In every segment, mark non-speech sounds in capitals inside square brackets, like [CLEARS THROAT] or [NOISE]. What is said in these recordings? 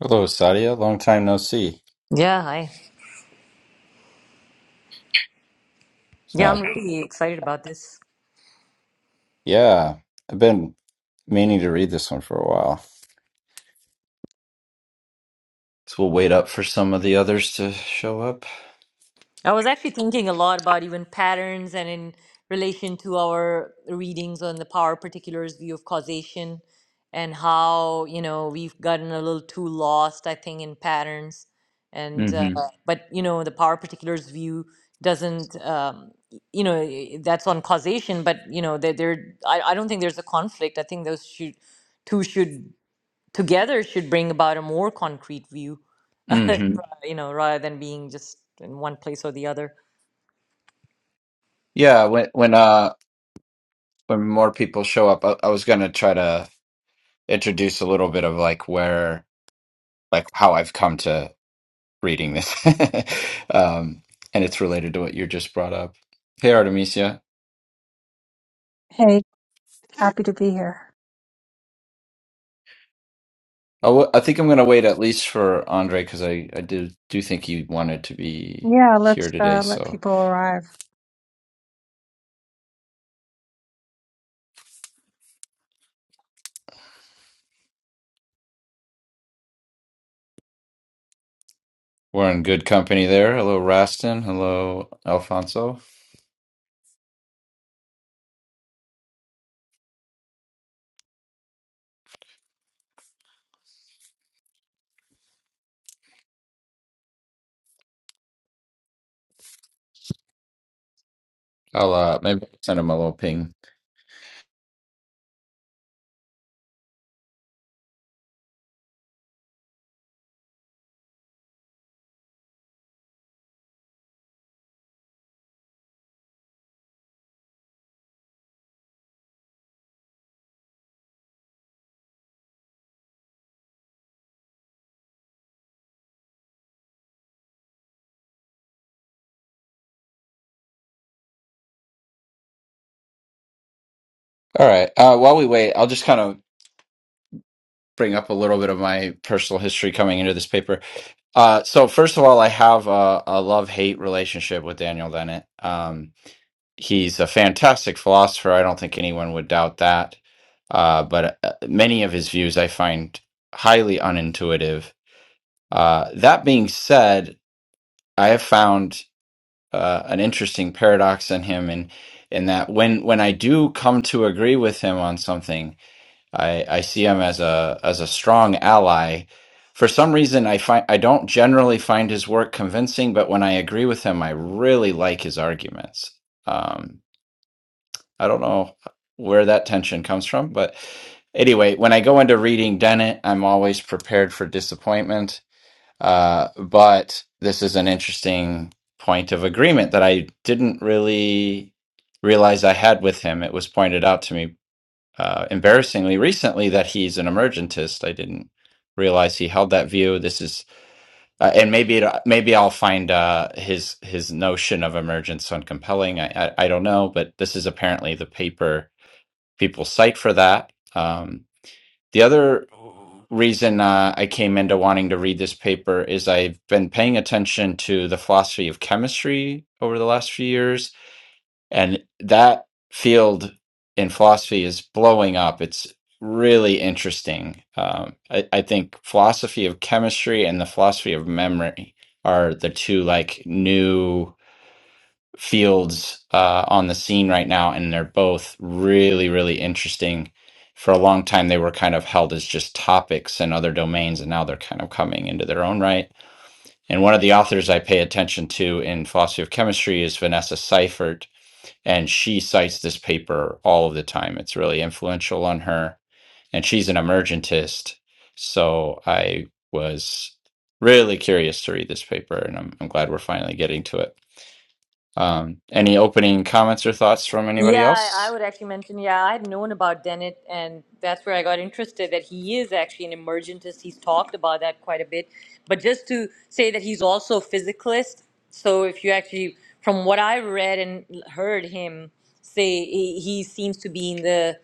Hello, Sadia. Long time no see. Yeah, hi. Yeah, Uh, I'm really excited about this. yeah, I've been meaning to read this one for a while. So we'll wait up for some of the others to show up. I was actually thinking a lot about even patterns and in relation to our readings on the power particulars view of causation and how, you know, we've gotten a little too lost, I think, in patterns. And, uh, hmm Mhm. but, you know, the power particulars view doesn't, um, y- you know, i- that's on causation, but, you know, there, there, I, I don't think there's a conflict. I think those should, two should together should bring about a more concrete view, [LAUGHS] ra- hmm you know, rather than being just in one place or the other. Yeah, when when uh when more people show up, I, I was gonna try to introduce a little bit of like where like how I've come to reading this, [LAUGHS] um, and it's related to what you just brought up. Hey, Artemisia. Hey, happy to be here. I w- I think I'm going to wait at least for Andre because I, I do, do think he wanted to be Yeah, here let's today. uh, let So people arrive. we're in good company there. Hello, Rastin. Hello, Alfonso. I'll uh, maybe send him a little ping. All right. Uh, while we wait, I'll just kind of bring up a little bit of my personal history coming into this paper. Uh, so, first of all, I have a, a love hate relationship with Daniel Dennett. Um, he's a fantastic philosopher. I don't think anyone would doubt that. Uh, but uh, many of his views I find highly unintuitive. Uh, that being said, I have found uh, an interesting paradox in him, in in that when when I do come to agree with him on something, I, I see him as a as a strong ally. For some reason, I find I don't generally find his work convincing, but when I agree with him, I really like his arguments. Um, I don't know where that tension comes from, but anyway, when I go into reading Dennett, I'm always prepared for disappointment. Uh, but this is an interesting point of agreement that I didn't really realize I had with him. It was pointed out to me uh, embarrassingly recently that he's an emergentist. I didn't realize he held that view. This is, uh, and maybe it, maybe I'll find uh, his his notion of emergence uncompelling. I, I I don't know, but this is apparently the paper people psyched for that. Um, the other reason uh, I came into wanting to read this paper is I've been paying attention to the philosophy of chemistry over the last few years, and that field in philosophy is blowing up. It's really interesting. Um, I, I think philosophy of chemistry and the philosophy of memory are the two like new fields uh, on the scene right now, and they're both really, really interesting. For a long time, they were kind of held as just topics and other domains, and now they're kind of coming into their own right. And one of the authors I pay attention to in philosophy of chemistry is Vanessa Seifert, and she cites this paper all of the time. It's really influential on her, and she's an emergentist. So I was really curious to read this paper, and I'm, I'm glad we're finally getting to it. Um, any opening comments or thoughts from anybody Yeah, I I else? would actually mention, yeah, I had known about Dennett, and that's where I got interested that he is actually an emergentist. He's talked about that quite a bit. But just to say that he's also a physicalist, so if you actually, from what I read and l- heard him say, he, he seems to be in the,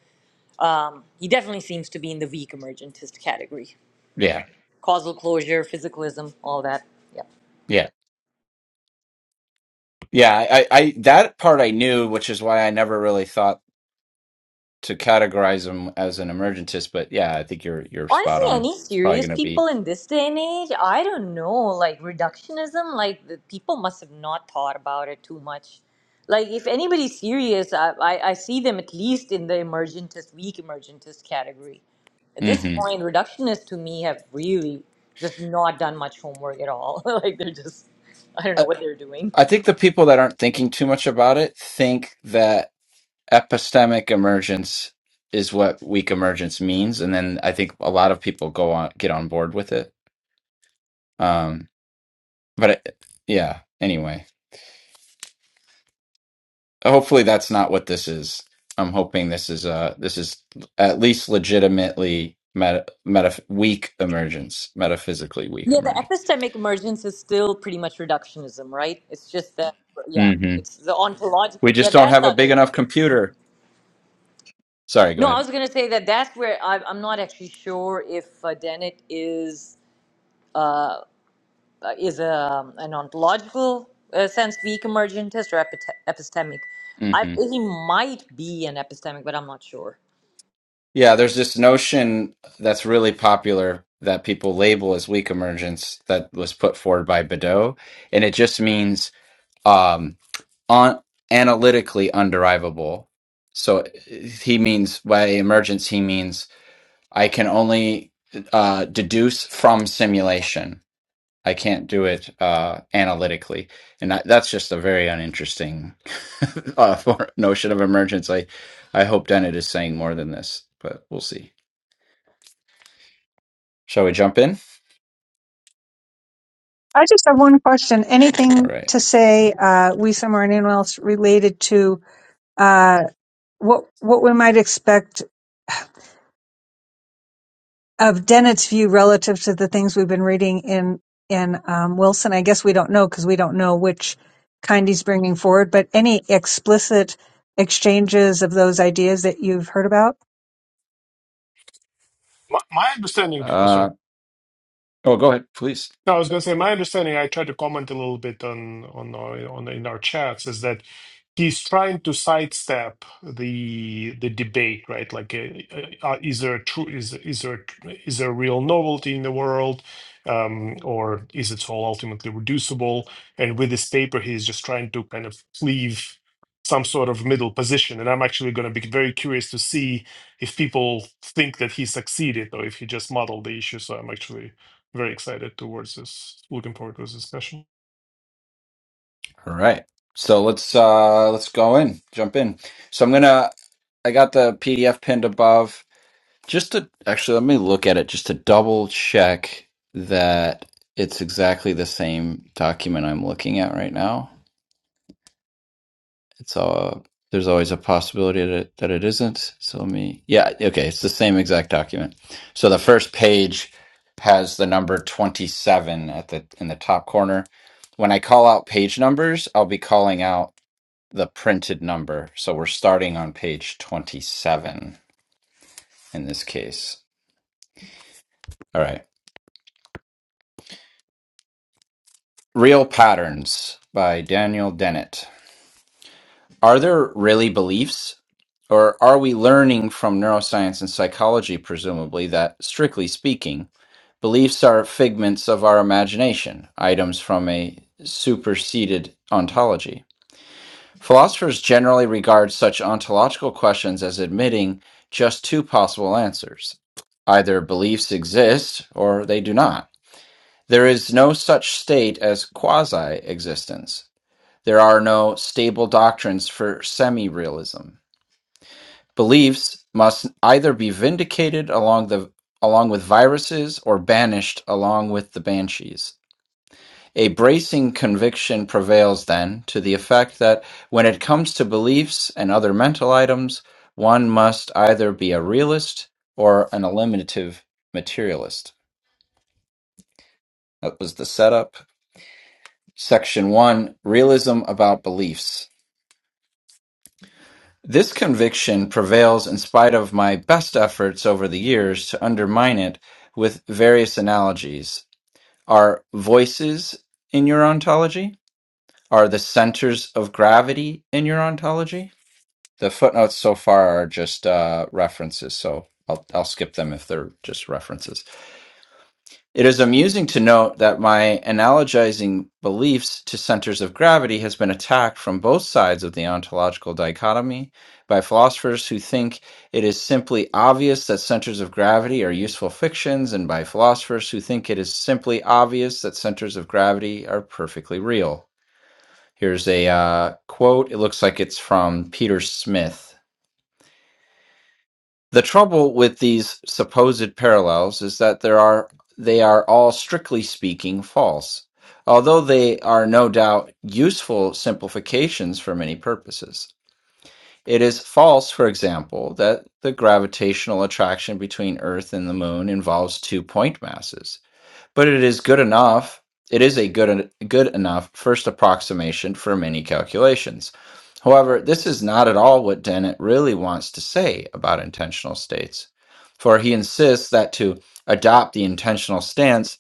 um, he definitely seems to be in the weak emergentist category. Yeah, causal closure, physicalism, all that. Yeah. yeah, yeah. I, I that part I knew, which is why I never really thought to categorize him as an emergentist. But yeah, I think you're you're spot Honestly, on. any It's probably serious going to people be. in this day and age, I don't know, like reductionism, like the people must have not thought about it too much. Like if anybody's serious, I, I, I see them at least in the emergentist, weak emergentist category. At this hmm point, reductionists to me have really just not done much homework at all. [LAUGHS] like they're just, I don't know I, what they're doing. I think the people that aren't thinking too much about it think that epistemic emergence is what weak emergence means, and then I think a lot of people go on get on board with it. Um, but I, yeah, anyway. hopefully that's not what this is. I'm hoping this is uh this is at least legitimately meta, meta weak emergence, metaphysically weak Yeah, the emergence. epistemic emergence is still pretty much reductionism, right? It's just that, yeah, hmm it's the We ontological. Yeah, just don't that's have the a other. big thing. enough computer. Sorry, go No, I ahead. was going to say that that's where I, I'm not actually sure if uh, Dennett is uh, is a, an ontological uh, sense weak emergentist or epite- epistemic. I, hmm he might be an epistemic, but I'm not sure. Yeah, there's this notion that's really popular that people label as weak emergence that was put forward by Badeau, and it just means um on analytically underivable. So uh, he means by emergence, he means I can only uh, deduce from simulation. I can't do it uh, analytically, and I, that's just a very uninteresting [LAUGHS] uh, for- notion of emergence. I, I hope Dennett is saying more than this, but we'll see. Shall we jump in? I just have one question. All Anything right. to say, uh, we somewhere and anyone else related to uh, what what we might expect of Dennett's view relative to the things we've been reading in in um, Wilson? I guess we don't know because we don't know which kind he's bringing forward. But any explicit exchanges of those ideas that you've heard about? My, my understanding, oh, sorry. Uh, oh, go ahead, please. No, I was going to say my understanding. I tried to comment a little bit on on our, on in our chats is that he's trying to sidestep the the debate, right? Like, uh, uh, uh, is there a true is is there is there a real novelty in the world, um, or is it all ultimately reducible? And with this paper, he's just trying to kind of cleave some sort of middle position. And I'm actually going to be very curious to see if people think that he succeeded or if he just muddled the issue. So I'm actually very excited towards this. Looking forward to this discussion. All right. So let's uh, let's go in, jump in. So I'm gonna. I got the PDF pinned above. Just to actually, let me look at it just to double check that it's exactly the same document I'm looking at right now. It's uh there's always a possibility that it, that it isn't. So let me, yeah, okay, it's the same exact document. So the first page has the number 27 at the in the top corner. When I call out page numbers, I'll be calling out the printed number. So we're starting on page 27 in this case. All right. Real Patterns by Daniel Dennett. Are there really beliefs? Or are we learning from neuroscience and psychology, presumably, that, strictly speaking, beliefs are figments of our imagination, items from a superseded ontology? Philosophers generally regard such ontological questions as admitting just two possible answers either beliefs exist or they do not. There is no such state as quasi existence. There are no stable doctrines for semi-realism. Beliefs must either be vindicated along the along with viruses or banished along with the banshees. A bracing conviction prevails then to the effect that when it comes to beliefs and other mental items, one must either be a realist or an eliminative materialist. That was the setup. Section 1 Realism about beliefs. This conviction prevails in spite of my best efforts over the years to undermine it with various analogies. Are voices in your ontology? Are the centers of gravity in your ontology? The footnotes so far are just uh, references, so I'll, I'll skip them if they're just references. It is amusing to note that my analogizing beliefs to centers of gravity has been attacked from both sides of the ontological dichotomy by philosophers who think it is simply obvious that centers of gravity are useful fictions, and by philosophers who think it is simply obvious that centers of gravity are perfectly real. Here's a uh, quote. It looks like it's from Peter Smith. The trouble with these supposed parallels is that there are they are all strictly speaking false, although they are no doubt useful simplifications for many purposes. It is false, for example, that the gravitational attraction between Earth and the Moon involves two point masses. But it is good enough. It is a good en- good enough first approximation for many calculations. However, this is not at all what Dennett really wants to say about intentional states, for he insists that to adopt the intentional stance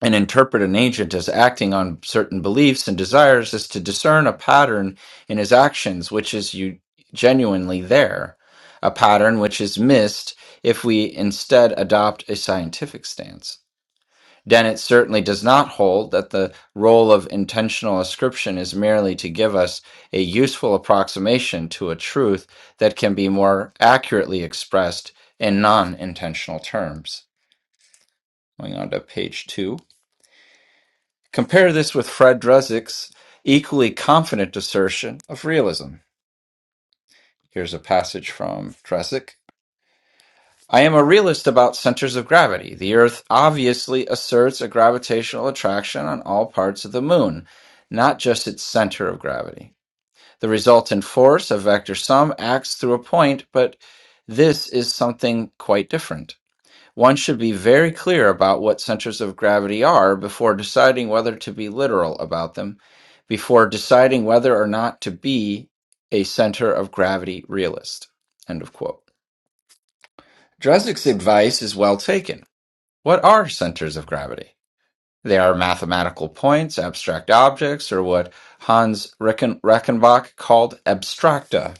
and interpret an agent as acting on certain beliefs and desires is to discern a pattern in his actions which is u- genuinely there, a pattern which is missed if we instead adopt a scientific stance. Then it certainly does not hold that the role of intentional ascription is merely to give us a useful approximation to a truth that can be more accurately expressed in non intentional terms. Going on to page two. Compare this with Fred Dresnick's equally confident assertion of realism. Here's a passage from Dresnick. I am a realist about centers of gravity. The Earth obviously asserts a gravitational attraction on all parts of the Moon, not just its center of gravity. The resultant force, a vector sum, acts through a point, but this is something quite different. One should be very clear about what centers of gravity are before deciding whether to be literal about them, before deciding whether or not to be a center of gravity realist. End of quote. Drezick's advice is well taken. What are centers of gravity? They are mathematical points, abstract objects, or what Hans Reichenbach Rechenbach called abstracta,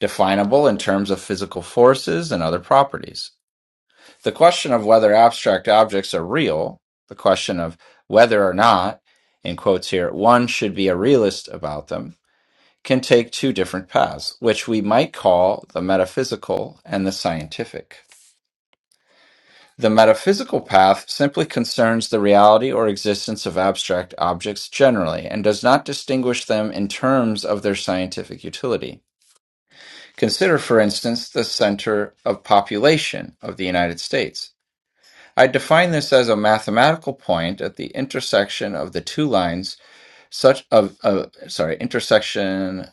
definable in terms of physical forces and other properties. The question of whether abstract objects are real, the question of whether or not, in quotes here, one should be a realist about them, can take two different paths, which we might call the metaphysical and the scientific. The metaphysical path simply concerns the reality or existence of abstract objects generally, and does not distinguish them in terms of their scientific utility. Consider, for instance, the center of population of the United States. I define this as a mathematical point at the intersection of the two lines such of uh, sorry intersection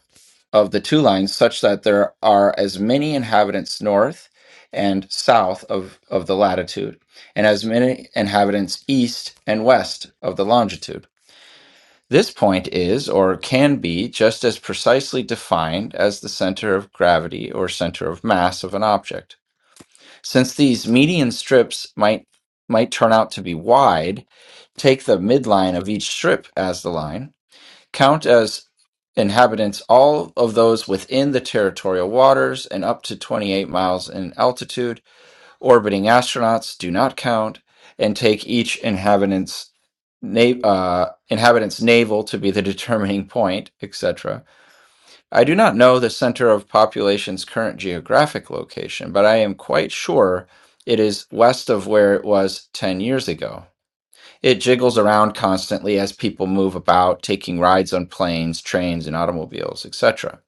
of the two lines such that there are as many inhabitants north and south of, of the latitude, and as many inhabitants east and west of the longitude. This point is, or can be, just as precisely defined as the center of gravity or center of mass of an object. Since these median strips might might turn out to be wide, take the midline of each strip as the line count as inhabitants all of those within the territorial waters and up to 28 miles in altitude. Orbiting astronauts do not count, and take each inhabitant's na- uh, inhabitant's navel to be the [LAUGHS] determining point, etc. I do not know the center of population's current geographic location, but I am quite sure it is west of where it was 10 years ago. It jiggles around constantly as people move about, taking rides on planes, trains, and automobiles, etc.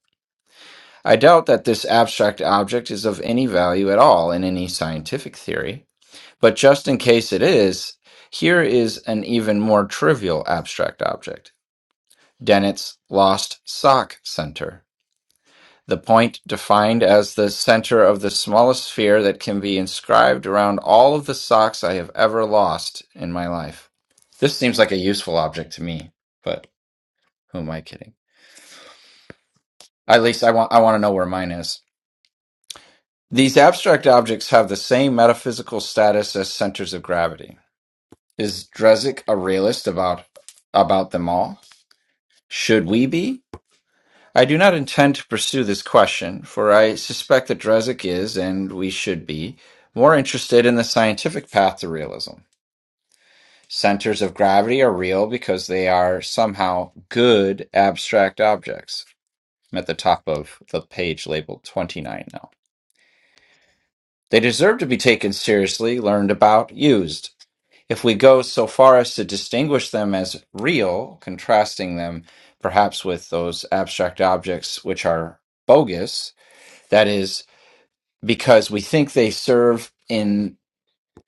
I doubt that this abstract object is of any value at all in any scientific theory, but just in case it is, here is an even more trivial abstract object Dennett's lost sock center. The point defined as the center of the smallest sphere that can be inscribed around all of the socks I have ever lost in my life. This seems like a useful object to me, but who am I kidding? At least I want I want to know where mine is. These abstract objects have the same metaphysical status as centers of gravity. Is Dresik a realist about about them all? Should we be? I do not intend to pursue this question, for I suspect that Dresik is, and we should be, more interested in the scientific path to realism. Centers of gravity are real because they are somehow good abstract objects. I'm at the top of the page labeled 29 now. They deserve to be taken seriously, learned about, used. If we go so far as to distinguish them as real, contrasting them perhaps with those abstract objects which are bogus, that is because we think they serve in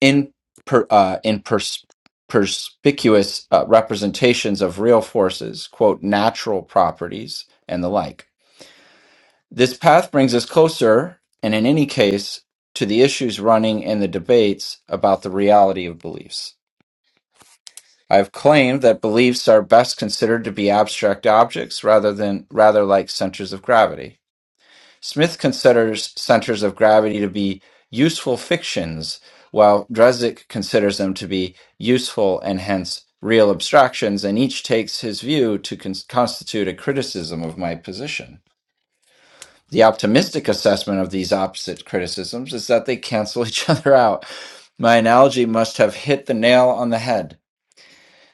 in per, uh, in pers- perspicuous uh, representations of real forces, quote natural properties and the like. This path brings us closer, and in any case, to the issues running in the debates about the reality of beliefs. I've claimed that beliefs are best considered to be abstract objects rather than rather like centers of gravity. Smith considers centers of gravity to be useful fictions, while Dresdick considers them to be useful and hence real abstractions, and each takes his view to con- constitute a criticism of my position. The optimistic assessment of these opposite criticisms is that they cancel each [LAUGHS] other out. My analogy must have hit the nail on the head.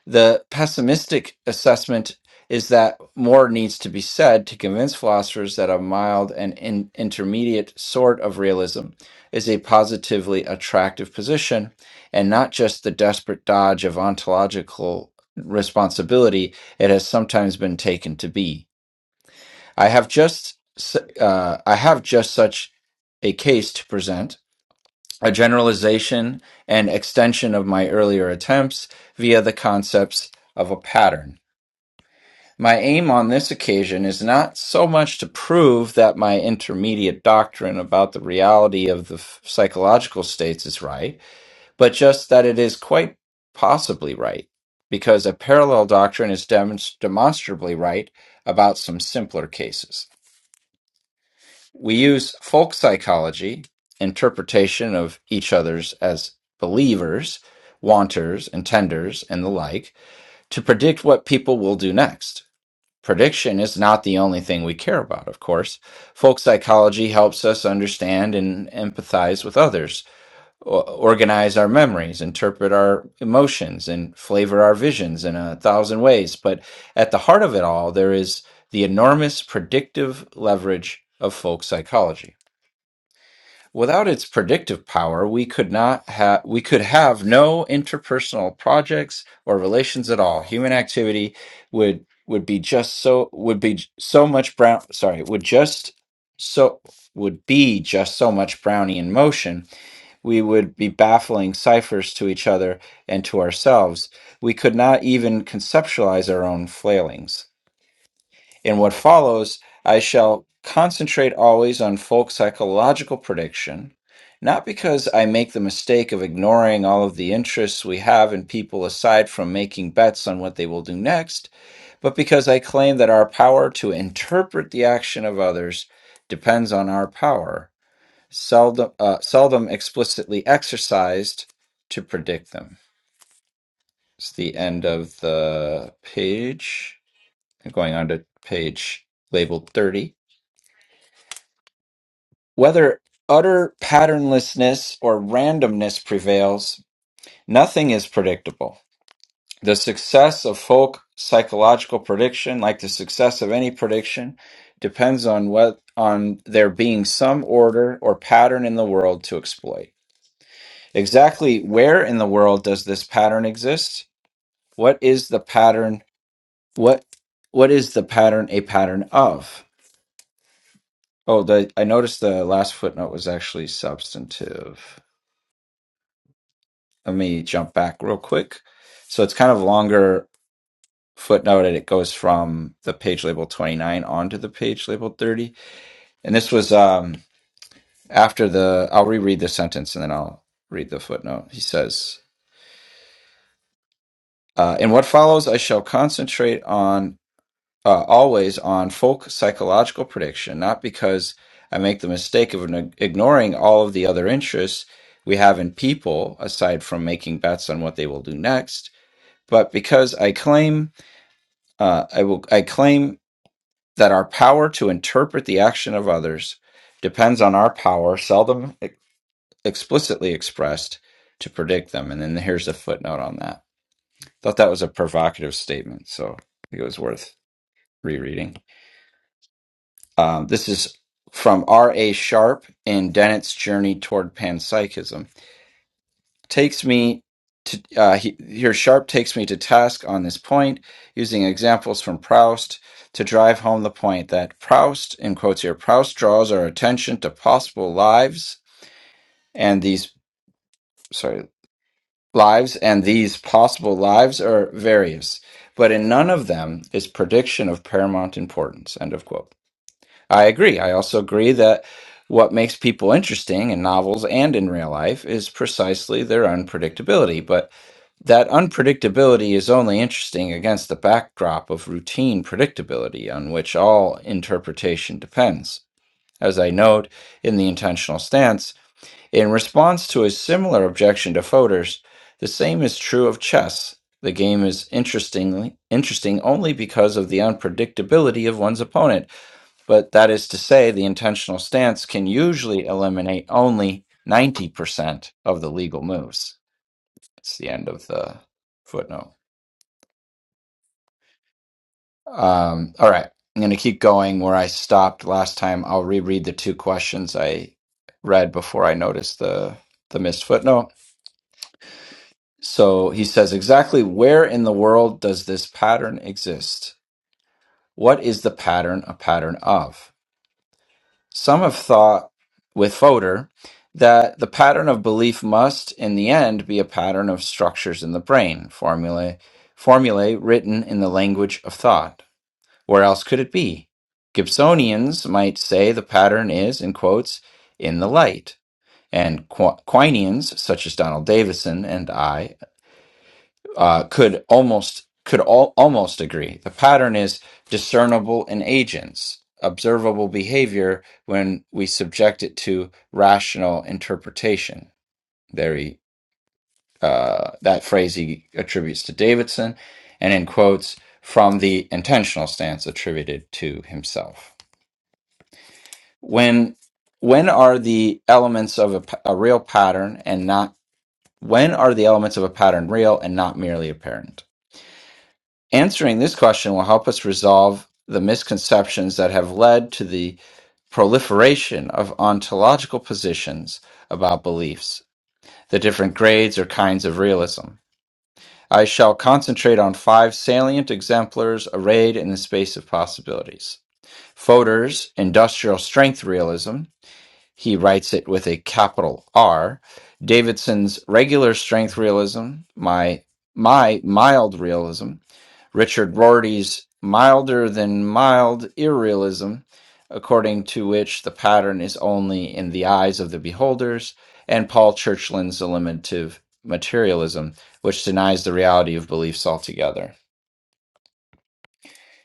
The pessimistic assessment is that more needs to be said to convince philosophers that a mild and in- intermediate sort of realism is a positively attractive position and not just the desperate dodge of ontological responsibility it has sometimes been taken to be. I have just s- uh, I have just such a case to present, a generalization and extension of my earlier attempts via the concepts of a pattern. My aim on this occasion is not so much to prove that my intermediate doctrine about the reality of the f- psychological states is right, but just that it is quite possibly right, because a parallel doctrine is demonst- demonstrably right about some simpler cases. We use folk psychology, interpretation of each other's as believers, wanters, intenders, and the like, to predict what people will do next Prediction is not the only thing we care about, of course. Folk psychology helps us understand and empathize with others, o- organize our memories, interpret our emotions, and flavor our visions in a thousand ways. But at the heart of it all, there is the enormous predictive leverage of folk psychology. Without its predictive power, we could not have we could have no interpersonal projects or relations at all. Human activity would would be just so would be so much brown sorry, would just so would be just so much Brownian motion. We would be baffling ciphers to each other and to ourselves. We could not even conceptualize our own flailings. In what follows, I shall concentrate always on folk psychological prediction, not because I make the mistake of ignoring all of the interests we have in people aside from making bets on what they will do next, but because I claim that our power to interpret the action of others depends on our power, seldom, uh, seldom explicitly exercised, to predict them. It's the end of the page. Going on to page labeled 30. Whether utter patternlessness or randomness prevails, nothing is predictable. The success of folk psychological prediction, like the success of any prediction, depends on what on there being some order or pattern in the world to exploit. Exactly where in the world does this pattern exist? What is the pattern? What what is the pattern a pattern of? Oh, the, I noticed the last footnote was actually substantive. let me jump back real quick. So it's kind of longer footnoted. it goes from the page label 29 onto the page label 30. And this was um, after the, I'll reread the sentence and then I'll read the footnote. He says, uh, In what follows, I shall concentrate on uh, always on folk psychological prediction, not because I make the mistake of ign- ignoring all of the other interests we have in people, aside from making bets on what they will do next, but because I claim Uh, I will. I claim that our power to interpret the action of others depends on our power, seldom e- explicitly expressed, to predict them. And then here's a footnote on that. Thought that was a provocative statement, so I think it was worth rereading. Um, this is from R. A. Sharp in Dennett's Journey Toward Panpsychism takes me to uh, he, here sharp takes me to task on this point using examples from proust to drive home the point that proust in quotes here proust draws our attention to possible lives and these sorry lives and these possible lives are various but in none of them is prediction of paramount importance end of quote i agree i also agree that what makes people interesting in novels and in real life is precisely their unpredictability but That unpredictability is only interesting against the backdrop of routine predictability on which all interpretation depends. As I note in the intentional stance, in response to a similar objection to Fodor's, the same is true of chess. The game is interestingly interesting only because of the unpredictability of one's opponent, but that is to say, the intentional stance can usually eliminate only 90% of the legal moves. It's the end of the footnote. Um, all right. I'm going to keep going where I stopped last time. I'll reread the two questions I read before I noticed the, the missed footnote. So he says, exactly where in the world does this pattern exist? What is the pattern a pattern of? Some have thought with Fodor that the pattern of belief must, in the end, be a pattern of structures in the brain, formulae, formulae written in the language of thought. Where else could it be? Gibsonians might say the pattern is, in quotes, in the light. And Qu- Quinians, such as Donald Davison and I, uh, could almost could all, almost agree. The pattern is discernible in agents, observable behavior when we subject it to rational interpretation. There he, uh, that phrase he attributes to Davidson, and in quotes from the intentional stance attributed to himself. when when are the elements of a, p- a real pattern and not when are the elements of a pattern real and not merely apparent answering this question will help us resolve the misconceptions that have led to the proliferation of ontological positions about beliefs the different grades or kinds of realism i shall concentrate on five salient exemplars arrayed in the space of possibilities fodor's industrial strength realism he writes it with a capital R. Davidson's regular strength realism, my my mild realism, Richard Rorty's milder than mild irrealism, according to which the pattern is only in the eyes of the beholders, and Paul Churchland's eliminative materialism, which denies the reality of beliefs altogether.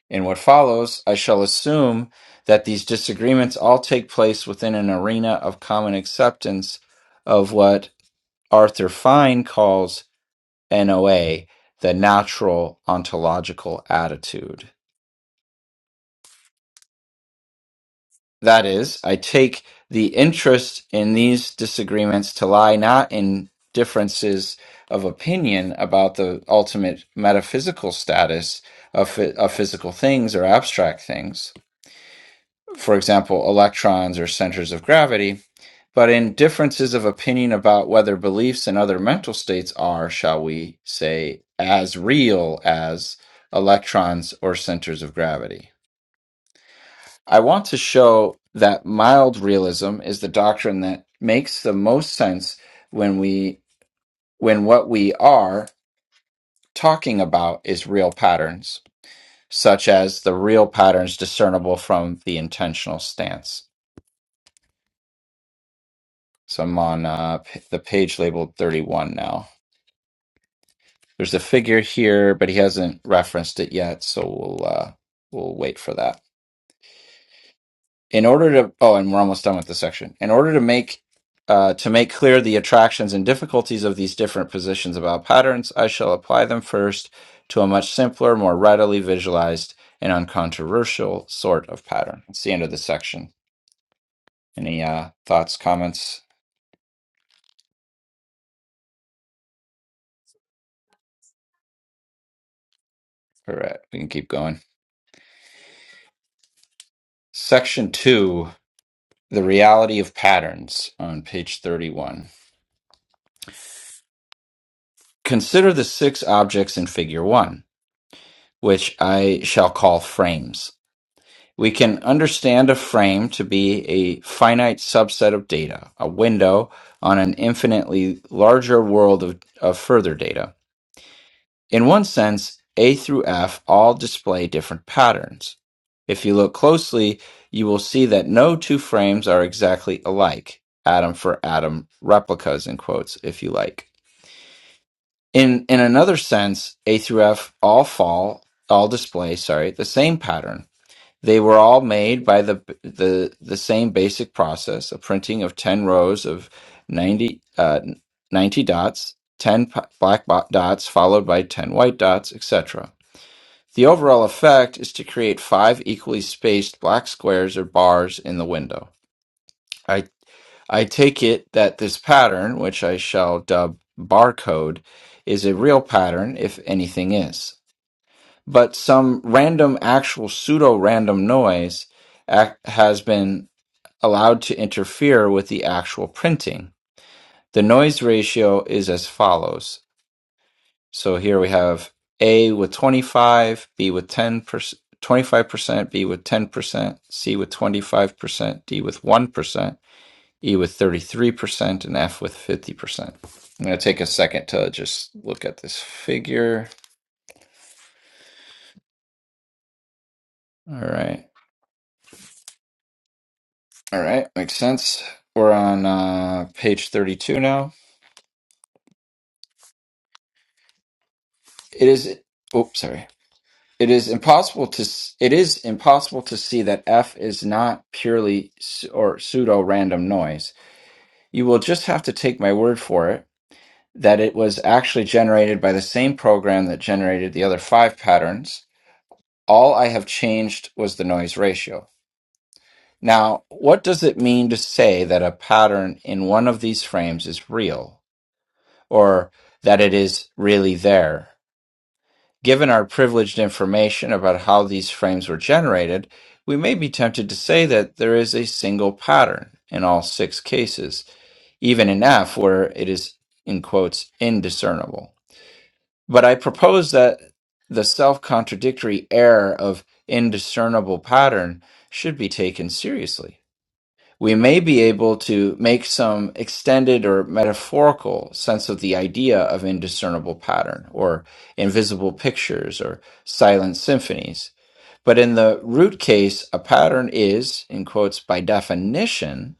In what follows, I shall assume that these disagreements all take place within an arena of common acceptance of what Arthur Fine calls NOA, the natural ontological attitude. That is, I take the interest in these disagreements to lie not in differences of opinion about the ultimate metaphysical status of, phy- of physical things or abstract things for example, electrons or centers of gravity, but in differences of opinion about whether beliefs and other mental states are, shall we say, as real as electrons or centers of gravity. I want to show that mild realism is the doctrine that makes the most sense when we when what we are talking about is real patterns, such as the real patterns discernible from the intentional stance. So I'm on uh, p- the page labeled 31 now. There's a figure here, but he hasn't referenced it yet, so we'll uh, we'll wait for that. In order to oh, and we're almost done with the section. In order to make uh, to make clear the attractions and difficulties of these different positions about patterns, I shall apply them first to a much simpler, more readily visualized, and uncontroversial sort of pattern. It's the end of the section. Any uh, thoughts, comments? All right, we can keep going. Section two. The reality of patterns on page 31. Consider the six objects in figure 1, which I shall call frames. We can understand a frame to be a finite subset of data, a window on an infinitely larger world of, of further data. In one sense, A through F all display different patterns. If you look closely, you will see that no two frames are exactly alike, atom for atom replicas in quotes, if you like. In in another sense, A through F all fall, all display, sorry, the same pattern. They were all made by the the the same basic process, a printing of 10 rows of 90 uh, 90 dots, 10 p- black bo- dots followed by 10 white dots, etc. The overall effect is to create five equally spaced black squares or bars in the window. I take it that this pattern, which I shall dub barcode, is a real pattern, if anything is. But some random, actual pseudo random noise ac- has been allowed to interfere with the actual printing. The noise ratio is as follows. So here we have A with 25, B with 10%. 25%, B with 10%, C with 25%, D with 1%, E with 33%, and F with 50%. I'm going to take a second to just look at this figure. All right. All right. Makes sense. We're on uh, page 32 now. It is, oh, sorry. It is impossible to s- it is impossible to see that F is not purely s- or pseudo random noise. You will just have to take my word for it that it was actually generated by the same program that generated the other five patterns. All I have changed was the noise ratio. Now, what does it mean to say that a pattern in one of these frames is real, or that it is really there? Given our privileged information about how these frames were generated, we may be tempted to say that there is a single pattern in all six cases, even in F, where it is, in quotes, indiscernible. But I propose that the self contradictory error of indiscernible pattern should be taken seriously. we may be able to make some extended or metaphorical sense of the idea of indiscernible pattern or invisible pictures or silent symphonies. But in the root case, a pattern is, in quotes, by definition,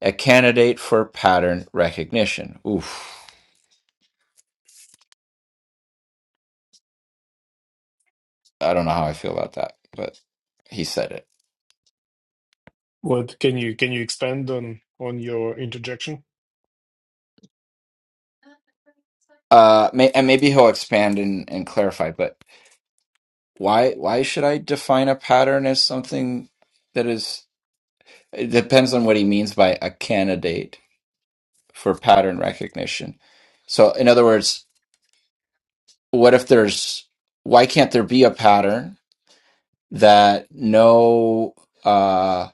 a candidate for pattern recognition. Oof, I don't know how I feel about that, but he said it. What can you can you expand on on your interjection? Uh, may, and maybe he'll expand and, and clarify. But why why should I define a pattern as something that is It depends on what he means by a candidate for pattern recognition. So, in other words, what if there's, why can't there be a pattern that no, uh,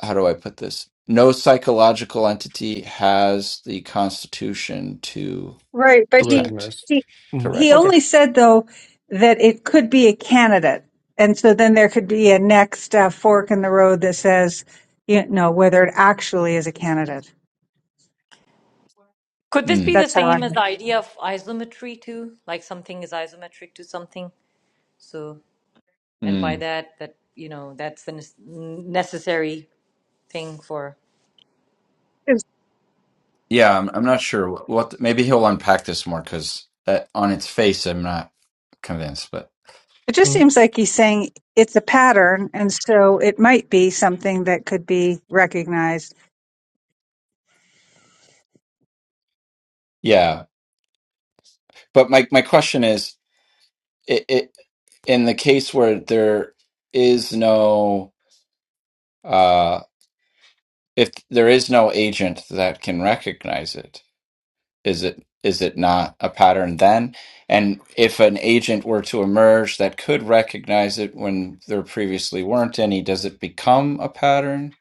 how do I put this? No psychological entity has the constitution to Right, but he detect, Recognized. he to hmm he recognize. Okay. only said though that it could be a candidate, and so then there could be a next uh, fork in the road that says, you know, whether it actually is a candidate. Could this be Mm, the That's how I. same as the idea of isometry too? Like something is isometric to something. So, and by mm. that, that you know, that's the ne- necessary thing for. It Yeah, I'm, I'm not sure what, what, maybe he'll unpack this more because on its face, I'm not convinced, but just Mhm. seems like he's saying it's a pattern, and so it might be something that could be recognized. yeah. But my, my question is, it, it in the case where there is no uh if there is no agent that can recognize it is it is it not a pattern then and if an agent were to emerge that could recognize it when there previously weren't any does it become a pattern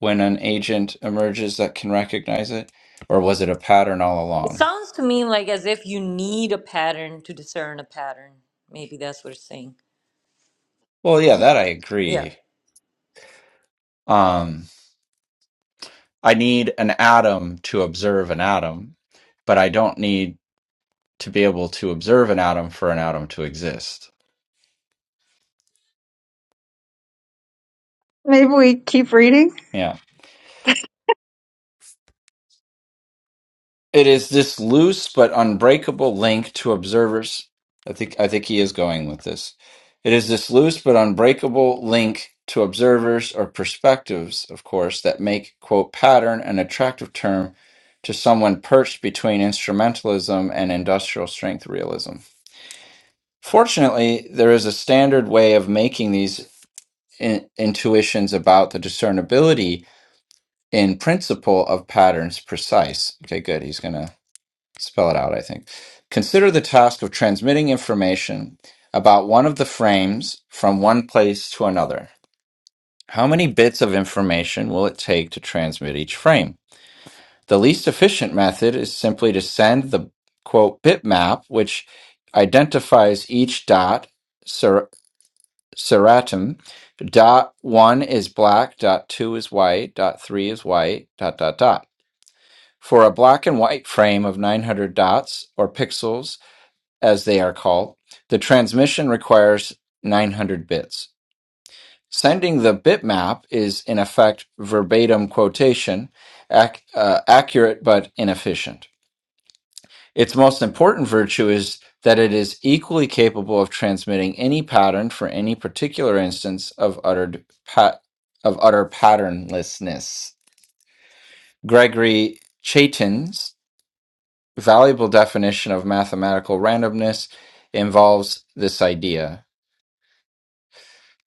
when an agent emerges that can recognize it or was it a pattern all It along sounds to me like as if you need a pattern to discern a pattern. Maybe that's what it's saying. well yeah that i Yeah. agree Um, I need an atom to observe an atom, but I don't need to be able to observe an atom for an atom to exist. Maybe we keep reading. Yeah. It is this loose but unbreakable link to observers. I think I think he is going with this. It is this loose but unbreakable link to observers or perspectives, of course, that make quote pattern an attractive term to someone perched between instrumentalism and industrial strength realism. Fortunately, there is a standard way of making these in, intuitions about the discernibility in principle of patterns precise. Okay, good. He's going to spell it out, I think. Consider the task of transmitting information about one of the frames from one place to another. How many bits of information will it take to transmit each frame? The least efficient method is simply to send the quote bitmap, which identifies each dot Seratum. Dot one is black, dot two is white, dot three is white, dot dot dot. For a black and white frame of 900 dots, or pixels as they are called, the transmission requires 900 bits. Sending the bitmap is, in effect, verbatim quotation, ac- uh, accurate but inefficient. Its most important virtue is that it is equally capable of transmitting any pattern for any particular instance of uttered pa- of utter patternlessness. Gregory Chaitin's valuable definition of mathematical randomness involves this idea.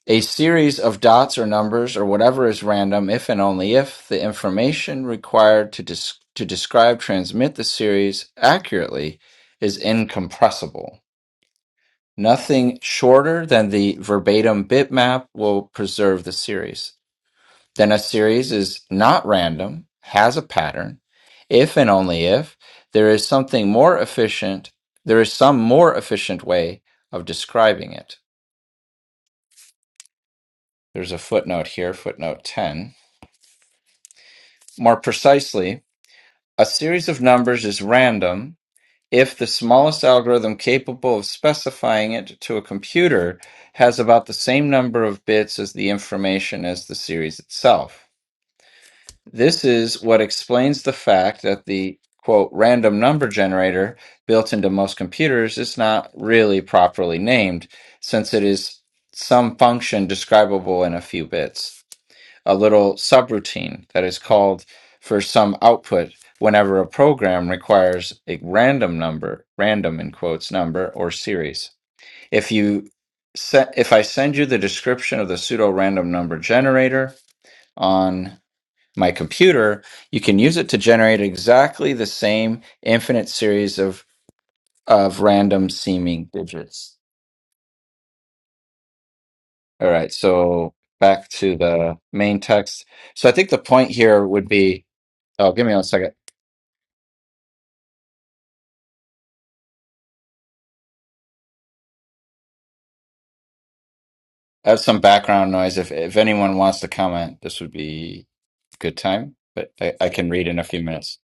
A series of dots or numbers or whatever is random if and only if the information required to, des- to describe transmit the series accurately is incompressible. Nothing shorter than the verbatim bitmap will preserve the series. Then a series is not random, has a pattern, if and only if there is something more efficient, there is some more efficient way of describing it. There's a footnote here, footnote 10. More precisely, a series of numbers is random If the smallest algorithm capable of specifying it to a computer has about the same number of bits as the information as the series itself. This is what explains the fact that the quote random number generator built into most computers is not really properly named since it is some function describable in a few bits a little subroutine that is called for some output whenever a program requires a random number, random in quotes number or series. If you set, if I send you the description of the pseudo random number generator on my computer, you can use it to generate exactly the same infinite series of of random seeming digits. All right, so back to the main text. So I think the point here would be, oh, give me one second I have some background noise. If if anyone wants to comment, this would be a good time. But I, I can read in a few minutes.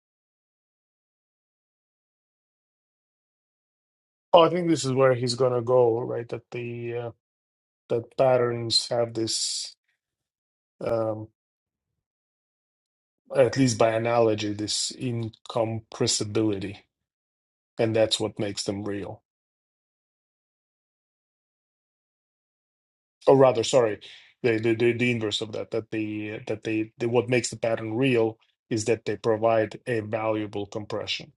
Oh, I think this is where he's gonna go, right? That the uh, that patterns have this, um, at least by analogy, this incompressibility, and that's what makes them real. Or rather, sorry, the the, the, the inverse of that. That the that they the, what makes the pattern real is that they provide a valuable compression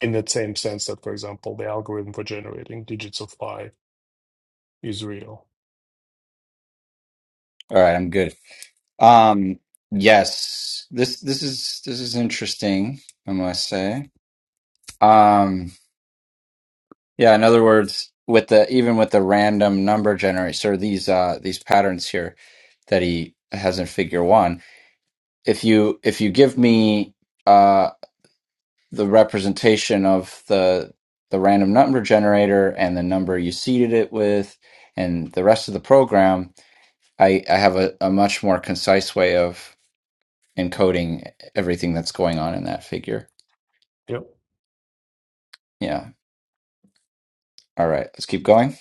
in that same sense that, for example, the algorithm for generating digits of pi is real. All right, I'm good. Um, yes, this this is this is interesting. I must say. Um, yeah. In other words, with the even with the random number generator, these uh these patterns here that he has in Figure One, if you if you give me uh, the representation of the the random number generator and the number you seeded it with and the rest of the program i i have a, a much more concise way of encoding everything that's going on in that figure Yep. yeah all right let's keep going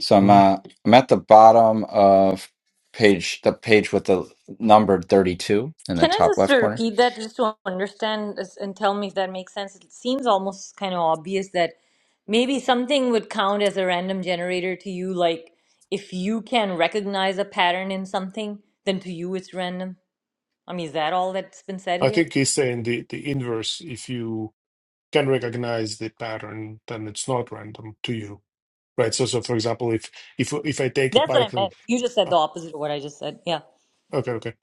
so i'm Mhm. uh, i'm at the bottom of page the page with the number 32 in the Can I top just left corner repeat that just to understand this and tell me if that makes sense? It seems almost kind of obvious that maybe something would count as a random generator to you. Like if you can recognize a pattern in something, then to you it's random. I mean, is that all that's been said I here? think he's saying the, the inverse, if you can recognize the pattern, then it's not random to you. Right. So so for example, if if if I take a That's what I Python meant. You just said ah, the opposite of what I just said. Yeah. okay, okay.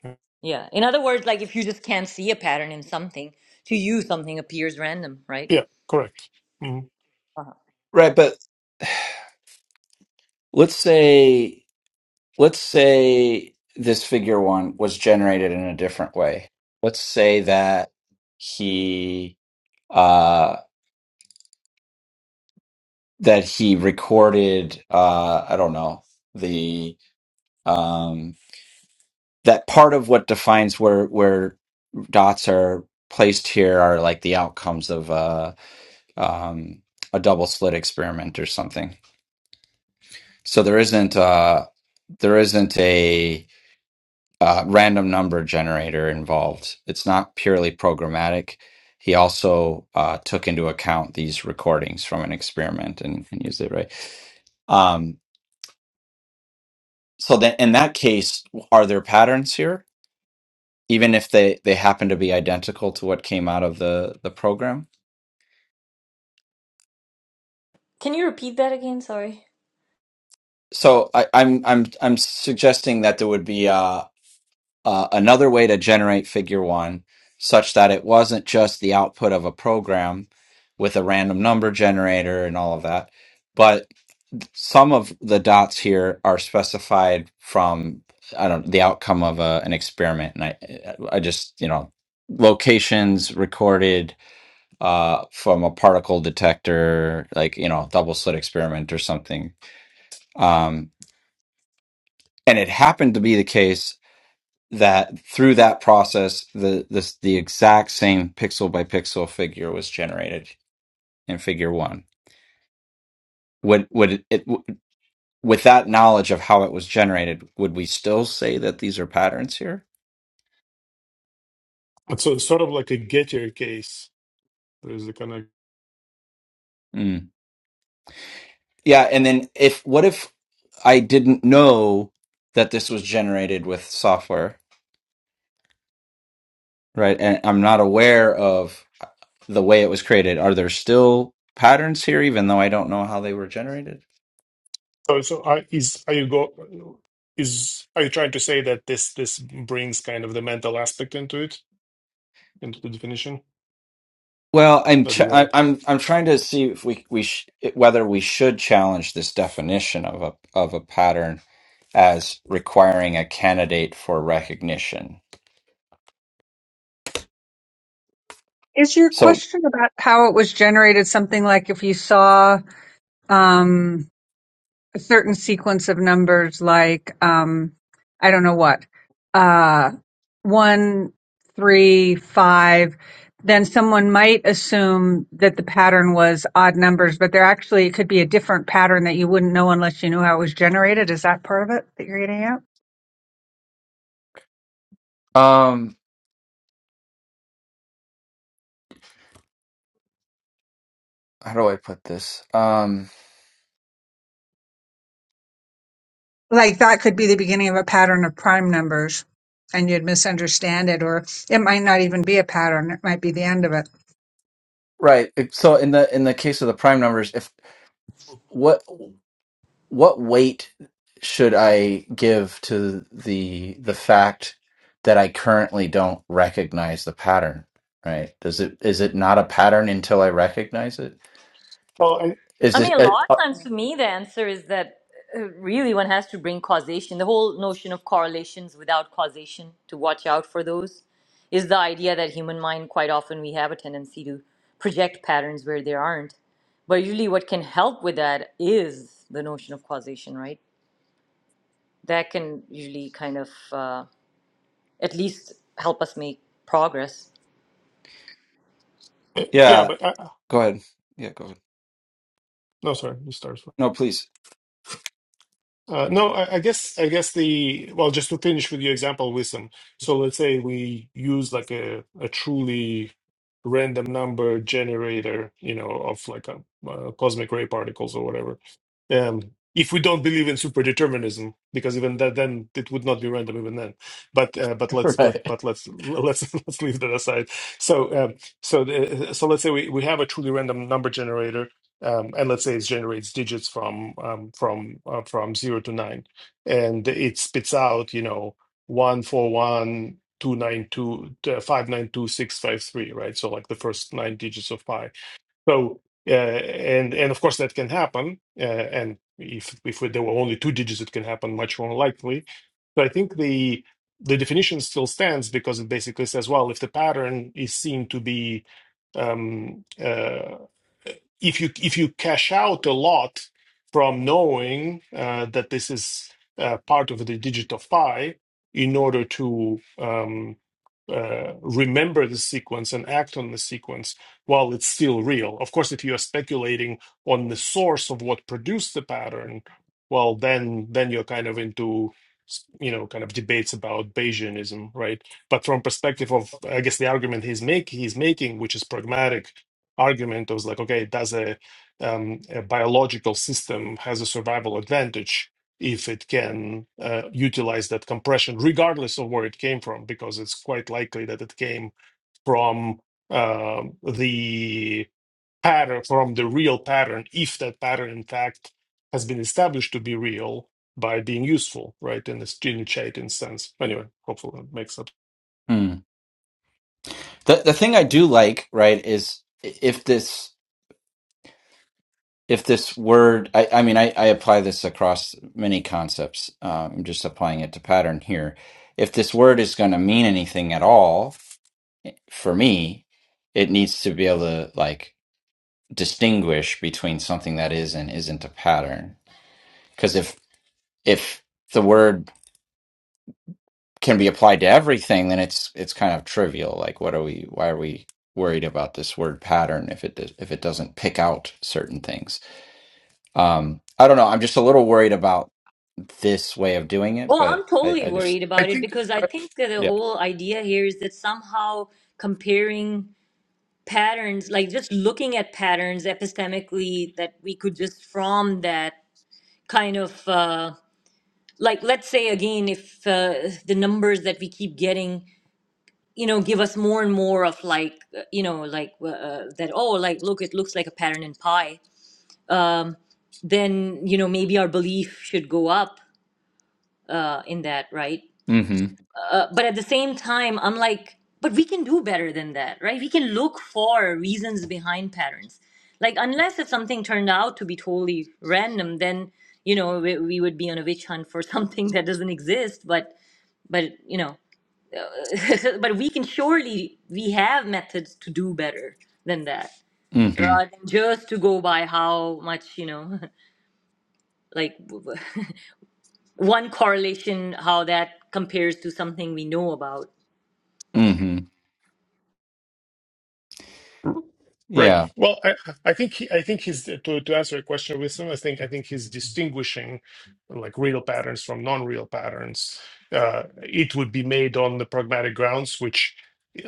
Yeah. In other words, like if you just can't see a pattern in something, to you something appears random, right? Yeah, correct. Mhm. Uh-huh. right but let's say let's say this figure one was generated in a different way. Let's say that he uh that he recorded uh I don't know the um that part of what defines where where dots are placed here are like the outcomes of uh um a double slit experiment or something. So there isn't uh there isn't uh, random number generator involved. It's not purely programmatic. He also uh, took into account these recordings from an experiment and, and used it right. Um, so then, in that case, are there patterns here, even if they they happen to be identical to what came out of the the program? Can you repeat that again? Sorry. So I, I'm I'm I'm suggesting that there would be a. uh, another way to generate figure one such that it wasn't just the output of a program with a random number generator and all of that but some of the dots here are specified from i don't the outcome of a, an experiment and i i just you know locations recorded uh from a particle detector like you know double slit experiment or something um and it happened to be the case that through that process the this the exact same pixel by pixel figure was generated in figure 1 would would it with that knowledge of how it was generated would we still say that these are patterns here And So it's sort of like a getter case. There's a kind of mm. yeah and then if what if i didn't know that this was generated with software right and i'm not aware of the way it was created are there still patterns here even though i don't know how they were generated so so I is are you go is are you trying to say that this this brings kind of the mental aspect into it, into the definition? Well, I'm that ch- you have? I, I'm I'm trying to see if we we sh- whether we should challenge this definition of a of a pattern as requiring a candidate for recognition. Is your So, question about how it was generated something like if you saw? Um, a certain sequence of numbers like um i don't know what uh one three five then someone might assume that the pattern was odd numbers but there actually could be a different pattern that you wouldn't know unless you knew how it was generated is that part of it that you're getting at um, how do I put this? Um, like that could be the beginning of a pattern of prime numbers and you'd misunderstand it or it might not even be a pattern it might be the end of it right. it- So in the in the case of the prime numbers, if what what weight should I give to the the fact that I currently don't recognize the pattern? Right? Does it is it not a pattern until I recognize it? Well, Is I this mean, a uh, lot uh, of times to me, the answer is that uh, really one has to bring causation. The whole notion of correlations without causation, to watch out for those, is the idea that human mind quite often we have a tendency to project patterns where there aren't. But usually, what can help with that is the notion of causation, right? That can usually kind of. uh, at least help us make progress. I, I- yeah, Yeah, but I, I- go ahead. Yeah, go ahead. no, sorry, you start. No, please. Uh, no, I, I guess I guess the well, just to finish with your example, wisdom. So let's say we use like a a truly random number generator, you know, of like a, uh, cosmic ray particles or whatever. Um, if we don't believe in superdeterminism, because even that, then it would not be random even then. But uh, but [LAUGHS] let's but right? but let's let's [LAUGHS] let's leave that aside. So um, so the, so let's say we, we have a truly random number generator um, and let's say it generates digits from um, from uh, from zero to nine, and it spits out you know one four one two nine two uh, five nine two six five three right. So like the first nine digits of pi. So uh, and and of course that can happen, uh, and if if there were only two digits, it can happen much more likely. So I think the the definition still stands because it basically says, well, if the pattern is seen to be um, uh, if you if you cash out a lot from knowing uh, that this is uh, part of the digit of pi in order to um, uh, remember the sequence and act on the sequence while it's still real. Of course, if you are speculating on the source of what produced the pattern, well, then then you're kind of into you know kind of debates about Bayesianism, right? But from perspective of I guess the argument he's make he's making, which is pragmatic argument was like, okay, does a, um, a biological system has a survival advantage if it can uh, utilize that compression, regardless of where it came from, because it's quite likely that it came from um the pattern, from the real pattern, if that pattern in fact has been established to be real by being useful, right? In this gene instance. Anyway, hopefully that makes sense. Hmm. The the thing I do like, right, is if this if this word I, I mean I, I apply this across many concepts. Um, I'm just applying it to pattern here. If this word is going to mean anything at all for me, it needs to be able to like distinguish between something that is and isn't a pattern. Because if if the word can be applied to everything, then it's it's kind of trivial. Like, what are we? Why are we worried about this word pattern if it does, if it doesn't pick out certain things? Um, I don't know. I'm just a little worried about this way of doing it, Well, but I'm I, totally I just worried I about it think. because I uh, think that the yeah. whole idea here is that somehow comparing patterns, like just looking at patterns epistemically, that we could just from that kind of uh, like, let's say again, if uh, the numbers that we keep getting, you know, give us more and more of like, uh, you know, like uh, that, oh, like, look, it looks like a pattern in pi, um, then, you know, maybe our belief should go up uh, in that, right? Mm-hmm. Uh, but at the same time, I'm like, but we can do better than that, right? We can look for reasons behind patterns. Like, unless if something turned out to be totally random, then you know we, we would be on a witch hunt for [LAUGHS] something that doesn't exist. But but you know, uh, [LAUGHS] but we can surely we have methods to do better than that, Mm-hmm. rather than just to go by how much you know, [LAUGHS] like [LAUGHS] one correlation how that compares to something we know about Mm-hmm. Right. Yeah. Well, I, I think he, I think he's to to answer your question, wisdom. I think I think he's distinguishing like real patterns from non-real patterns. Uh, it would be made on the pragmatic grounds, which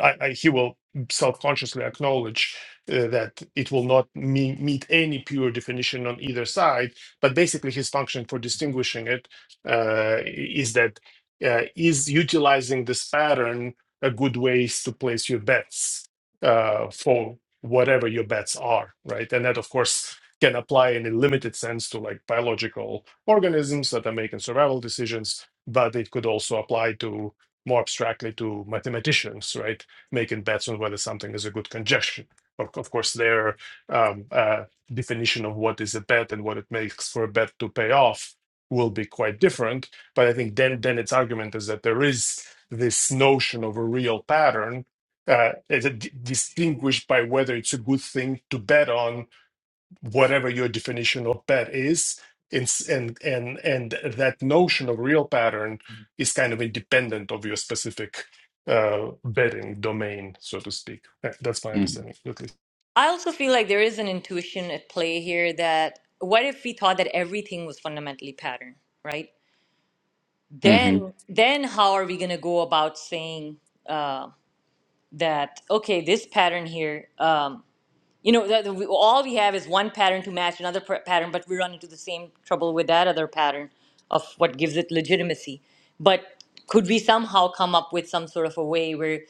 I, I, he will self-consciously acknowledge uh, that it will not me- meet any pure definition on either side. But basically, his function for distinguishing it uh, is that uh, is utilizing this pattern a good ways to place your bets. uh, for whatever your bets are, right? And that, of course, can apply in a limited sense to like biological organisms that are making survival decisions, but it could also apply to more abstractly to mathematicians, right? Making bets on whether something is a good conjecture. Of, of course, their um, uh, definition of what is a bet and what it makes for a bet to pay off will be quite different. But I think then, then its argument is that there is this notion of a real pattern uh, is it di- distinguished by whether it's a good thing to bet on whatever your definition of bet is and and and, and that notion of real pattern is kind of independent of your specific uh, betting domain so to speak That- that's my Mm-hmm. understanding at least I also feel like there is an intuition at play here that what if we thought that everything was fundamentally pattern, right? Mm-hmm. Then, then how are we going to go about saying uh, that? Okay, this pattern here. Um, you know that we, all we have is one pattern to match another pr- pattern but we run into the same trouble with that other pattern of what gives it legitimacy but could we somehow come up with some sort of a way where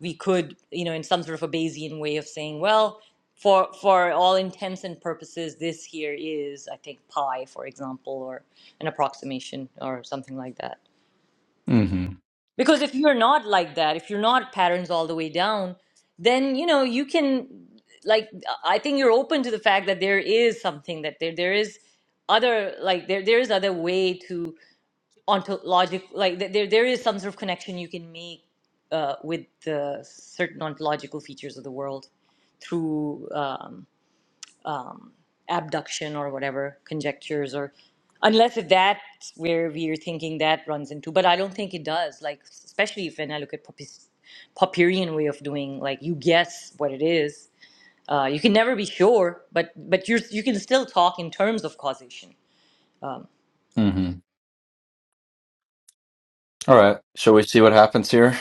we could you know in some sort of a bayesian way of saying well for for all intents and purposes this here is i think pi for example or an approximation or something like that Mm-hmm. because if you're not like that, if you're not patterns all the way down, then you know you can like I think you're open to the fact that there is something that there there is other like there there is other way to ontologic like th- there there is some sort of connection you can make uh, with the certain ontological features of the world through. um, um, abduction or whatever conjectures or unless if that's where we're thinking that runs into but i don't think it does like especially if when i look at Poppy's, popperian way of doing like you guess what it is uh, you can never be sure but but you're you can still talk in terms of causation Mm-hmm. All right. Shall we see what happens here?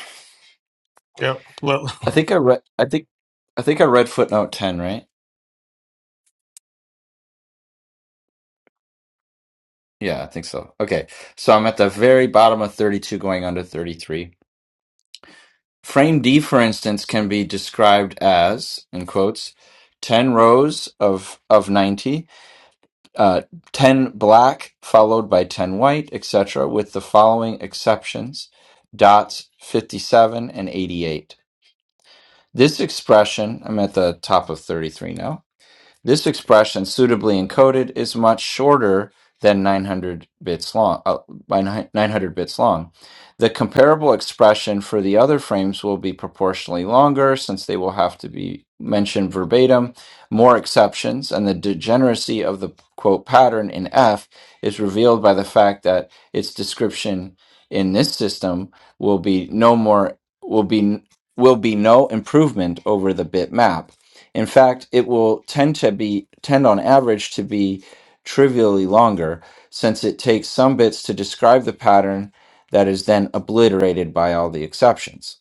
Yeah. Well, I think I read. I think I think I read footnote ten, right? Yeah, I think so. Okay, so I'm at the very bottom of 32, going under 33 Frame D, for instance, can be described as, in quotes, 10 rows of, of 90, uh, 10 black followed by 10 white, etc., with the following exceptions dots 57 and 88. This expression, I'm at the top of 33 now, this expression, suitably encoded, is much shorter than 900 bits long, uh, by 900 bits long. The comparable expression for the other frames will be proportionally longer since they will have to be mentioned verbatim, more exceptions, and the degeneracy of the quote pattern in F is revealed by the fact that its description in this system will be no more will be will be no improvement over the bit map in fact, it will tend to be tend on average to be trivially longer since it takes some bits to describe the pattern that is then obliterated by all the exceptions.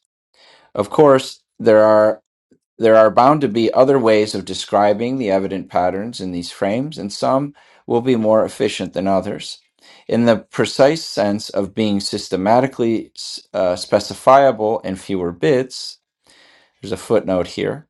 Of course, there are there are bound to be other ways of describing the evident patterns in these frames and some will be more efficient than others. In the precise sense of being systematically uh, specifiable in fewer bits, there's a footnote here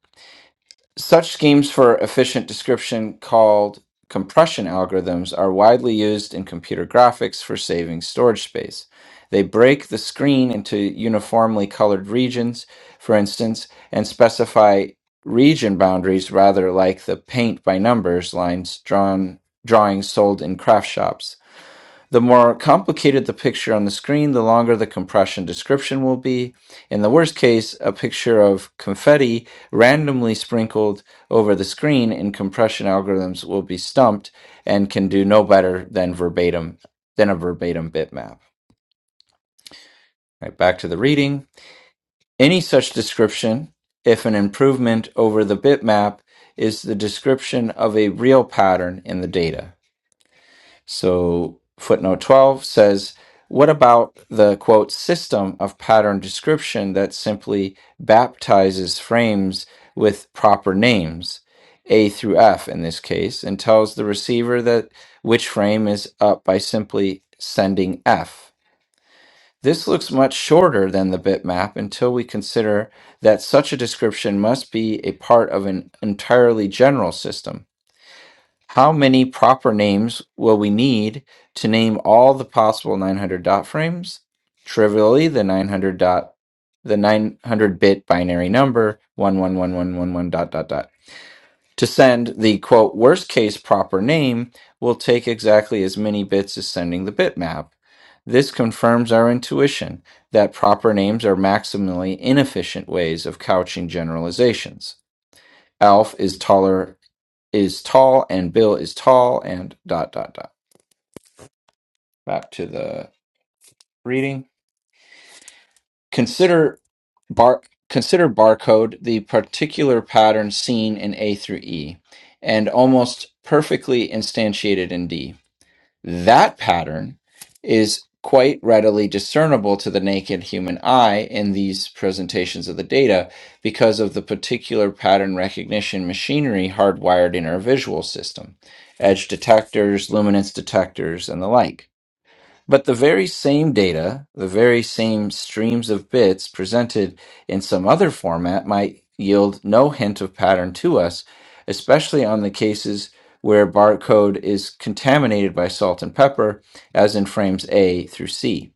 such schemes for efficient description called compression algorithms are widely used in computer graphics for saving storage space. They break the screen into uniformly colored regions, for instance, and specify region boundaries rather like the paint by numbers lines drawn drawings sold in craft shops. The more complicated the picture on the screen, the longer the compression description will be. In the worst case, a picture of confetti randomly sprinkled over the screen in compression algorithms will be stumped and can do no better than verbatim than a verbatim bitmap. Right, back to the reading. Any such description, if an improvement over the bitmap, is the description of a real pattern in the data. So footnote 12 says, what about the quote system of pattern description that simply baptizes frames with proper names, A through F in this case, and tells the receiver that which frame is up by simply sending F? This looks much shorter than the bitmap until we consider that such a description must be a part of an entirely general system how many proper names will we need to name all the possible 900 dot frames? Trivially, the 900 dot, the 900 bit binary number 111111 dot dot dot. To send the quote worst case proper name will take exactly as many bits as sending the bitmap. This confirms our intuition that proper names are maximally inefficient ways of couching generalizations. Alf is taller is tall and Bill is tall and dot dot dot. Back to the reading. Consider bar consider barcode the particular pattern seen in A through E and almost perfectly instantiated in D. That pattern is quite readily discernible to the naked human eye in these presentations of the data because of the particular pattern recognition machinery hardwired in our visual system, edge detectors, luminance detectors, and the like. But the very same data, the very same streams of bits presented in some other format might yield no hint of pattern to us, especially on the cases where barcode is contaminated by salt and pepper, as in frames A through C.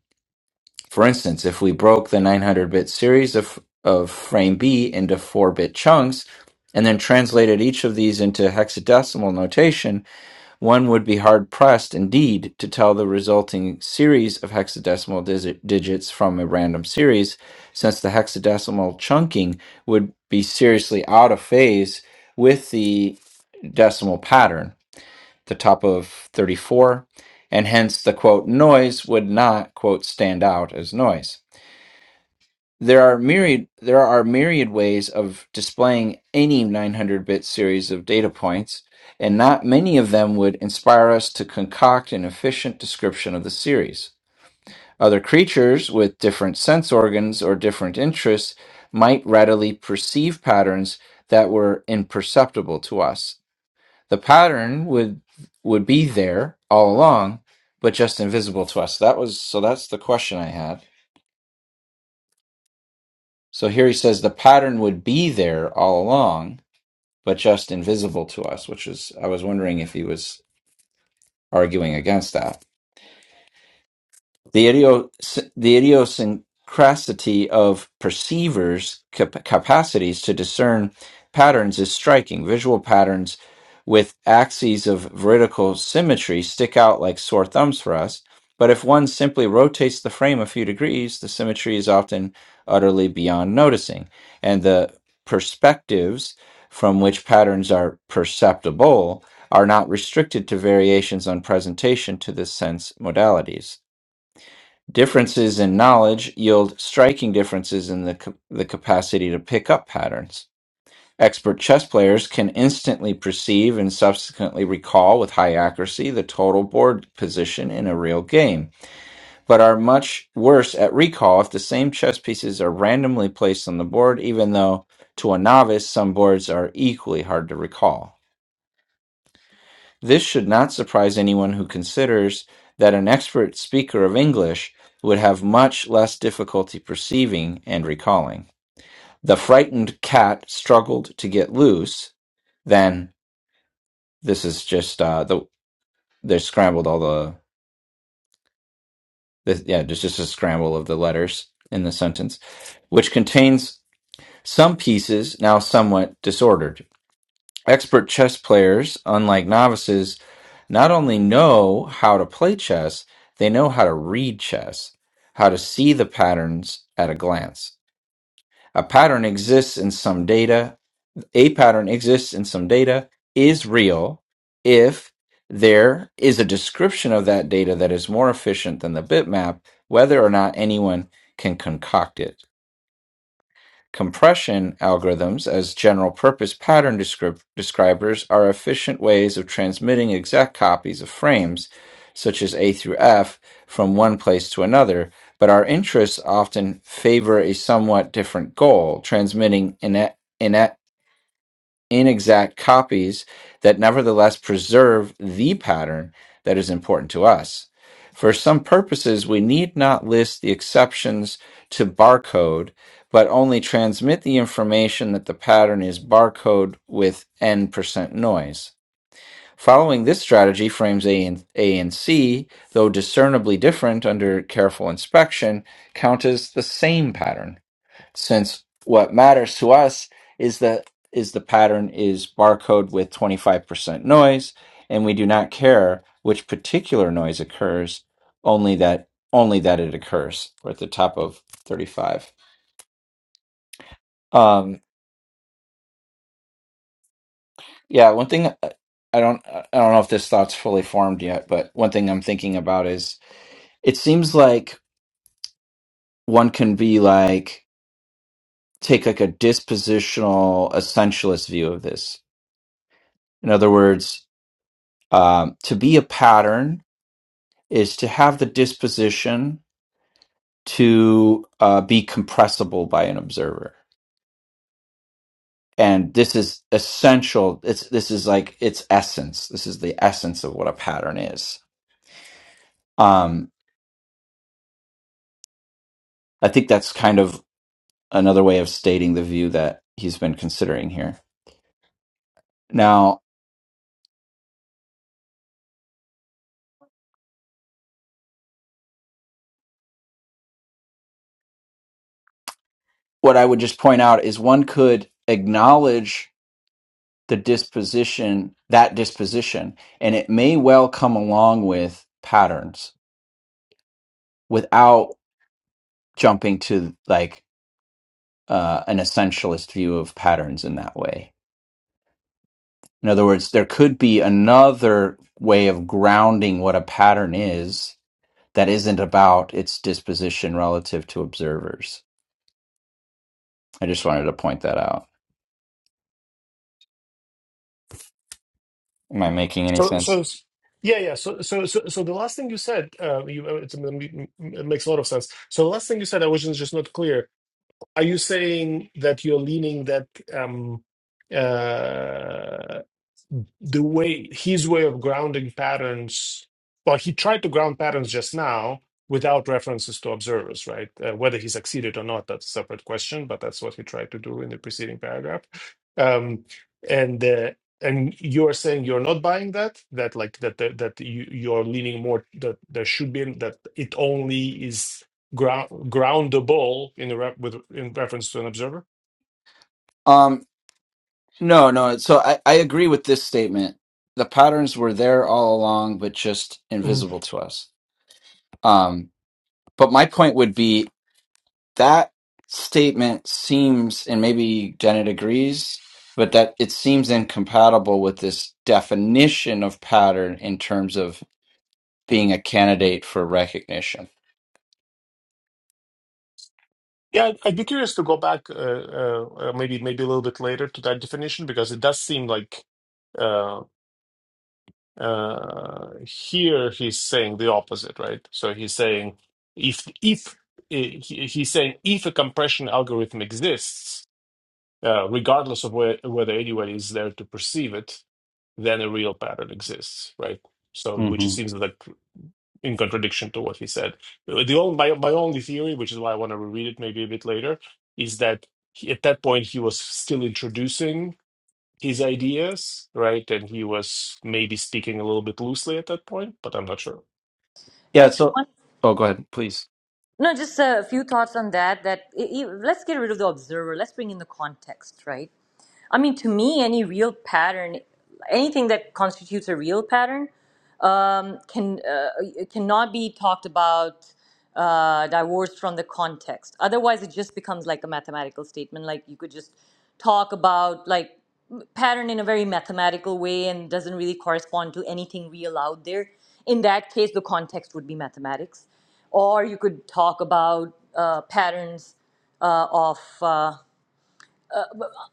For instance, if we broke the 900 bit series of, of frame B into 4 bit chunks and then translated each of these into hexadecimal notation, one would be hard pressed indeed to tell the resulting series of hexadecimal digits from a random series, since the hexadecimal chunking would be seriously out of phase with the decimal pattern, the top of 34, and hence the quote noise would not quote stand out as noise. There are myriad there are myriad ways of displaying any 900-bit series of data points, and not many of them would inspire us to concoct an efficient description of the series. Other creatures with different sense organs or different interests might readily perceive patterns that were imperceptible to us. The pattern would would be there all along, but just invisible to us. That was so that's the question I had. So here he says the pattern would be there all along, but just invisible to us, which is, I was wondering if he was arguing against that. The, idios- the idiosyncrasy of perceivers' cap- capacities to discern patterns is striking. Visual patterns with axes of vertical symmetry stick out like sore thumbs for us, but if one simply rotates the frame a few degrees, the symmetry is often utterly beyond noticing, and the perspectives from which patterns are perceptible are not restricted to variations on presentation to the sense modalities. Differences in knowledge yield striking differences in the, ca- the capacity to pick up patterns. Expert chess players can instantly perceive and subsequently recall with high accuracy the total board position in a real game, but are much worse at recall if the same chess pieces are randomly placed on the board, even though to a novice some boards are equally hard to recall. This should not surprise anyone who considers that an expert speaker of English would have much less difficulty perceiving and recalling. The frightened cat struggled to get loose. Then this is just uh, the they scrambled all the, the yeah, there's just a scramble of the letters in the sentence, which contains some pieces now somewhat disordered. Expert chess players, unlike novices, not only know how to play chess, they know how to read chess, how to see the patterns at a glance. A pattern exists in some data, a pattern exists in some data, is real if there is a description of that data that is more efficient than the bitmap, whether or not anyone can concoct it. Compression algorithms as general-purpose pattern descrip- describers are efficient ways of transmitting exact copies of frames, such as A through F, from one place to another, but our interests often favor a somewhat different goal, transmitting ina- ina- inexact copies that nevertheless preserve the pattern that is important to us. For some purposes, we need not list the exceptions to barcode, but only transmit the information that the pattern is barcode with n% percent noise. Following this strategy, frames A and, A and C, though discernibly different under careful inspection, count as the same pattern since what matters to us is that is the pattern is barcode with 25% noise and we do not care which particular noise occurs only that only that it occurs we're at the top of 35 um yeah one thing uh, i don't uh, i don't know if this thought's fully formed yet but one thing i'm thinking about is it seems like one can be like take like a dispositional essentialist view of this in other words Um, to be a pattern is to have the disposition to uh, be compressible by an observer. And this is essential. It's this is like its essence. This is the essence of what a pattern is. Um, I think that's kind of another way of stating the view that he's been considering here. Now, what I would just point out is one could acknowledge the disposition, that disposition, and it may well come along with patterns without jumping to like uh, an essentialist view of patterns in that way. In other words, there could be another way of grounding what a pattern is that isn't about its disposition relative to observers. I just wanted to point that out. Am I making [LAUGHS] any so sense? so s- yeah yeah so so so, so the last thing you said uh, you, uh, it's, it makes a lot of sense so the last thing you said i was just just not clear Are you saying that you're leaning that um, uh, the way his way of grounding patterns well he tried to ground patterns just now without references to observers right uh, whether he succeeded or not that's a separate question but that's what he tried to do in the preceding paragraph um, and uh, and you're saying you're not buying that that like that that, that you, you're leaning more that there should be that it only is ground groundable in the rep with in reference to an observer Um, no, no. So I, I agree with this statement. The patterns were there all along, but just invisible to us. Um, but my point would be that statement seems, and maybe Janet agrees, but that it seems incompatible with this definition of pattern in terms of being a candidate for recognition. Yeah, I'd I'd be curious to go back, uh, uh, uh, maybe maybe a little bit later to that definition because it does seem like uh, uh, here he's saying the opposite, right? So he's saying if if eh, he- he's saying if a compression algorithm exists, uh, regardless of where, whether anyone is there to perceive it, then a real pattern exists, right? So which it hmm seems like in contradiction to what he said. The only, my, my only theory, which is why I want to reread it maybe a bit later, is that he, at that point he was still introducing his ideas, right? And he was maybe speaking a little bit loosely at that point, but I'm not sure. Yeah. actually So, one oh, go ahead, please. no just a few thoughts on that that e- e- let's get rid of the observer let's bring in the context right I mean, to me, any real pattern, anything that constitutes a real pattern, um, can uh, cannot be talked about uh, divorced from the context. Otherwise, it just becomes like a mathematical statement. Like you could just talk about like pattern in a very mathematical way and doesn't really correspond to anything real out there. In that case, the context would be mathematics, or you could talk about uh, patterns uh, of uh,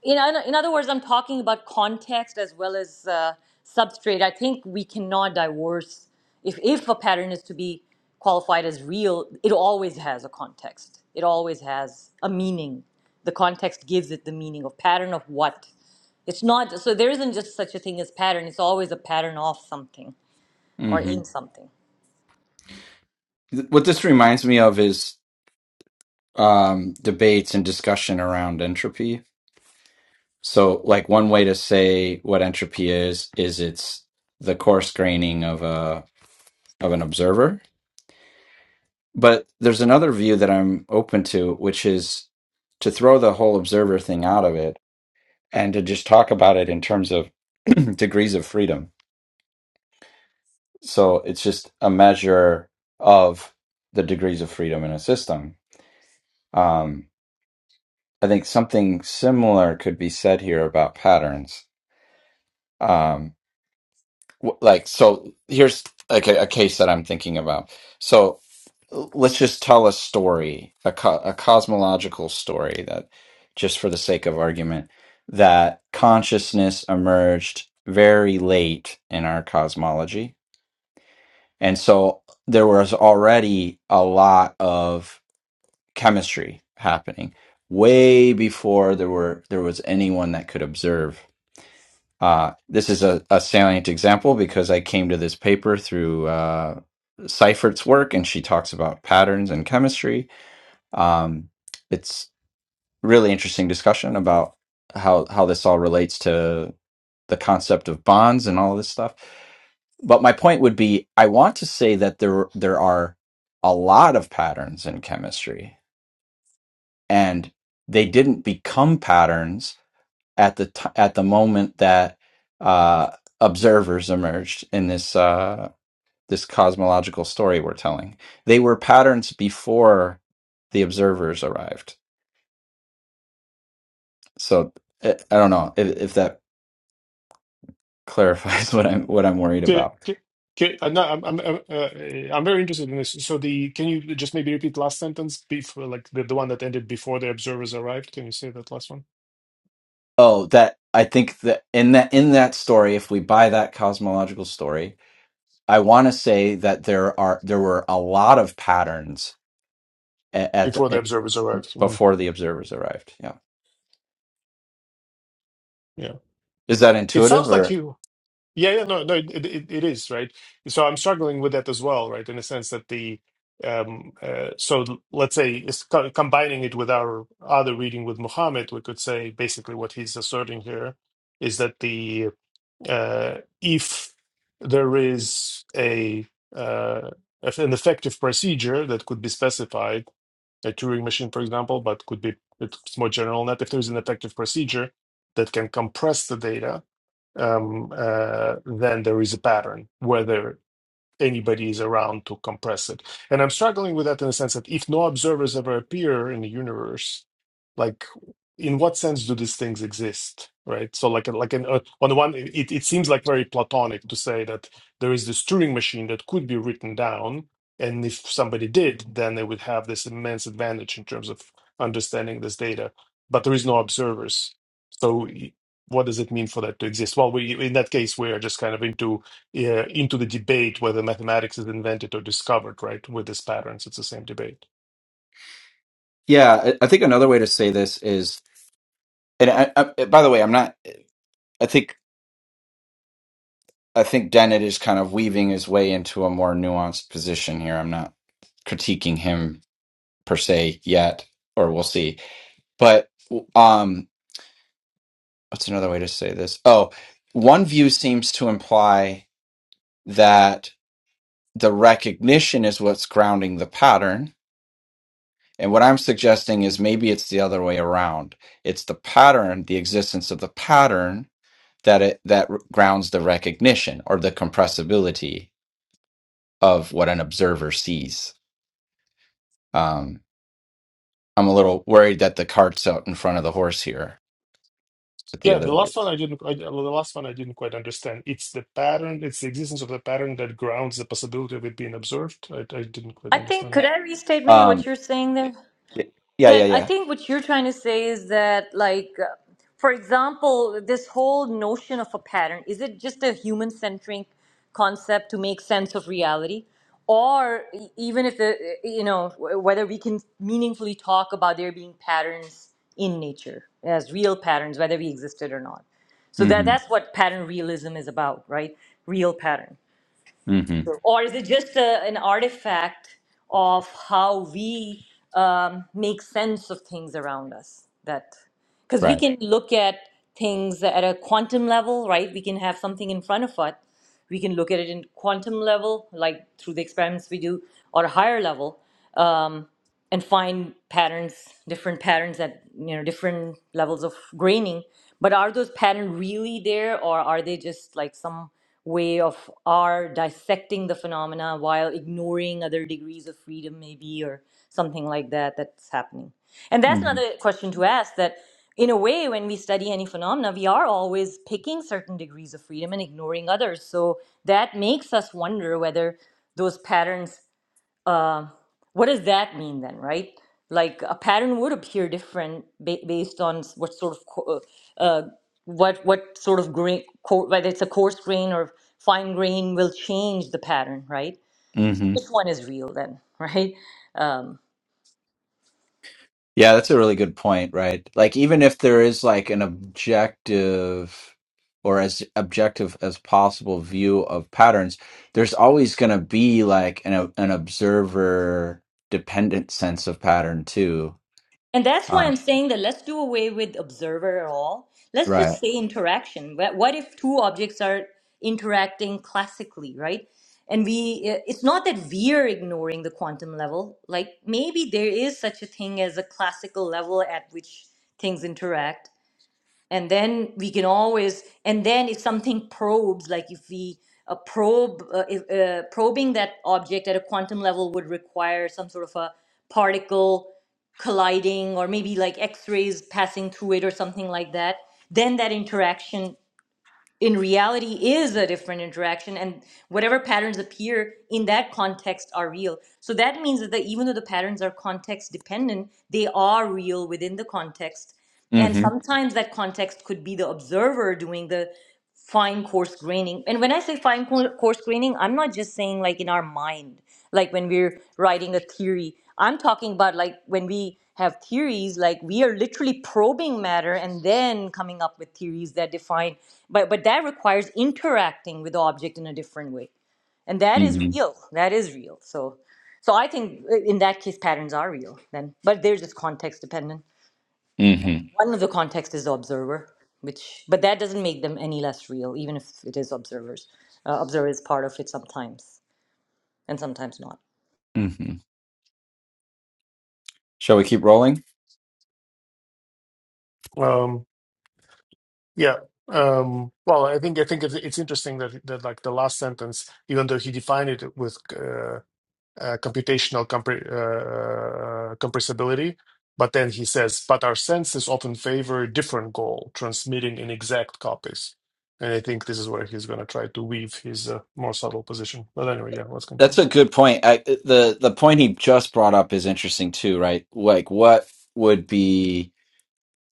you know, in, other words, I'm talking about context as well as uh, substrate. I think we cannot divorce. If, if a pattern is to be qualified as real, it always has a context. It always has a meaning. The context gives it the meaning of pattern of what. It's not so there isn't just such a thing as pattern. It's always a pattern of something or hmm in something. What this reminds me of is um, debates and discussion around entropy So, like one way to say what entropy is is it's the coarse graining of a of an observer. But there's another view that I'm open to, which is to throw the whole observer thing out of it and to just talk about it in terms of [CLEARS THROAT] degrees of freedom. So it's just a measure of the degrees of freedom in a system. Um, I think something similar could be said here about patterns. Um, w- like so here's like a, a case that i'm thinking about so l- let's just tell a story a, co- a cosmological story that just for the sake of argument that consciousness emerged very late in our cosmology and so there was already a lot of chemistry happening way before there were there was anyone that could observe uh, this is a, a salient example because I came to this paper through uh, Seifert's work, and she talks about patterns and chemistry. Um, it's really interesting discussion about how how this all relates to the concept of bonds and all this stuff. But my point would be, I want to say that there there are a lot of patterns in chemistry, and they didn't become patterns at the t- at the moment that uh, observers emerged in this uh, this cosmological story we're telling. They were patterns before the observers arrived. So I I don't know if, if that clarifies [LAUGHS] what I'm what I'm worried Okay, about. okay, okay. I'm, not, I'm, I'm, I'm, uh, I'm very interested in this. So the can you just maybe repeat last sentence before, like the, the one that ended before the observers arrived? Can you say that last one? Oh, that I think that in that in that story, if we buy that cosmological story, I want to say that there are there were a lot of patterns at, at the, Before the at, observers arrived. Mhm. before the observers arrived. Yeah. Yeah. Is that It intuitive sounds like or you. Yeah, yeah, no, no, it, it, it is, right? So I'm struggling with that as well, right? In a sense that the, um, uh, so l- let's say it's co combining it with our other reading with Muhammad, we could say basically what he's asserting here is that the, uh, if there is a, uh, if an effective procedure that could be specified, a Turing machine, for example, but could be, it's more general than that, if there's an effective procedure that can compress the data um, uh, then there is a pattern, whether anybody is around to compress it. And I'm struggling with that in the sense that if no observers ever appear in the universe, like in what sense do these things exist, right? So like like an, uh, on the one, it it seems like very platonic to say that there is this Turing machine that could be written down, and if somebody did, then they would have this immense advantage in terms of understanding this data. But there is no observers, so. What does it mean for that to exist? Well, we in that case we are just kind of into yeah, into the debate whether mathematics is invented or discovered, right? With these patterns, it's the same debate. Yeah, I I think another way to say this is, and I, I, uh, by the way, I'm not. I think I think Dennett is kind of weaving his way into a more nuanced position here. I'm not critiquing him per se yet, or we'll see. But um, what's another way to say this? Oh, one view seems to imply that the recognition is what's grounding the pattern. And what I'm suggesting is maybe it's the other way around. It's the pattern, the existence of the pattern that it that r- grounds the recognition or the compressibility of what an observer sees. Um, I'm a little worried that the cart's out in front of the horse here with the Yeah, other the view. last one I didn't, I, the last one I didn't quite understand. It's the pattern, it's the existence of the pattern that grounds the possibility of it being observed. I, I didn't quite I think could understand. I restate maybe what Um, you're saying there? y- yeah, yeah, that I yeah. think what you're trying to say is that, like, uh, for example, this whole notion of a pattern is it just a human centric concept to make sense of reality? Or e- even if the, uh, you know, wh- whether we can meaningfully talk about there being patterns in nature as real patterns, whether we existed or not. So that, hmm that's what pattern realism is about, right? Real pattern. hmm Or is it just a, an artifact of how we um, make sense of things around us? That because we Right. can look at things at a quantum level, right? We can have something in front of us. We can look at it in quantum level, like through the experiments we do, or a higher level. Um, and find patterns, different patterns at you know different levels of graining. But are those patterns really there, or are they just like some way of our dissecting the phenomena while ignoring other degrees of freedom, maybe, or something like that that's happening? And that's hmm another question to ask. That in a way, when we study any phenomena, we are always picking certain degrees of freedom and ignoring others. So that makes us wonder whether those patterns uh, what does that mean then, right? Like a pattern would appear different ba- based on s- what sort of co- uh, uh, what what sort of grain, co- whether it's a coarse grain or fine grain, will change the pattern, right? hmm Which one is real then, [LAUGHS] right? Um, Yeah, that's a really good point, right? Like, even if there is like an objective or as objective as possible view of patterns, there's always going to be like an an observer dependent sense of pattern too. And that's why Uh, I'm saying that let's do away with observer at all. Let's just right. say interaction. Wha- What if two objects are interacting classically, right? And we, uh, it's not that we're ignoring the quantum level. Like maybe there is such a thing as a classical level at which things interact and then we can always and then if something probes like if we uh, probe uh, if, uh, probing that object at a quantum level would require some sort of a particle colliding or maybe like x-rays passing through it or something like that then that interaction in reality is a different interaction and whatever patterns appear in that context are real so that means that even though the patterns are context dependent they are real within the context and hmm sometimes that context could be the observer doing the fine coarse graining and when i say fine co- coarse graining i'm not just saying like in our mind like when we're writing a theory i'm talking about like when we have theories like we are literally probing matter and then coming up with theories that define but but that requires interacting with the object in a different way and that is hmm real that is real so so i think uh, in that case patterns are real then but they're just context dependent hmm one of the context is the observer, which but that doesn't make them any less real, even if it is observers. Uh, observer is part of it sometimes, and sometimes not. hmm Shall we keep rolling? Um, yeah. Um, well, I think I think it's, it's interesting that that like the last sentence, even though he defined it with uh, uh, computational compre- uh, uh, compressibility. But then he says, but our senses often favor a different goal, transmitting inexact copies. And I think this is where he's going to try to weave his uh, more subtle position. But anyway, yeah, let's That's continue. a good point. I, uh, the the point he just brought up is interesting too, right? Like, what would be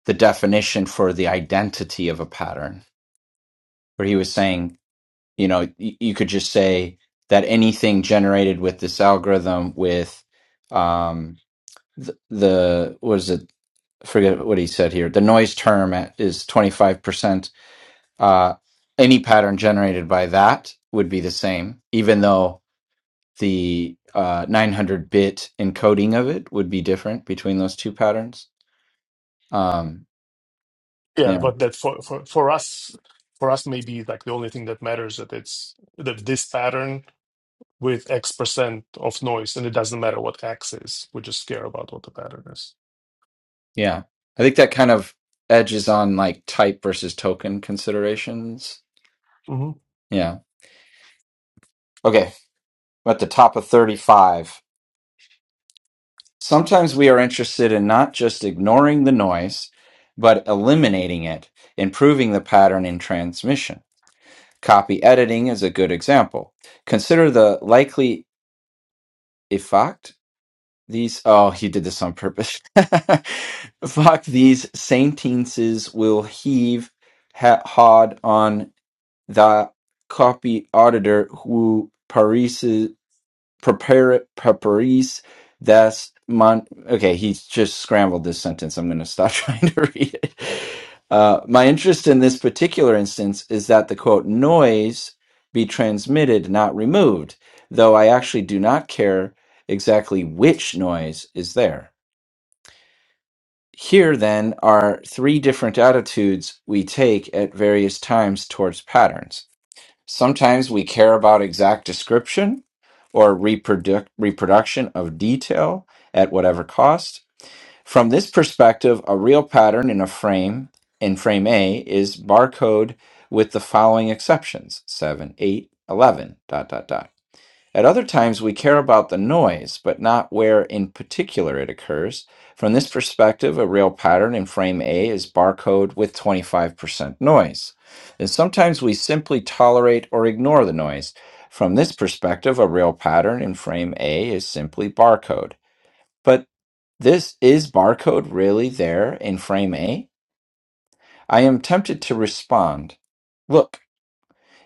the definition for the identity of a pattern? Where he was saying you know y- you could just say that anything generated with this algorithm with um the, the what is it I forget what he said here the noise term at, is 25% uh any pattern generated by that would be the same even though the uh 900 bit encoding of it would be different between those two patterns um Yeah, yeah but that for, for, for us, for us, maybe like the only thing that matters that it's that this pattern with X percent of noise, and it doesn't matter what X is. We just care about what the pattern is. yeah i think that kind of edges on like type versus token considerations Mm-hmm. yeah okay I'm at the top of 35. Sometimes we are interested in not just ignoring the noise, but eliminating it, improving the pattern in transmission. Copy editing is a good example. Consider the likely effect these oh he did this on purpose [LAUGHS] fuck these sentences will heave ha- hard on the copy auditor who prepare preparis das mon okay he's just scrambled this sentence i'm going to stop [LAUGHS] trying to read it uh, my interest in this particular instance is that the quote noise be transmitted not removed though i actually do not care exactly which noise is there here then are three different attitudes we take at various times towards patterns Sometimes we care about exact description or reproduc- reproduction of detail at whatever cost. From this perspective, a real pattern in a frame in frame A is barcode with the following exceptions 7, 8, 11, dot, dot, dot. At other times, we care about the noise, but not where in particular it occurs. From this perspective, a real pattern in frame A is barcode with 25% noise. And sometimes we simply tolerate or ignore the noise. From this perspective, a real pattern in frame A is simply barcode. But this is barcode really there in frame A? I am tempted to respond. Look,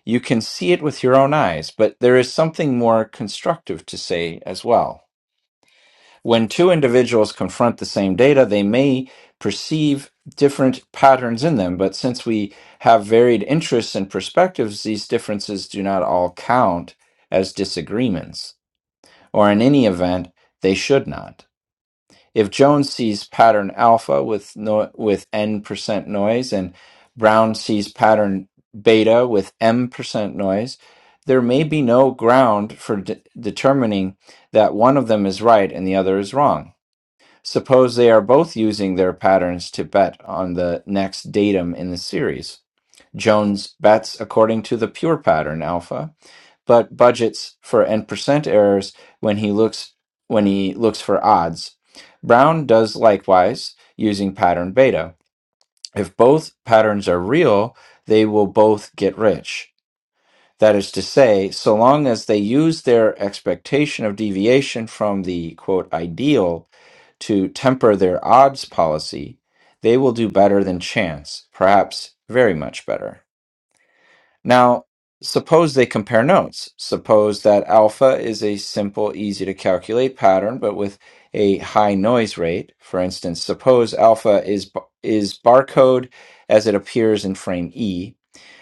you can see it with your own eyes, but there is something more constructive to say as well. When two individuals confront the same data, they may perceive different patterns in them, but since we have varied interests and perspectives, these differences do not all count as disagreements, or in any event, they should not. If Jones sees pattern alpha with no, with n percent noise and Brown sees pattern beta with m percent noise, there may be no ground for de- determining that one of them is right and the other is wrong Suppose they are both using their patterns to bet on the next datum in the series. Jones bets according to the pure pattern alpha, but budgets for n percent errors when he looks when he looks for odds. Brown does likewise using pattern beta. If both patterns are real, they will both get rich. That is to say, so long as they use their expectation of deviation from the quote ideal to temper their odds policy, they will do better than chance, perhaps very much better. Now, suppose they compare notes. Suppose that alpha is a simple, easy to calculate pattern, but with a high noise rate. For instance, suppose alpha is, is barcode as it appears in frame E,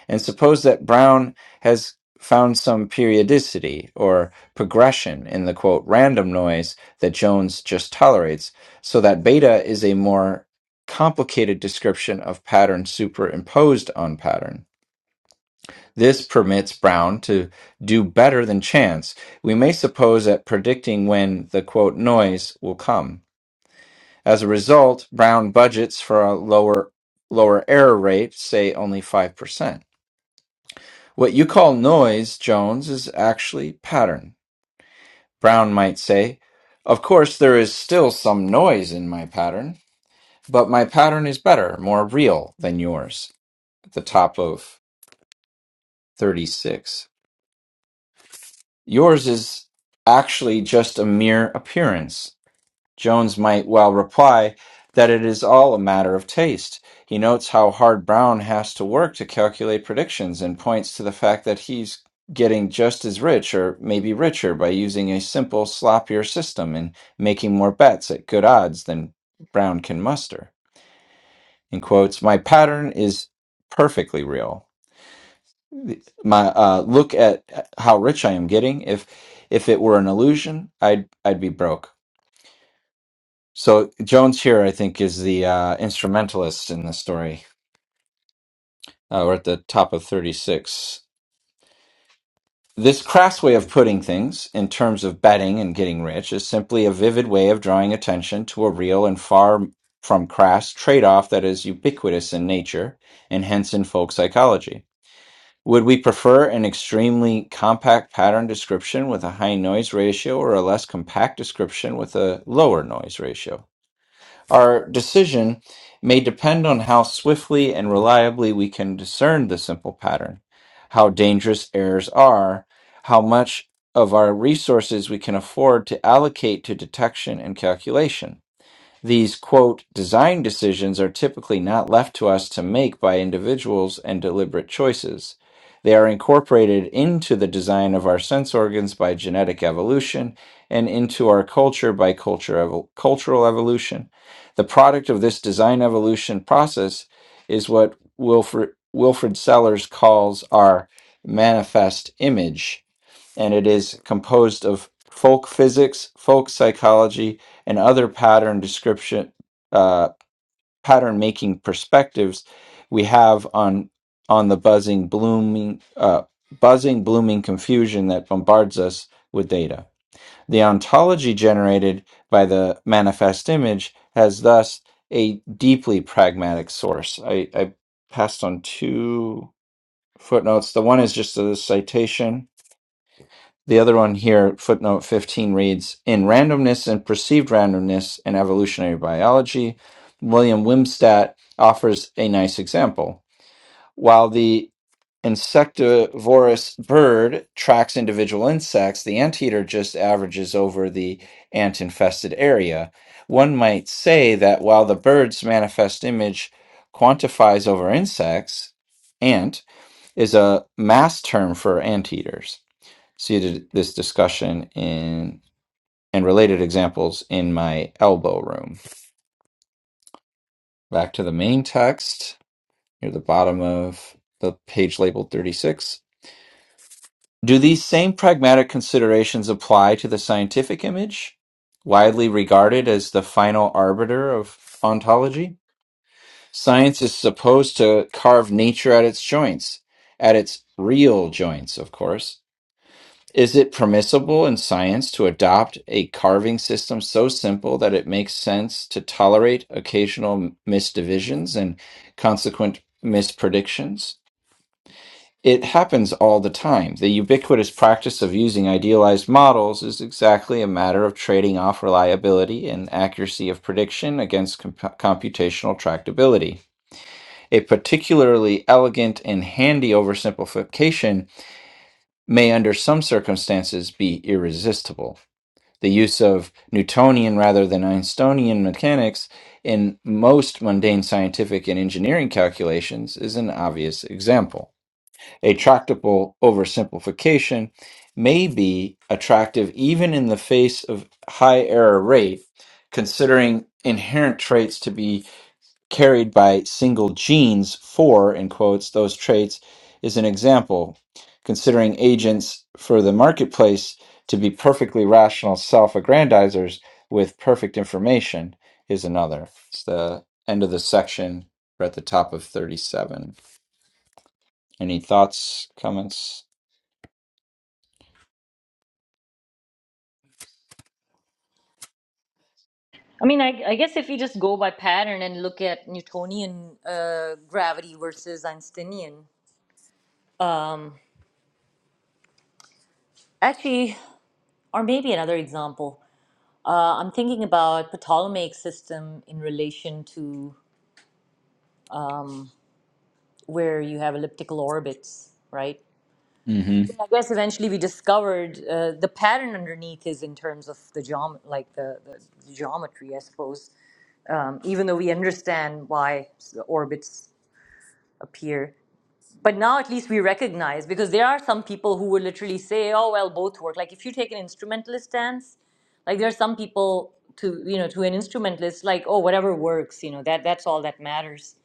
and suppose that Brown has found some periodicity or progression in the quote random noise that Jones just tolerates, so that beta is a more complicated description of pattern superimposed on pattern. This permits Brown to do better than chance. We may suppose at predicting when the quote noise will come. As a result, Brown budgets for a lower lower error rate, say only 5%. What you call noise, Jones, is actually pattern. Brown might say, Of course, there is still some noise in my pattern, but my pattern is better, more real than yours. At the top of 36. Yours is actually just a mere appearance. Jones might well reply that it is all a matter of taste. He notes how hard Brown has to work to calculate predictions and points to the fact that he's getting just as rich or maybe richer by using a simple, sloppier system and making more bets at good odds than Brown can muster. In quotes, my pattern is perfectly real. My uh, look at how rich I am getting. If if it were an illusion, I'd I'd be broke. So Jones here, I think, is the uh, instrumentalist in the story. Uh, we're at the top of 36. This crass way of putting things, in terms of betting and getting rich, is simply a vivid way of drawing attention to a real and far from crass trade off that is ubiquitous in nature and hence in folk psychology. Would we prefer an extremely compact pattern description with a high noise ratio or a less compact description with a lower noise ratio? Our decision may depend on how swiftly and reliably we can discern the simple pattern, how dangerous errors are, how much of our resources we can afford to allocate to detection and calculation. These, quote, design decisions are typically not left to us to make by individuals and deliberate choices. They are incorporated into the design of our sense organs by genetic evolution and into our culture by culture evol- cultural evolution. The product of this design evolution process is what Wilfred, Wilfred Sellers calls our manifest image and it is composed of folk physics, folk psychology, and other pattern description, uh, pattern making perspectives we have on on the buzzing, blooming, uh, buzzing, blooming confusion that bombards us with data. The ontology generated by the manifest image has thus a deeply pragmatic source. I, I passed on two footnotes. The one is just a citation the other one here, footnote 15 reads In Randomness and Perceived Randomness in Evolutionary Biology, William Wimstadt offers a nice example. While the insectivorous bird tracks individual insects, the anteater just averages over the ant infested area. One might say that while the bird's manifest image quantifies over insects, ant is a mass term for anteaters seated this discussion in and related examples in my elbow room. Back to the main text near the bottom of the page labeled 36. Do these same pragmatic considerations apply to the scientific image, widely regarded as the final arbiter of ontology? Science is supposed to carve nature at its joints, at its real joints, of course Is it permissible in science to adopt a carving system so simple that it makes sense to tolerate occasional m- misdivisions and consequent mispredictions? It happens all the time. The ubiquitous practice of using idealized models is exactly a matter of trading off reliability and accuracy of prediction against comp- computational tractability. A particularly elegant and handy oversimplification may, under some circumstances, be irresistible the use of Newtonian rather than Einsteinian mechanics in most mundane scientific and engineering calculations is an obvious example. A tractable oversimplification may be attractive even in the face of high error rate, considering inherent traits to be carried by single genes for, in quotes, those traits is an example, considering agents for the marketplace to be perfectly rational self aggrandizers with perfect information is another. It's the end of the section. We're at the top of 37. Any thoughts, comments? I mean, I, I guess if you just go by pattern and look at Newtonian uh, gravity versus Einsteinian, um, actually, or maybe another example, uh, I'm thinking about the Ptolemaic system in relation to where you have elliptical orbits, right? Mm hmm. I guess eventually we discovered uh, the pattern underneath is in terms of the geom- like the, the the geometry, I suppose. Um, even though we understand why the orbits appear, but now at least we recognize because there are some people who would literally say, "Oh well, both work." Like if you take an instrumentalist stance, like there are some people to you know to an instrumentalist like, "Oh, whatever works," you know that that's all that matters.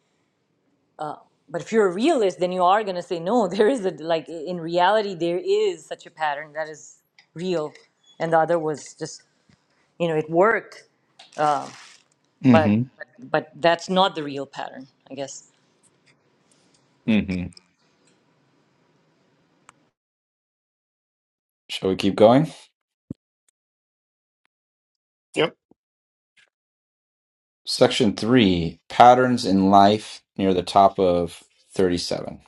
but if you're a realist then you are going to say no [LAUGHS] there is a like in reality there is such a pattern that is real and the other was just you know it worked Mm but hmm. but, but that's not the real pattern i guess Mm hmm. Shall we keep going? Yep. Section three patterns in life near the top of 37.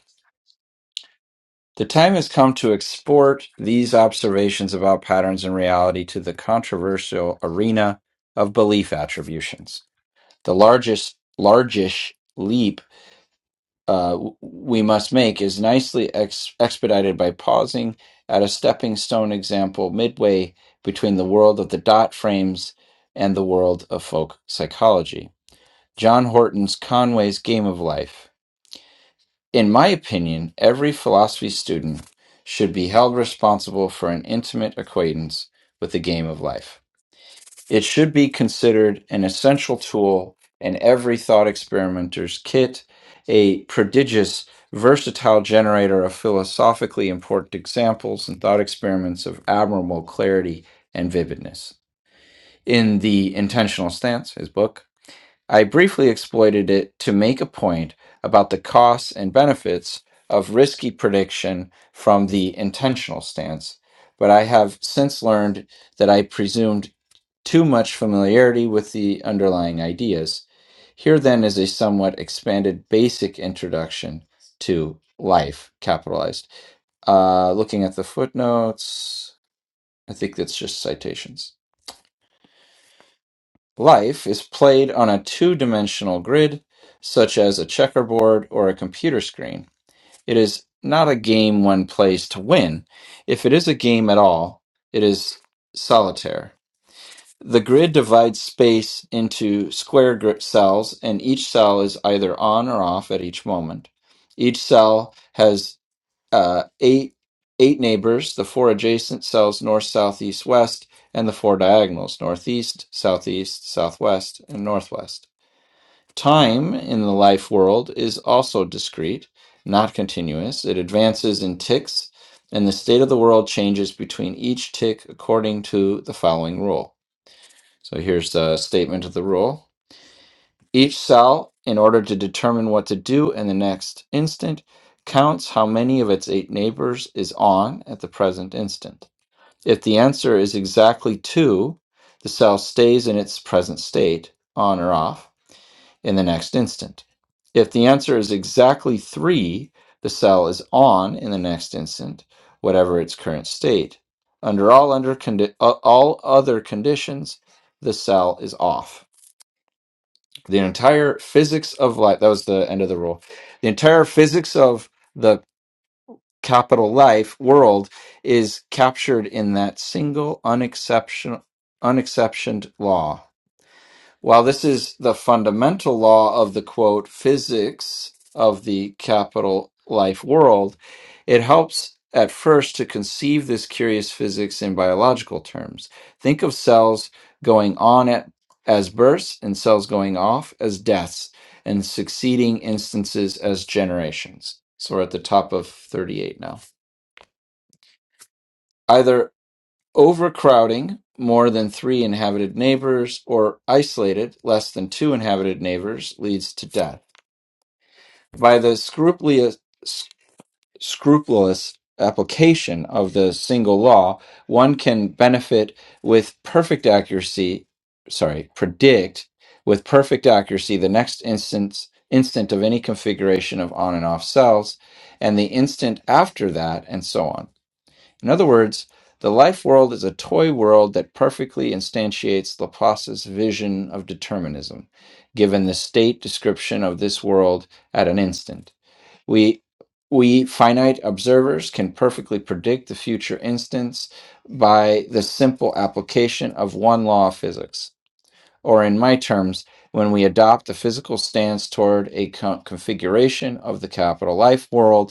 The time has come to export these observations about patterns in reality to the controversial arena of belief attributions. The largest, largish leap uh, w- we must make is nicely ex- expedited by pausing at a stepping stone example midway between the world of the dot frames and the world of folk psychology. John Horton's Conway's Game of Life in my opinion, every philosophy student should be held responsible for an intimate acquaintance with the game of life. It should be considered an essential tool in every thought experimenter's kit, a prodigious, versatile generator of philosophically important examples and thought experiments of admirable clarity and vividness. In The Intentional Stance, his book, I briefly exploited it to make a point about the costs and benefits of risky prediction from the intentional stance, but I have since learned that I presumed too much familiarity with the underlying ideas. Here then is a somewhat expanded basic introduction to life, capitalized. Uh, looking at the footnotes, I think that's just citations. Life is played on a two-dimensional grid, such as a checkerboard or a computer screen. It is not a game one plays to win. If it is a game at all, it is solitaire. The grid divides space into square grid cells, and each cell is either on or off at each moment. Each cell has uh, eight eight neighbors, the four adjacent cells north, south, east, west, and the four diagonals northeast, southeast, southwest, and northwest. Time in the life world is also discrete, not continuous. It advances in ticks, and the state of the world changes between each tick according to the following rule. So here's the statement of the rule. Each cell, in order to determine what to do in the next instant, counts how many of its eight neighbors is on at the present instant. If the answer is exactly two, the cell stays in its present state, on or off, in the next instant. If the answer is exactly three, the cell is on in the next instant, whatever its current state. Under all, under condi- uh, all other conditions, the cell is off the entire physics of life that was the end of the rule the entire physics of the capital life world is captured in that single unexception unexceptioned law while this is the fundamental law of the quote physics of the capital life world, it helps at first to conceive this curious physics in biological terms. Think of cells going on at, as births and cells going off as deaths and succeeding instances as generations. So we're at the top of 38 now. Either overcrowding more than three inhabited neighbors or isolated less than two inhabited neighbors leads to death by the scrupulous, scrupulous application of the single law one can benefit with perfect accuracy sorry predict with perfect accuracy the next instance instant of any configuration of on and off cells and the instant after that and so on in other words, the life world is a toy world that perfectly instantiates Laplace's vision of determinism, given the state description of this world at an instant. We we finite observers can perfectly predict the future instance by the simple application of one law of physics. Or, in my terms, when we adopt the physical stance toward a co- configuration of the capital life world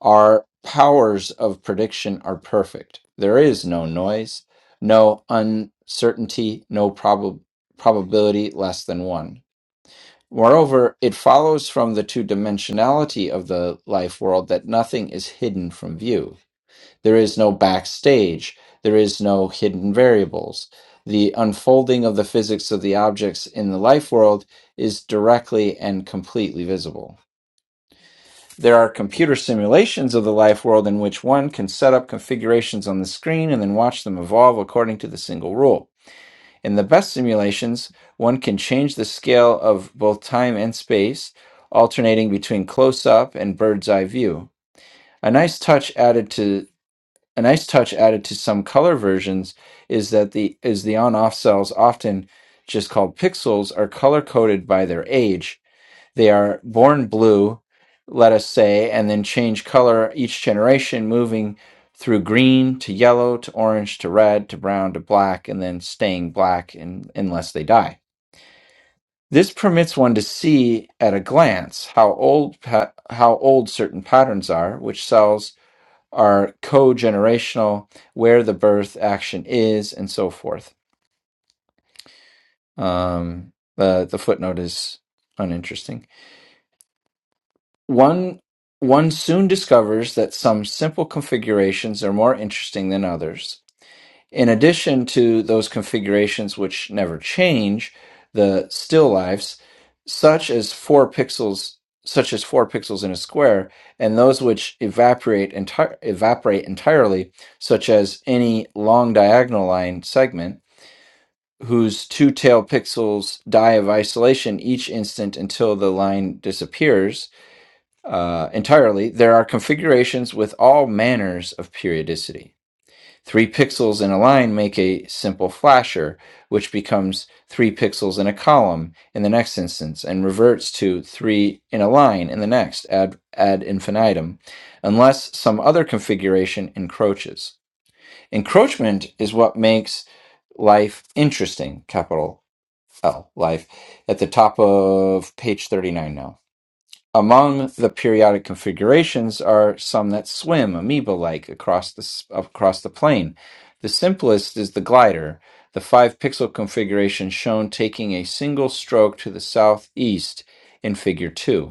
our powers of prediction are perfect. There is no noise, no uncertainty, no prob- probability less than one. Moreover, it follows from the two dimensionality of the life world that nothing is hidden from view. There is no backstage, there is no hidden variables. The unfolding of the physics of the objects in the life world is directly and completely visible. There are computer simulations of the life world in which one can set up configurations on the screen and then watch them evolve according to the single rule. In the best simulations, one can change the scale of both time and space, alternating between close up and bird's eye view. A nice touch added to a nice touch added to some color versions is that the is the on off cells often just called pixels are color coded by their age they are born blue, let us say, and then change color each generation, moving through green to yellow to orange to red to brown to black, and then staying black in, unless they die. This permits one to see at a glance how old pa- how old certain patterns are, which cells are co-generational, where the birth action is, and so forth. Um, the the footnote is uninteresting. One one soon discovers that some simple configurations are more interesting than others. In addition to those configurations which never change, the still lifes, such as four pixels, such as four pixels in a square, and those which evaporate entire evaporate entirely, such as any long diagonal line segment whose two tail pixels die of isolation each instant until the line disappears uh, entirely, there are configurations with all manners of periodicity. Three pixels in a line make a simple flasher, which becomes three pixels in a column in the next instance and reverts to three in a line in the next ad, ad infinitum, unless some other configuration encroaches. Encroachment is what makes life interesting, capital L, life, at the top of page 39 now. Among the periodic configurations are some that swim amoeba-like across the across the plane. The simplest is the glider, the five-pixel configuration shown taking a single stroke to the southeast in Figure 2.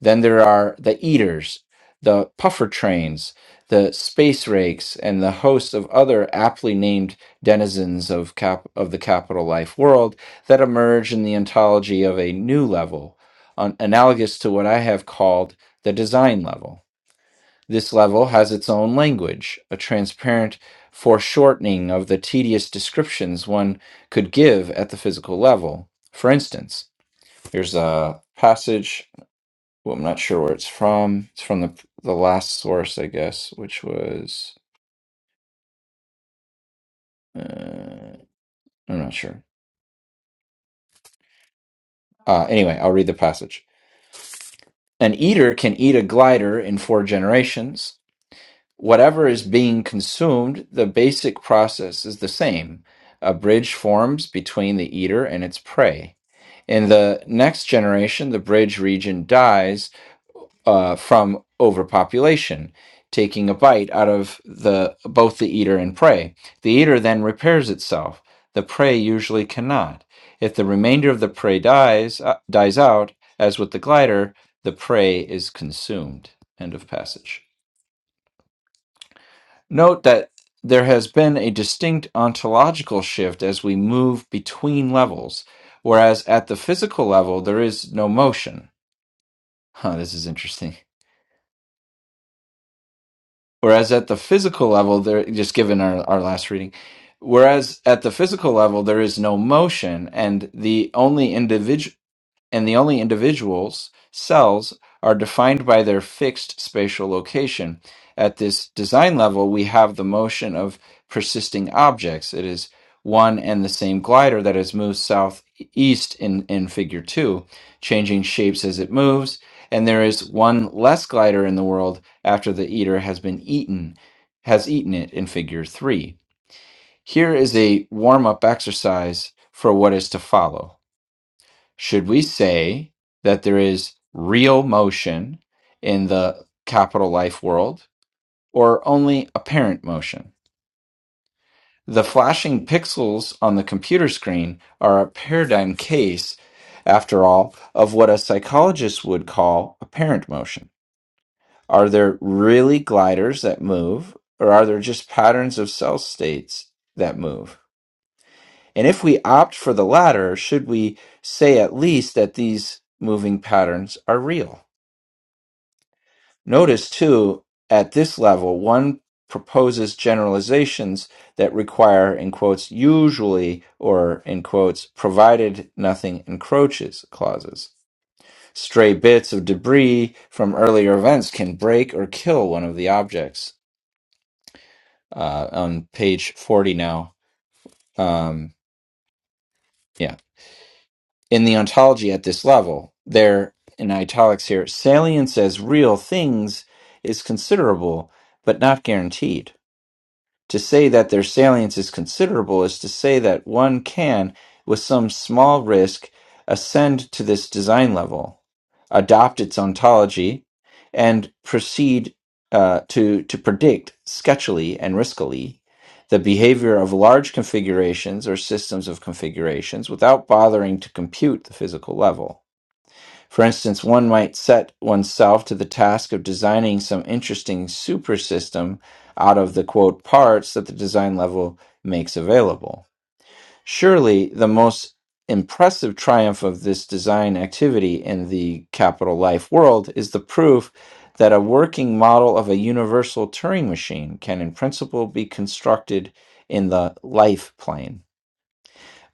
Then there are the eaters, the puffer trains, the space rakes, and the host of other aptly named denizens of, cap- of the capital life world that emerge in the ontology of a new level, an- analogous to what I have called the design level. This level has its own language, a transparent foreshortening of the tedious descriptions one could give at the physical level. For instance, here's a passage well, I'm not sure where it's from. It's from the the last source, I guess, which was uh, I'm not sure. Uh, anyway, I'll read the passage. An eater can eat a glider in four generations. Whatever is being consumed, the basic process is the same. A bridge forms between the eater and its prey. In the next generation, the bridge region dies uh, from overpopulation, taking a bite out of the both the eater and prey. The eater then repairs itself. The prey usually cannot. If the remainder of the prey dies uh, dies out, as with the glider, the prey is consumed. End of passage. Note that there has been a distinct ontological shift as we move between levels, whereas at the physical level there is no motion. Huh, this is interesting. Whereas at the physical level, there just given our, our last reading, whereas at the physical level there is no motion, and the only individual and the only individuals, cells, are defined by their fixed spatial location. At this design level, we have the motion of persisting objects. It is one and the same glider that has moved southeast in, in figure two, changing shapes as it moves. And there is one less glider in the world after the eater has been eaten, has eaten it in figure three. Here is a warm up exercise for what is to follow. Should we say that there is real motion in the capital life world or only apparent motion? The flashing pixels on the computer screen are a paradigm case, after all, of what a psychologist would call apparent motion. Are there really gliders that move, or are there just patterns of cell states that move? And if we opt for the latter, should we say at least that these moving patterns are real? Notice too, at this level, one proposes generalizations that require, in quotes, usually or in quotes, provided nothing encroaches clauses. Stray bits of debris from earlier events can break or kill one of the objects. Uh, on page 40 now. Um, yeah. In the ontology at this level, there in italics here, salience as real things is considerable, but not guaranteed To say that their salience is considerable is to say that one can, with some small risk, ascend to this design level, adopt its ontology, and proceed uh, to, to predict sketchily and riskily the behavior of large configurations or systems of configurations without bothering to compute the physical level. For instance, one might set oneself to the task of designing some interesting super system out of the quote parts that the design level makes available. Surely the most impressive triumph of this design activity in the capital life world is the proof that a working model of a universal Turing machine can in principle be constructed in the life plane.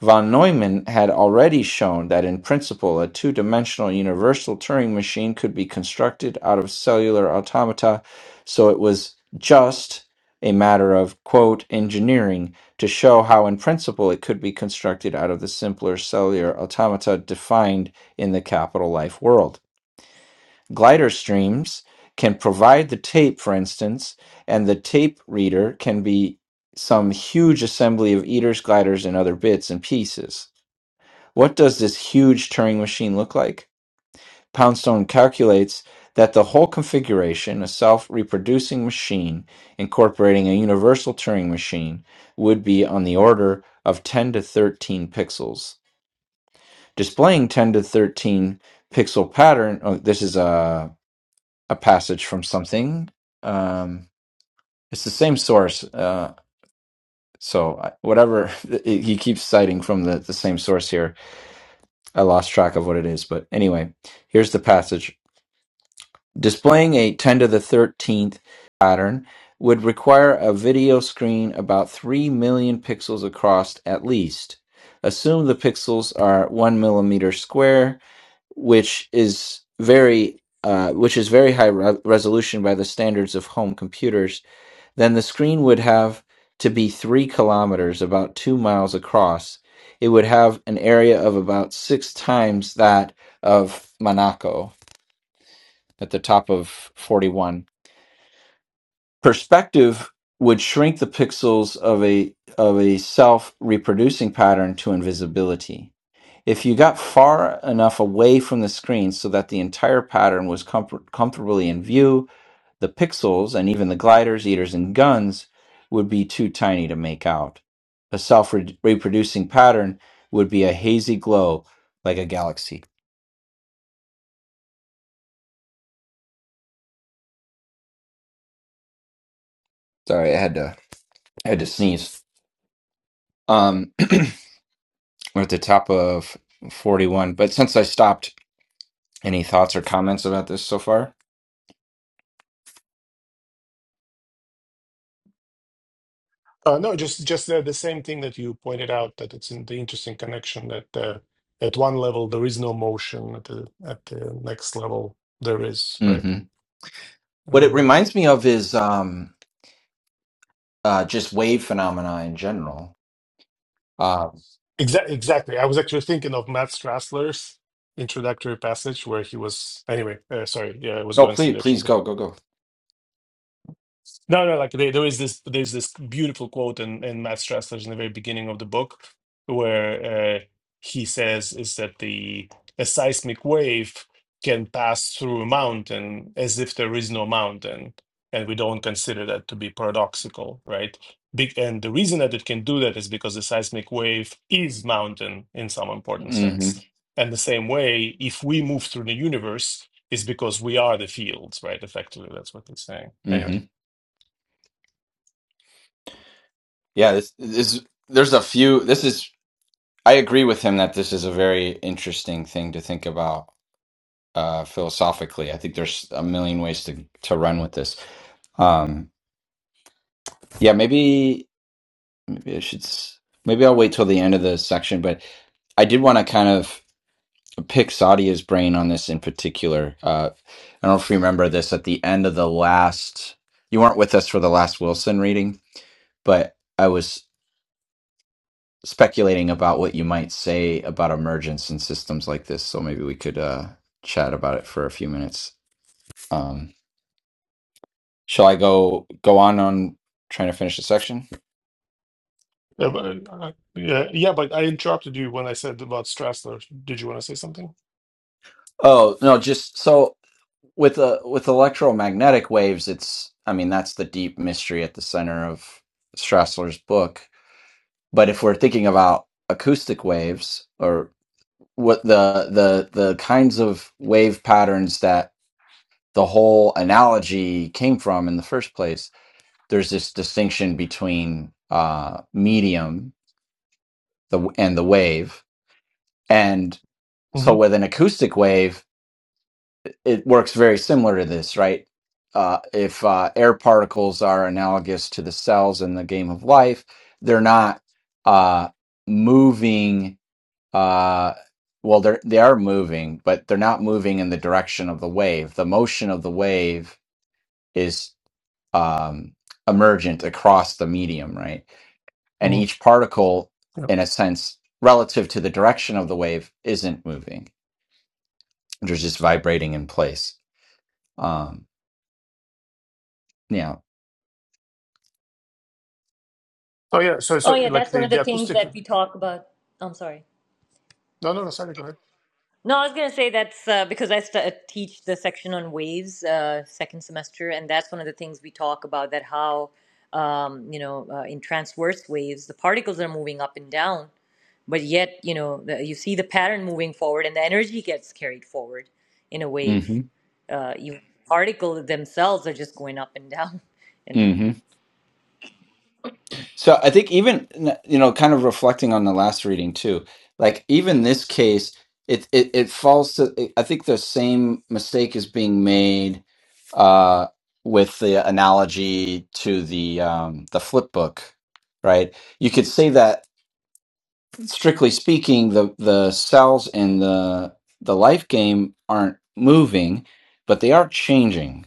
Von Neumann had already shown that in principle a two-dimensional universal Turing machine could be constructed out of cellular automata, so it was just a matter of, quote, engineering to show how in principle it could be constructed out of the simpler cellular automata defined in the capital life world. Glider streams can provide the tape, for instance, and the tape reader can be some huge assembly of eaters, gliders, and other bits and pieces. What does this huge Turing machine look like? Poundstone calculates that the whole configuration, a self reproducing machine incorporating a universal Turing machine, would be on the order of 10 to 13 pixels. Displaying 10 to 13 pixel pattern, oh, this is a, a passage from something. Um, it's the same source. Uh, so, I- whatever [LAUGHS] he keeps citing from the, the same source here, I lost track of what it is. But anyway, here's the passage Displaying a 10 to the 13th pattern would require a video screen about 3 million pixels across at least. Assume the pixels are 1 millimeter square, which is very uh, which is very high re- resolution by the standards of home computers, then the screen would have to be three kilometers, about two miles across. It would have an area of about six times that of Monaco at the top of 41. Perspective would shrink the pixels of a of a self-reproducing pattern to invisibility. If you got far enough away from the screen so that the entire pattern was comfort- comfortably in view, the pixels and even the gliders, eaters, and guns would be too tiny to make out. A self-reproducing pattern would be a hazy glow like a galaxy. Sorry, I had to I had to sneeze. Um, [CLEARS THROAT] We're at the top of 41. But since I stopped, any thoughts or comments about this so far? Uh, no, just just uh, the same thing that you pointed out that it's in the interesting connection that uh, at one level there is no motion at the at the next level there is right. hmm What it Um, reminds me of is um, uh, just wave phenomena in general. Uh, exa- exactly. I was actually thinking of Matt Strassler's introductory passage where he was anyway. Uh, sorry, yeah, I was no, going some please, direction. please Go ahead. go, go, go. No, no, like there, there is this there's this beautiful quote in, in Matt Strassler's in the very beginning of the book where uh, he says is that the a seismic wave can pass through a mountain as if there is no mountain, and we don't consider that to be paradoxical, right? Big, and the reason that it can do that is because the seismic wave is mountain in some important hmm sense. And the same way, if we move through the universe, is because we are the fields, right? Effectively, that's what he's saying. Anyway. hmm Yeah, this, this there's a few. This is I agree with him that this is a very interesting thing to think about uh, philosophically. I think there's a million ways to to run with this. Um, yeah, maybe maybe I should. s- Maybe I'll wait till the end of the section, but I did want to kind of pick Sadia's brain on this in particular. Uh, I don't know if you remember this at the end of the last, you weren't with us for the last Wilson reading, but I was speculating about what you might say about emergence in systems like this. So maybe we could uh, chat about it for a few minutes. Um, shall I go go on on trying to finish the section? Yeah, but, uh, yeah, yeah, but I interrupted you when I said about Strassler. Did you want to say something? Oh no, just so with uh, with electromagnetic waves, it's I mean that's the deep mystery at the center of Strassler's book But if we're thinking about acoustic waves or what the the the kinds of wave patterns that the whole analogy came from in the first place, there's this distinction between uh, medium the and the wave, and so Mm-hmm. with an acoustic wave, it works very similar to this, right? Uh, if uh, air particles are analogous to the cells in the game of life, they're not uh, moving uh well they're they are moving but they're not moving in the direction of the wave the motion of the wave is um emergent across the medium right and hmm each particle Yeah. in a sense relative to the direction of the wave isn't moving they're just vibrating in place um yeah Oh yeah. So oh so yeah like that's one the of the the things acoustic. that we No, talk about i'm sorry no, no. Sorry. Go ahead. no, I was going to say that's uh, because I st- uh, teach the section on waves uh, second semester, and that's one of the things we talk about that how, um, you know, uh, in transverse waves, the particles are moving up and down, but yet you know the, you see the pattern moving forward and the energy gets carried forward in a wave mhm uh you particles themselves are just going up and down [LAUGHS] and So I think even you know, kind of reflecting on the last reading too, like even this case, it it, it falls to. I think the same mistake is being made uh, with the analogy to the um, the flip book, right? You could say that strictly speaking, the the cells in the the life game aren't moving, but they are changing,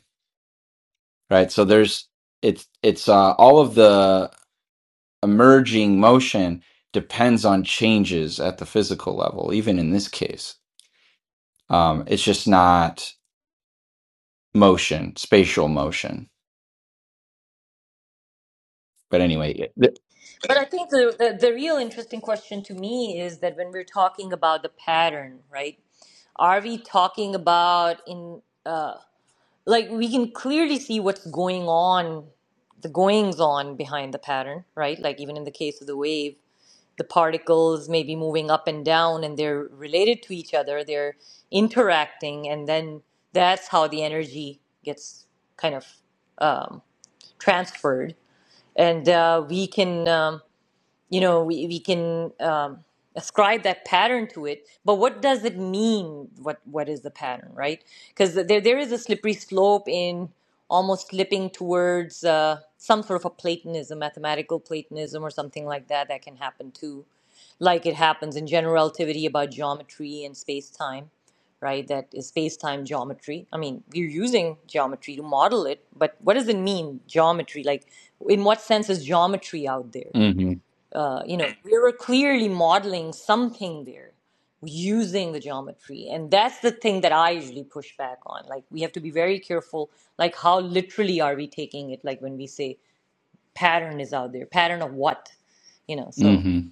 right? So there's it's it's uh, all of the emerging motion depends on changes at the physical level, even in this case. Um, it's just not motion, spatial motion. But anyway, it- th- but i think the, the the real interesting question to me is that when we're talking about the pattern right are we talking about in uh like we can clearly see what's going on the goings on behind the pattern right like even in the case of the wave the particles maybe moving up and down and they're related to each other they're interacting and then that's how the energy gets kind of um, transferred and uh, we can um, you know we, we can um, ascribe that pattern to it but what does it mean what what is the pattern right because there, there is a slippery slope in almost slipping towards uh, some sort of a platonism mathematical platonism or something like that that can happen too like it happens in general relativity about geometry and space time, right? That is space time geometry. I mean, we're using geometry to model it, but what does it mean, geometry? Like, in what sense is geometry out there? mhm, Uh, you know, we were clearly modeling something there using the geometry. And that's the thing that I usually push back on. Like, we have to be very careful, like, how literally are we taking it? Like, when we say pattern is out there, pattern of what? You know, so. mhm,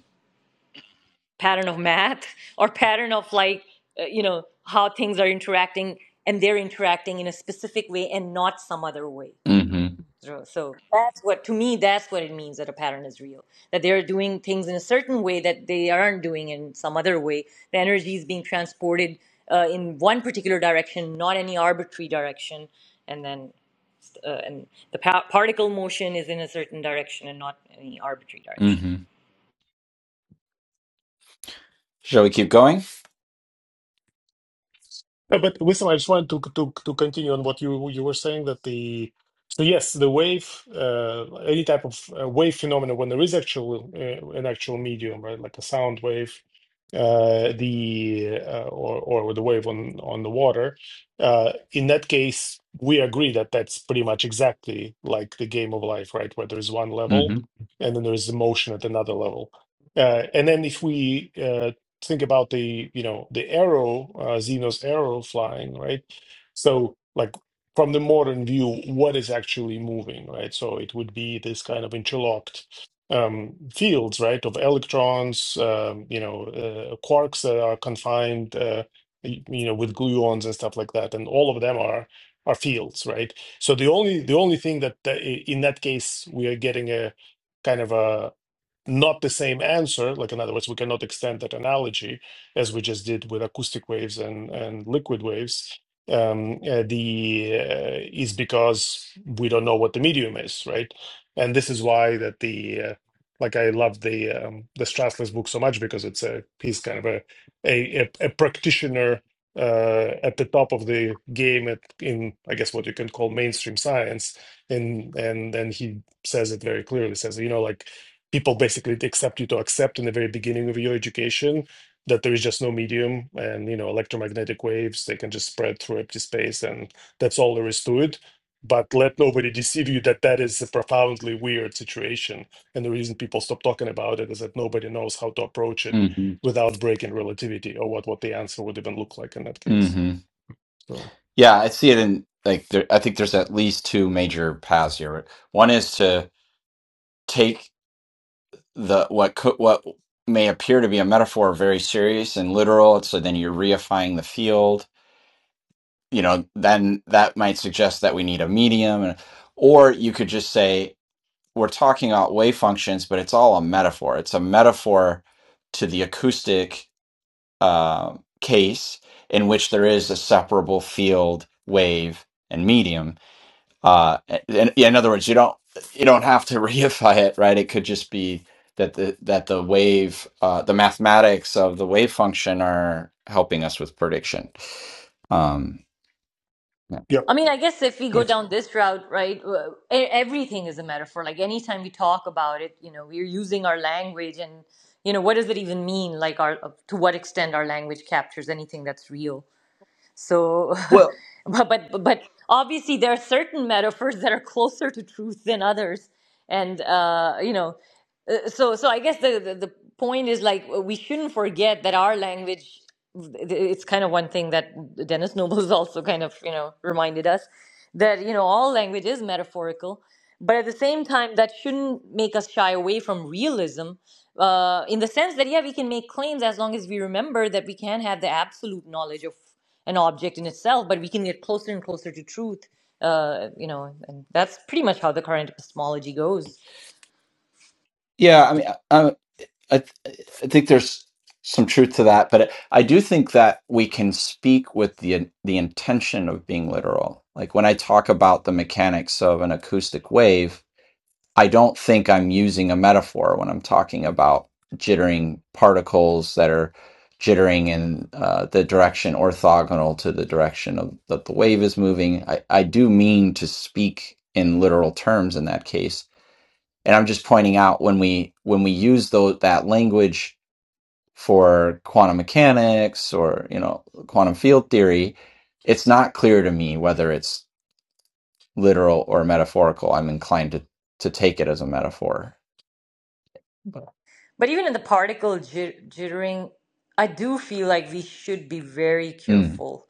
pattern of math [LAUGHS] or pattern of like uh, you know how things are interacting and they're interacting in a specific way and not some other way mhm, so, so that's what to me that's what it means that a pattern is real that they're doing things in a certain way that they aren't doing in some other way the energy is being transported uh, in one particular direction not any arbitrary direction and then uh, and the pa- particle motion is in a certain direction and not any arbitrary direction mhm. Shall we keep going? No, but listen, I just wanted to to to continue on what you you were saying that the so yes, the wave, uh, any type of uh, wave phenomena when there is actual uh, an actual medium, right, like a sound wave, uh, the uh, or or the wave on on the water. Uh, in that case, we agree that that's pretty much exactly like the game of life, right, where there is one level hmm and then there is emotion at another level. Uh, and then if we uh, think about the you know the arrow uh, Zeno's arrow flying right so like from the modern view what is actually moving right so it would be this kind of interlocked um, fields right of electrons um, you know uh, quarks that are confined uh, y- you know with gluons and stuff like that and all of them are are fields right so the only the only thing that that i- in that case we are getting a kind of a not the same answer. Like in other words, we cannot extend that analogy as we just did with acoustic waves and and liquid waves. Um, uh, the uh, is because we don't know what the medium is, right? And this is why that the uh, like I love the um, the Strassless book so much because it's a he's kind of a a, a, a practitioner uh, at the top of the game at, in I guess what you can call mainstream science, and and and he says it very clearly. Says you know like people basically accept you to accept in the very beginning of your education that there is just no medium and you know electromagnetic waves they can just spread through empty space and that's all there is to it but let nobody deceive you that that is a profoundly weird situation and the reason people stop talking about it is that nobody knows how to approach it hmm without breaking relativity or what what the answer would even look like in that case hmm so Yeah, I see it in like there, I think there's at least two major paths here. One is to take the what could what may appear to be a metaphor very serious and literal, so then you're reifying the field you know, then that might suggest that we need a medium. and- Or you could just say, we're talking about wave functions, but it's all a metaphor. It's a metaphor to the acoustic uh, case in which there is a separable field, wave, and medium. Uh, in, in other words, you don't you don't have to [LAUGHS] reify it, right? It could just be that the that the wave, uh, the mathematics of the wave function are helping us with prediction. Um, yeah. yep I mean, I guess if we go makes down this route, right, uh, e- everything is a metaphor. Like anytime we talk about it, you know, we're using our language and, you know, what does it even mean? Like our, uh, to what extent our language captures anything that's real. So, Well, [LAUGHS] but, but, but obviously there are certain metaphors that are closer to truth than others. And, uh, you know, uh, so so i guess the, the the point is like we shouldn't forget that our language it's kind of one thing that dennis noble has [LAUGHS] also kind of you know reminded us that you know all language is metaphorical but at the same time that shouldn't make us shy away from realism uh, in the sense that yeah we can make claims as long as we remember that we can have the absolute knowledge of an object in itself but we can get closer and closer to truth uh, you know and that's pretty much how the current epistemology goes Yeah, I mean, I, I, I think there's some truth to that, but I do think that we can speak with the the intention of being literal. Like when I talk about the mechanics of an acoustic wave, I don't think I'm using a metaphor when I'm talking about jittering particles that are jittering in uh, the direction orthogonal to the direction of that the wave is moving. I, I do mean to speak in literal terms in that case and i'm just pointing out when we when we use those that language for quantum mechanics or you know quantum field theory it's not clear to me whether it's literal or metaphorical i'm inclined to to take it as a metaphor but But even in the particle jit- jittering, I do feel like we should be very Mm. careful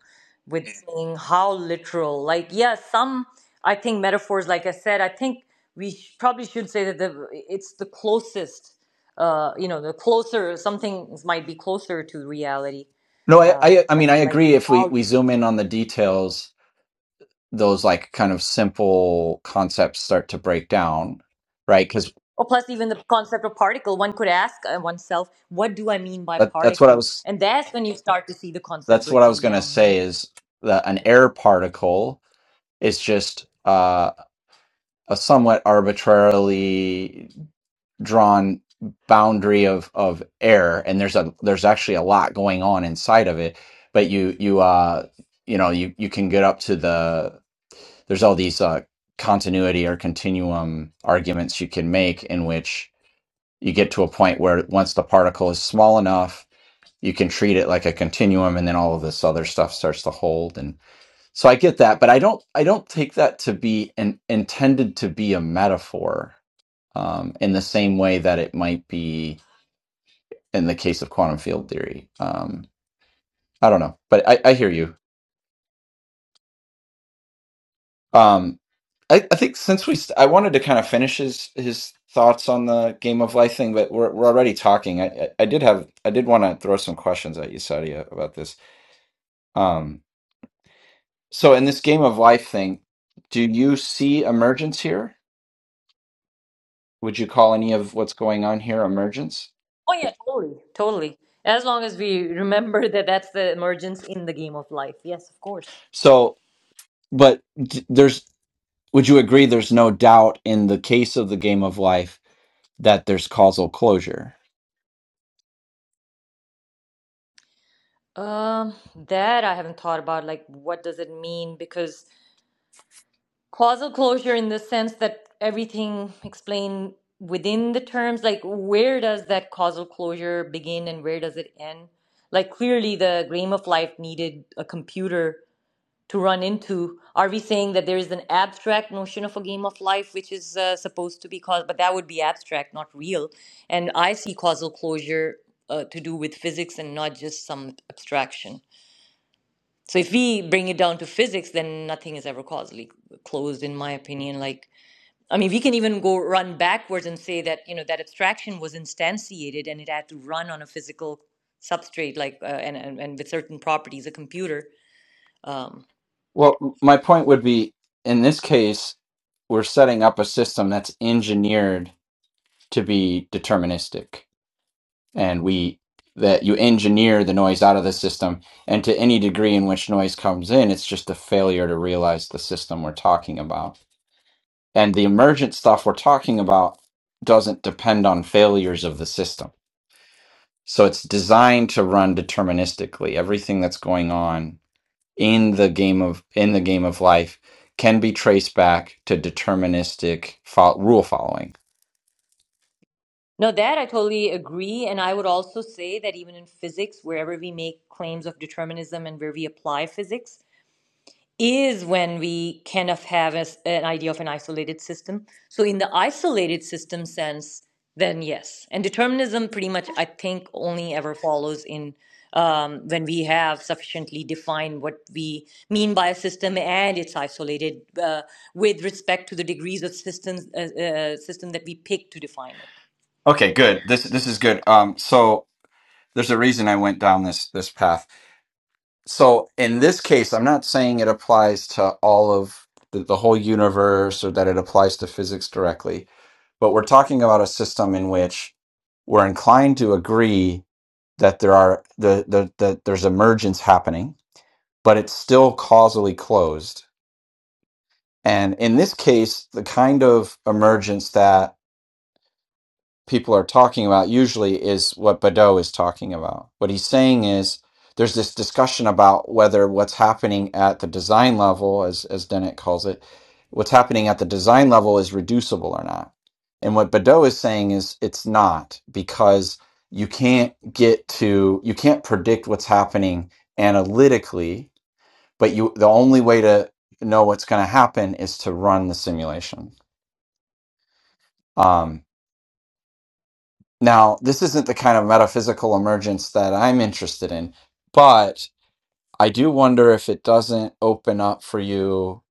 with Mm. saying how literal. Like, yeah, some I think metaphors, like I said, I think we sh- probably should say that the it's the closest. Uh, you know, the closer some things might be closer to reality. no I, Uh, I i mean but i like agree if we how? we zoom in on the details those like kind of simple concepts start to break down right because Or plus, even the concept of particle, one could ask uh, oneself, "What do I mean by that, that's what i particle?" was And that's when you start to see the concept that's what i was breaking going to down, right? say is that an air particle is just uh, a somewhat arbitrarily drawn boundary of of air and there's a there's actually a lot going on inside of it but you you uh you know you you can get up to the there's all these uh continuity or continuum arguments you can make in which you get to a point where once the particle is small enough you can treat it like a continuum and then all of this other stuff starts to hold and so i get that but i don't i don't take that to be an intended to be a metaphor um, in the same way that it might be in the case of quantum field theory. Um, I don't know, but I, I hear you. Um, I, I think since we, st- I wanted to kind of finish his his thoughts on the game of life thing, but we're we're already talking. I I, I did have I did want to throw some questions at you, Sadia, about this. Um, so in this game of life thing, do you see emergence here? Would you call any of what's going on here emergence? Oh yeah, totally, totally. As long as we remember [LAUGHS] that that's the emergence in the game of life. Yes, of course. So, but d- there's Would you agree there's no doubt in the case of the game of life that there's causal closure? Um, that I haven't thought about. Like, what does it mean? Because causal closure, in the sense that everything explained within the terms, like where does that causal closure begin and where does it end? Like, clearly, the game of life needed a computer to run into? Are we saying that there is an abstract notion of a game of life which is uh, supposed to be caused, but that would be abstract, not real? And I see causal closure uh, to do with physics and not just some abstraction. So if we bring it down to physics, then nothing is ever causally closed, in my opinion. Like, I mean, we can even go run backwards and say that you know that abstraction was instantiated and it had to run on a physical substrate, like uh, and, and and with certain properties, a computer. Um, Well, m- my point would be in this case, we're setting up a system that's engineered to be deterministic. And we, that you engineer the noise out of the system. And to any degree in which noise comes in, it's just a failure to realize the system we're talking about. And the emergent stuff we're talking about doesn't depend on failures of the system. So it's designed to run deterministically. Everything that's going on in the game of in the game of life can be traced back to deterministic fo- rule following. No, that I totally agree. And I would also say that even in physics, wherever we make claims of determinism and where we apply physics, is when we kind of have a s an idea of an isolated system. So, in the isolated system sense, then yes. And determinism pretty much, I think, only ever follows in um, when we have sufficiently defined what we mean by a system and it's isolated uh, with respect to the degrees of systems uh, uh, system that we pick to define it. Okay, good. This this is good. Um, so there's a reason I went down this this path. So in this case, I'm not saying it applies to all of the, the whole universe or that it applies to physics directly, but we're talking about a system in which we're inclined to agree that there are the, the, that there's emergence happening, but it's still causally closed. And in this case, the kind of emergence that people are talking about usually is what Badeau is talking about. What he's saying is there's this discussion about whether what's happening at the design level, as as Dennett calls it, what's happening at the design level is reducible or not. And what Badeau is saying is it's not because you can't get to you can't predict what's happening analytically, but you the only way to know what's going to happen is to run the simulation. Um, Now, this isn't the kind of metaphysical emergence that I'm interested in, but I do wonder if it doesn't open up for you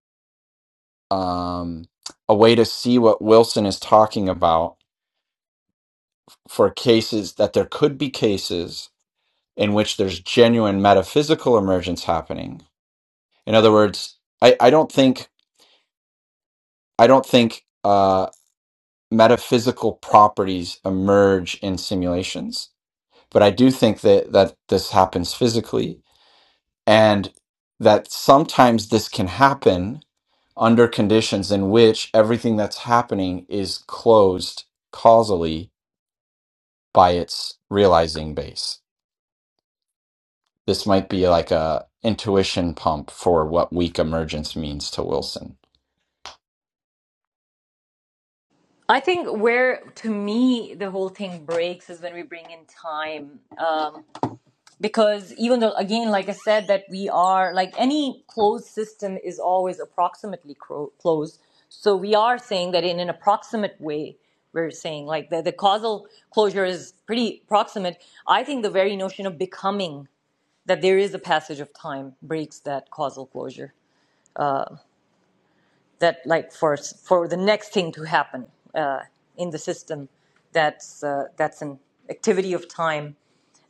um, a way to see what Wilson is talking about for cases that there could be cases in which there's genuine metaphysical emergence happening. In other words, I, I don't think I don't think uh, metaphysical properties emerge in simulations, but I do think that that this happens physically and that sometimes this can happen under conditions in which everything that's happening is closed causally by its realizing base. This might be like a intuition pump for what weak emergence means to Wilson. I think where, to me, the whole thing breaks is when we bring in time. Um, because even though, again, like I said, that we are, like any closed system is always approximately cro- closed. So we are saying that in an approximate way, we're saying like the, the causal closure is pretty proximate. I think the very notion of becoming, that there is a passage of time, breaks that causal closure that like for for the next thing to happen uh, in the system that's uh, that's an activity of time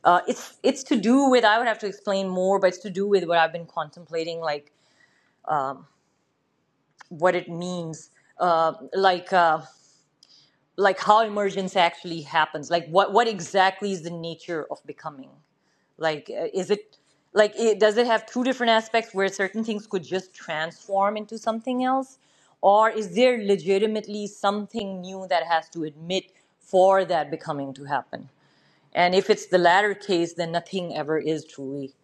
uh, it's it's to do with i would have to explain more but it's to do with what i've been contemplating like what it means uh, like uh, like how emergence actually happens like what what exactly is the nature of becoming Like, uh, is it like it, does it have two different aspects where certain things could just transform into something else, or is there legitimately something new that has to admit for that becoming to happen? And if it's the latter case, then nothing ever is truly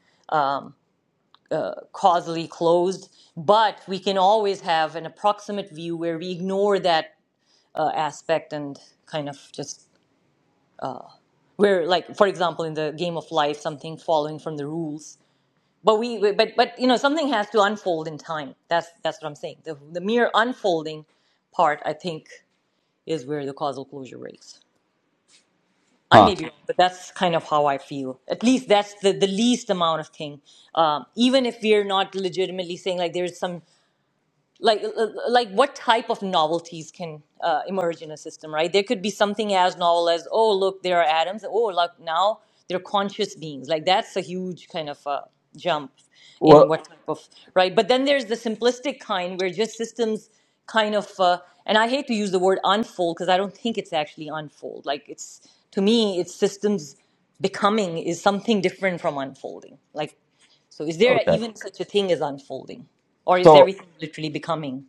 causally closed. But we can always have an approximate view where we ignore that uh, aspect and kind of just where, like, for example, in the game of life, something following from the rules but we but but you know something has to unfold in time that's that's what i'm saying the, the mere unfolding part i think is where the causal closure breaks i Huh. may be wrong but that's kind of how i feel at least that's the, the least amount of thing um, even if we're not legitimately saying like there's some like uh, uh, like what type of novelties can uh, emerge in a system right there could be something as novel as oh look there are atoms oh look now they're conscious beings like that's a huge kind of uh, jump in Well, what type of right but then there's the simplistic kind where just systems kind of uh, and i hate to use the word unfold because i don't think it's actually unfold like it's to me it's systems becoming is something different from unfolding like so is there okay. even such a thing as unfolding? Or is So everything literally becoming?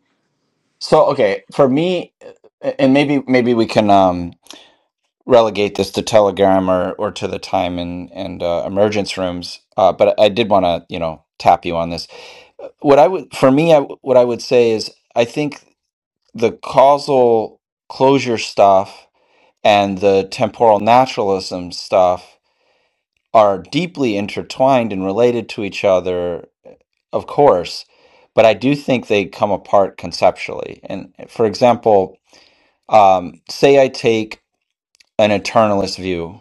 so okay, for me and maybe maybe we can um relegate this to telegram or or to the time and and uh, emergence rooms uh but i did want to you know tap you on this what I would for me, I, what I would say is I think the causal closure stuff and the temporal naturalism stuff are deeply intertwined and related to each other, of course, but I do think they come apart conceptually. And for example, um, say I take an eternalist view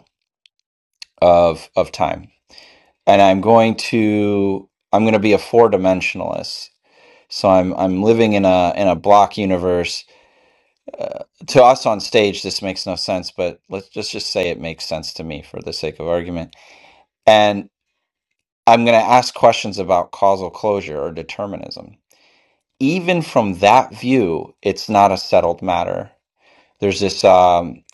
of of time, and I'm going to I'm going to be a four dimensionalist. So I'm I'm living in a in a block universe uh, to us on stage, this makes no sense, but let's just, just say it makes sense to me for the sake of argument. And I'm going to ask questions about causal closure or determinism. Even from that view, it's not a settled matter. There's this um,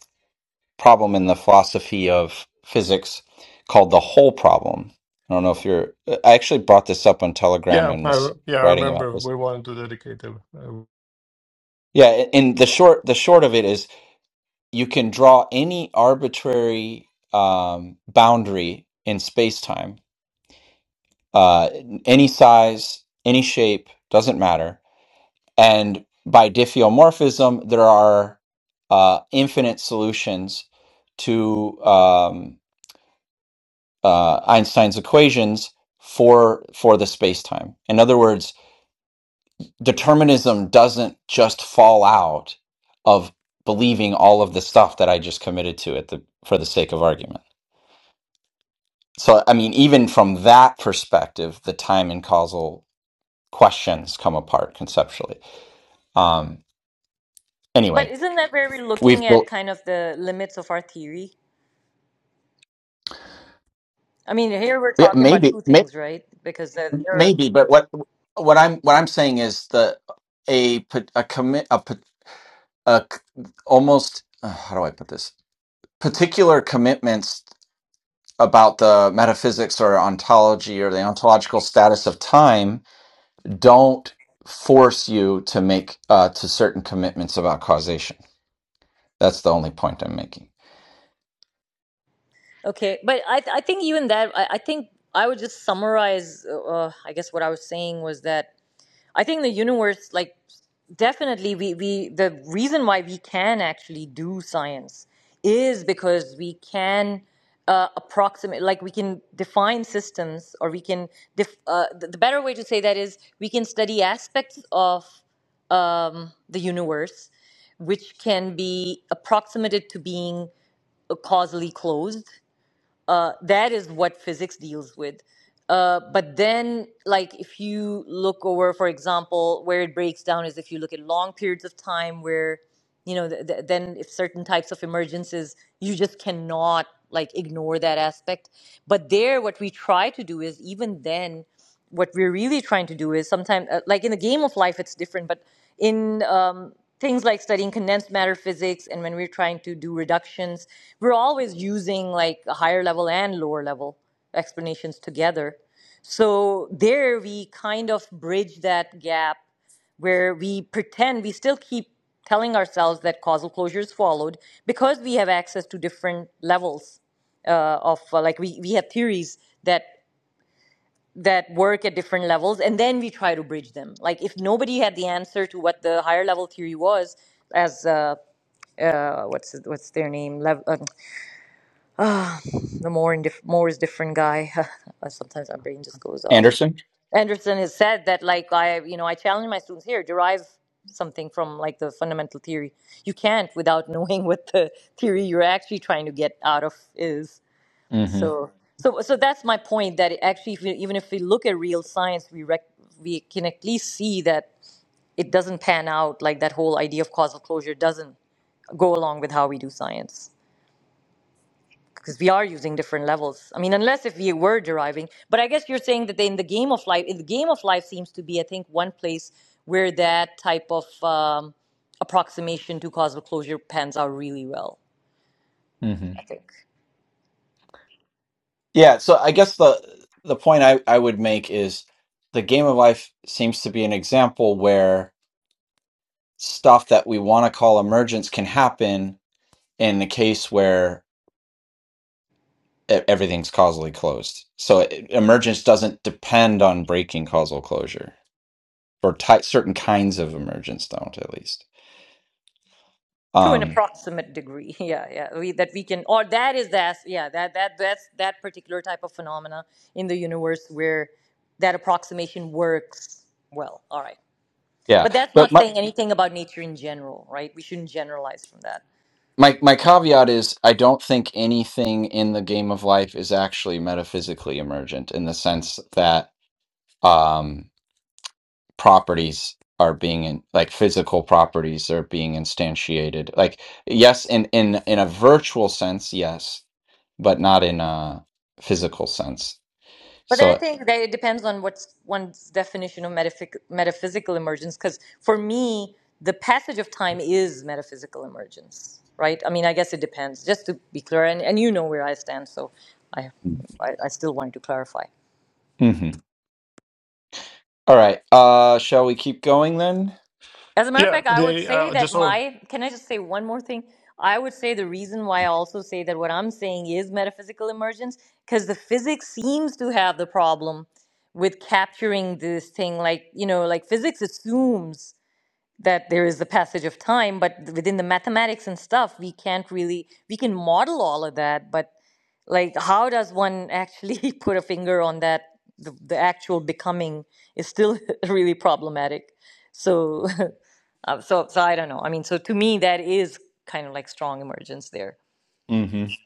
problem in the philosophy of physics called the whole problem. I don't know if you're. I actually brought this up on Telegram yeah and I, was re- yeah i writing about remember this. we wanted to dedicate them uh, Yeah, and the short the short of it is you can draw any arbitrary um, boundary in space time, uh, any size, any shape, doesn't matter. And by diffeomorphism, there are uh, infinite solutions to um, uh, Einstein's equations for for the space time. In other words, determinism doesn't just fall out of believing all of the stuff that I just committed to at the for the sake of argument. So, I mean, even from that perspective, the time and causal questions come apart conceptually. Um, But anyway, isn't that where we're we've looking at well, kind of the limits of our theory? I mean, here we're yeah, talking about maybe, two may, things, right? Because there there are maybe, but what what I'm what I'm saying is the a pa- a commit a, pa- a c- almost uh, how do I put this particular commitments about the metaphysics or ontology or the ontological status of time don't force you to make uh, to certain commitments about causation That's the only point I'm making. okay, but I, th- I think even that, I, I think I would just summarize. Uh, uh, I guess what I was saying was that I think the universe, like, definitely, we, we the reason why we can actually do science is because we can uh, approximate, like, we can define systems, or we can. Def- uh, the, the better way to say that is we can study aspects of um, the universe, which can be approximated to being uh, causally closed uh, that is what physics deals with. Uh, but then, like, if you look over, for example, where it breaks down is if you look at long periods of time where, you know, th- th- then if certain types of emergences, you just cannot, like, ignore that aspect. But there, what we try to do is even then, what we're really trying to do is sometimes uh, like in the game of life it's different but in um, things like studying condensed matter physics and when we're trying to do reductions we're always using like a higher level and lower level explanations together so there we kind of bridge that gap where we pretend we still keep telling ourselves that causal closure is followed because we have access to different levels uh, of uh, like we, we have theories that that work at different levels and then we try to bridge them like if nobody had the answer to what the higher level theory was as uh, uh what's what's their name Lev- uh, the more and dif- more is different guy [LAUGHS] sometimes my brain just goes off Anderson? anderson has said that like i you know i challenge my students here derive something from like the fundamental theory you can't without [LAUGHS] knowing what the theory you're actually trying to get out of is Mm-hmm. so, so, so that's my point. That actually, if we, even if we look at real science, we rec- we can at least see that it doesn't pan out. Like that whole idea of causal closure doesn't go along with how we do science because we are using different levels. I mean, unless if we were deriving, but I guess you're saying that in the game of life, in the game of life seems to be, I think, one place where that type of um, approximation to causal closure pans out really well. Mm-hmm. I think. Yeah, so I guess the the point I, I would make is the game of life seems to be an example where stuff that we want to call emergence can happen in the case where e- everything's causally closed. So it, emergence doesn't depend on breaking causal closure, or ti certain kinds of emergence don't, at least. to an Um, approximate degree [LAUGHS] yeah yeah we, that we can or that is that yeah that that that's that particular type of phenomena in the universe where that approximation works well all right yeah, but that's not but my, saying anything about nature in general right we shouldn't generalize from that my my caveat is I don't think anything in the game of life is actually metaphysically emergent in the sense that um properties are being in, like physical properties are being instantiated. Like yes, in in in a virtual sense, yes, but not in a physical sense. But then I So think that it depends on what's one's definition of metaphysic, metaphysical emergence. Because for me, the passage of time is metaphysical emergence, right? I mean, I guess it depends. Just to be clear, and, and you know where I stand, so I, I, I still wanted to clarify. mhm. All right. Uh shall we keep going then? As a matter of yeah fact, I would they say uh, that just all my can I just say one more thing? I would say the reason why I also say that what I'm saying is metaphysical emergence because the physics seems to have the problem with capturing this thing like you know like physics assumes that there is the passage of time but within the mathematics and stuff we can't really we can model all of that but like how does one actually [LAUGHS] put a finger on that the, the actual becoming is still [LAUGHS] really problematic so [LAUGHS] uh, so so i don't know i mean so to me that is kind of like strong emergence there Mhm.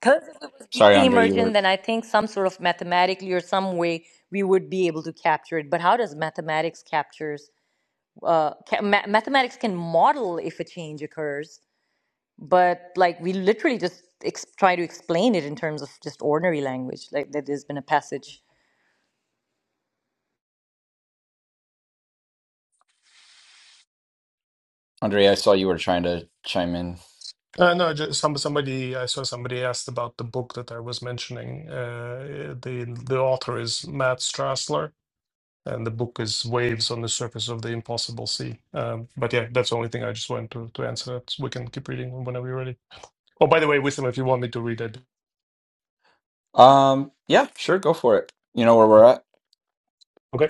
because if it was Sorry equally Andre, you emergent were then i think some sort of mathematically or some way we would be able to capture it but how does mathematics capture? uh, ca- ma- mathematics can model if a change occurs, but like we literally just ex- try to explain it in terms of just ordinary language. Like that, there's been a passage. Andre, I saw you were trying to chime in. Uh, no, just some somebody I saw somebody asked about the book that I was mentioning. Uh, the the author is Matt Strassler, and the book is Waves on the Surface of the Impossible Sea. Um, but yeah, that's the only thing I just wanted to, to answer that. We can keep reading whenever you're ready. Oh, by the way, Wisdom, if you want me to read it. Um yeah, sure, go for it. You know where we're at? Okay.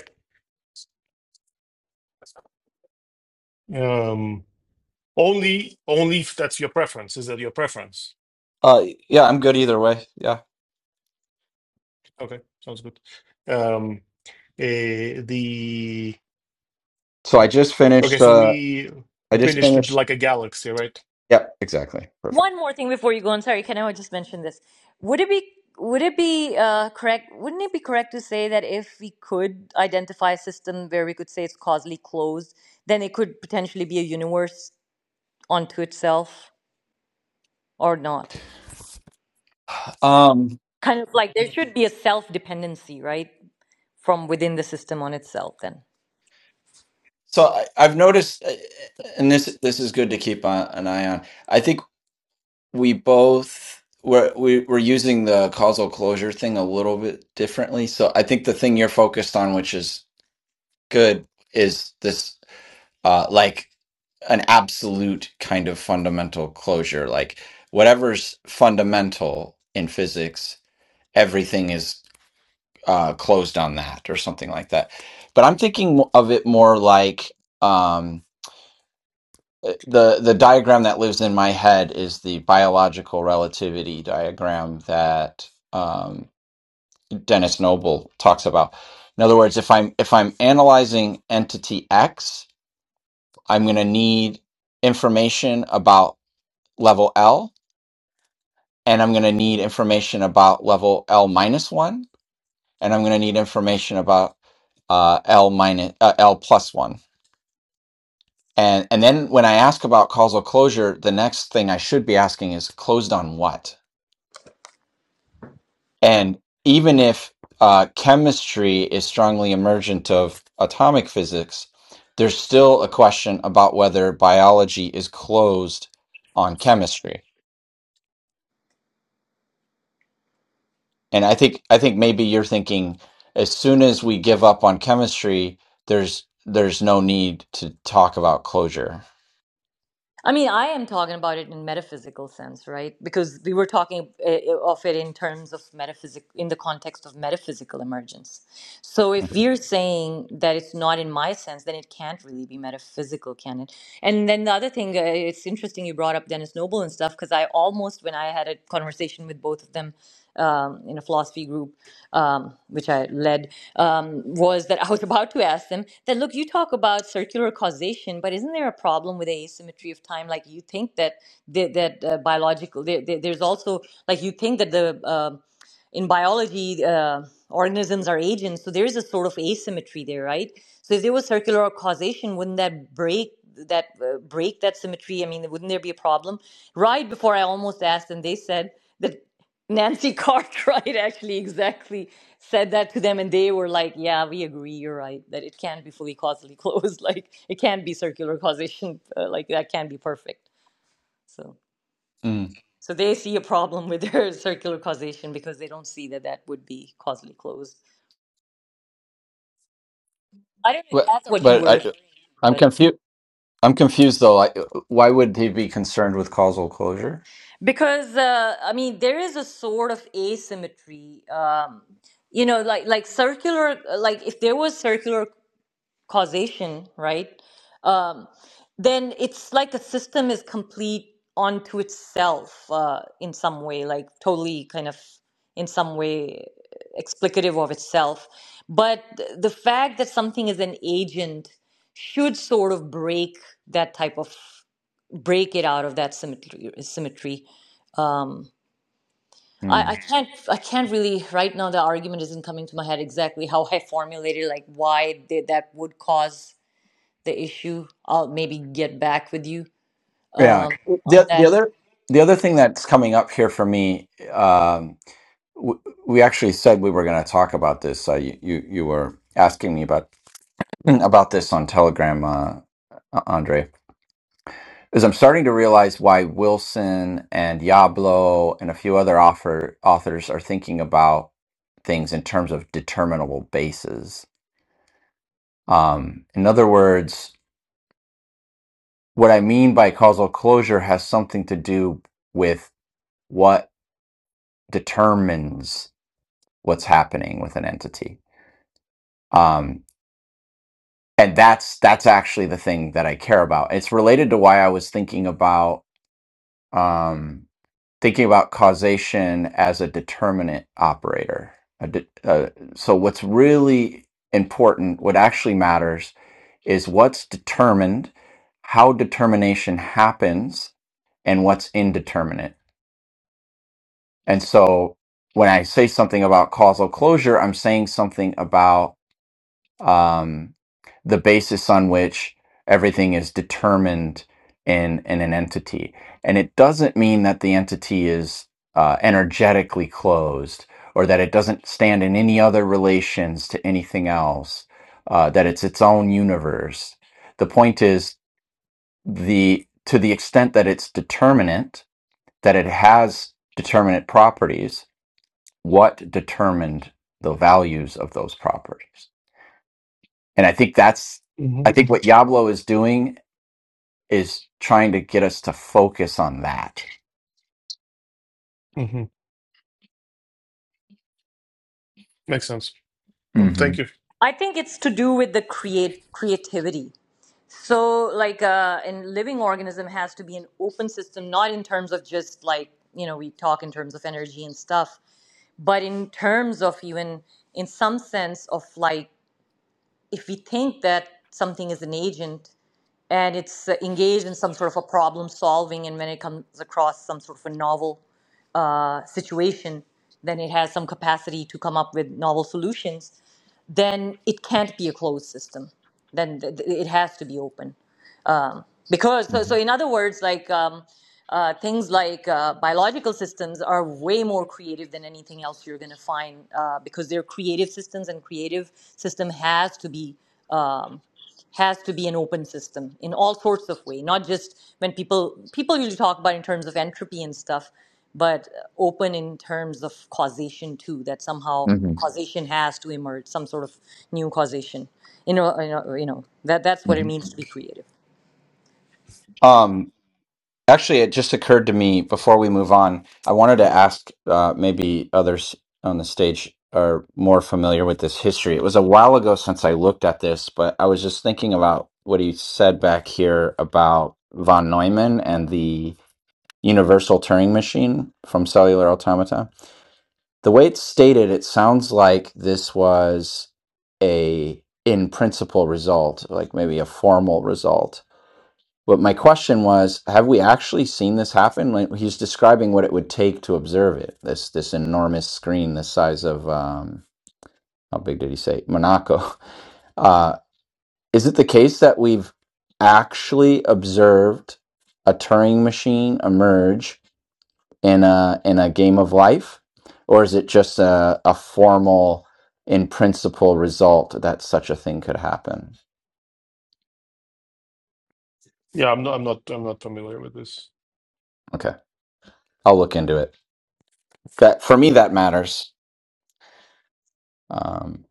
Um, only only if that's your preference. Is that your preference? Uh, yeah, I'm good either way. Yeah. Okay, sounds good. Um, eh, the So I just okay, finished. so Uh, we I just finished it finished. like a galaxy, right? Yep, exactly. Perfect. One more thing before you go, on, sorry, can I just mention this? Would it be would it be uh, correct? Wouldn't it be correct to say that if we could identify a system where we could say it's causally closed, then it could potentially be a universe unto itself or not? Um, Kind of like there should be a self dependency, right, from within the system on itself. Then. so I, I've noticed, uh, and this this is good to keep on, an eye on. I think we both we're we, we're using the causal closure thing a little bit differently. So I think the thing you're focused on, which is good, is this uh, like an absolute kind of fundamental closure, like whatever's fundamental in physics, everything is. uh, closed on that or something like that. But I'm thinking of it more like um, eh, the the diagram that lives in my head is the biological relativity diagram that um, Dennis Noble talks about. In other words, if I'm if I'm analyzing entity X, I'm going to need information about level L, and I'm going to need information about level L minus one, and I'm going to need information about uh, L minus uh, L plus one And and then when I ask about causal closure, the next thing I should be asking is closed on what? And even if uh, chemistry is strongly emergent of atomic physics, there's still a question about whether biology is closed on chemistry. And I think I think maybe you're thinking as soon as we give up on chemistry, there's there's no need to talk about closure. I mean, I am talking about it in metaphysical sense, right? Because we were talking uh, of it in terms of metaphysic, in the context of metaphysical emergence. So if Mhm. you're saying that it's not in my sense, then it can't really be metaphysical, can it? And then the other thing, uh, it's interesting you brought up Dennis Noble and stuff, because I almost, when I had a conversation with both of them um, in a philosophy group um, which I led um, was that [LAUGHS] I was about to ask them that look, you talk about circular causation, but isn't there a problem with asymmetry of time? Like you think that that, that uh, biological there, there, there's also like you think that the um in biology, uh, organisms are agents, so there is a sort of asymmetry there, right? So if there was circular causation, wouldn't that break that uh, break that symmetry? I mean, wouldn't there be a problem? Right before I almost asked, and they said that. Nancy [LAUGHS] Cartwright actually exactly said that to them, and they were like, "Yeah, we agree. You're right that it can't be fully causally closed. [LAUGHS] Like it can't be circular causation. Uh, like that can't be perfect." So, Mm. so they see a problem with their [LAUGHS] circular causation because they don't see that that would be causally closed. I don't know if But that's what you but were referring I to, I'm but confused. I'm confused though. Like, why would he be concerned with causal closure? because uh, I mean, there is a sort of asymmetry. Um, you know, like like circular, like if there was circular causation, right? Um, then it's like a system is complete onto itself uh, in some way, like totally kind of in some way explicative of itself. But th- the fact that something is an agent should sort of break that type of break it out of that symmetry. symmetry. Um, I, Hmm. I can't I can't really right now the argument isn't coming to my head exactly how I formulated like why they, that would cause the issue. I'll maybe get back with you Yeah. um, on The, the that. other the other thing that's coming up here for me, um, w- we actually said we were going to talk about this. Uh, you, you you were asking me about [CLEARS THROAT] about this on Telegram, uh, uh, Andre. Is I'm starting to realize why Wilson and Diablo and a few other author, authors are thinking about things in terms of determinable bases. Um, in other words, what I mean by causal closure has something to do with what determines what's happening with an entity. Um, and that's that's actually the thing that I care about. It's related to why I was thinking about um, thinking about causation as a determinant operator. A de- uh, so what's really important, what actually matters, is what's determined, how determination happens, and what's indeterminate And so when I say something about causal closure, I'm saying something about um, the basis on which everything is determined in, in an entity. And it doesn't mean that the entity is uh, energetically closed or that it doesn't stand in any other relations to anything else, uh, that it's its own universe. The point is the to the extent that it's determinate, that it has determinate properties, what determined the values of those properties. And I think that's, I Mm-hmm. think what Diablo is doing is trying to get us to focus on that. hmm Makes sense. Um, hmm thank you. I think it's to do with the create creativity. So, like, uh, in living organism has to be an open system, not in terms of just like you know we talk in terms of energy and stuff, but in terms of even in some sense of like if we think that something is an agent and it's uh, engaged in some sort of a problem solving, and when it comes across some sort of a novel uh, situation, then it has some capacity to come up with novel solutions, then it can't be a closed system. Then th- th- it has to be open um, because so, so in other words like um, uh, things like uh, biological systems are way more creative than anything else you're going to find uh, because they're creative systems and creative system has to be um, has to be an open system in all sorts of way not just when people people usually talk about in terms of entropy and stuff but open in terms of causation too that somehow hmm causation has to emerge some sort of new causation you know you know, you know that that's what it hmm means to be creative Um, actually, it just occurred to me before we move on. I wanted to ask, uh, maybe others on the stage are more familiar with this history. It was a while ago since I looked at this, but I was just thinking about what he said back here about von Neumann and the universal Turing machine from Cellular Automata. The way it's stated, it sounds like this was a in principle result, like maybe a formal result. But my question was, have we actually seen this happen? Like he's describing what it would take to observe it. This this enormous screen, the size of um, how big did he say Monaco? [LAUGHS] Uh, is it the case that we've actually observed a Turing machine emerge in a in a game of life, or is it just a, a formal, in principle result that such a thing could happen? Yeah, I'm not. I'm not. I'm not familiar with this. Okay, I'll look into it. That for me that matters. Um,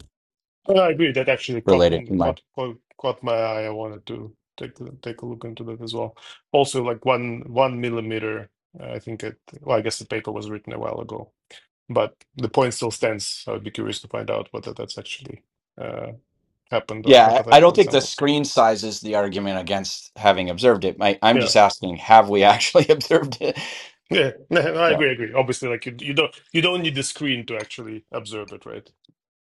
But I agree that actually caught related m- to my caught caught, caught my eye. I wanted to take a- take a look into that as well. Also, like one one millimeter. I think it. Well, I guess the paper was written a while ago, but the point still stands. I would be curious to find out whether that's actually uh, happened or a yeah, I I hypothetical don't think the example. screen size is the argument against having observed it. My, I'm Yeah, just asking, have we actually [LAUGHS] observed it? yeah. [LAUGHS] I Yeah, agree. I agree. Obviously, like you, you don't you don't need the screen to actually observe it, right?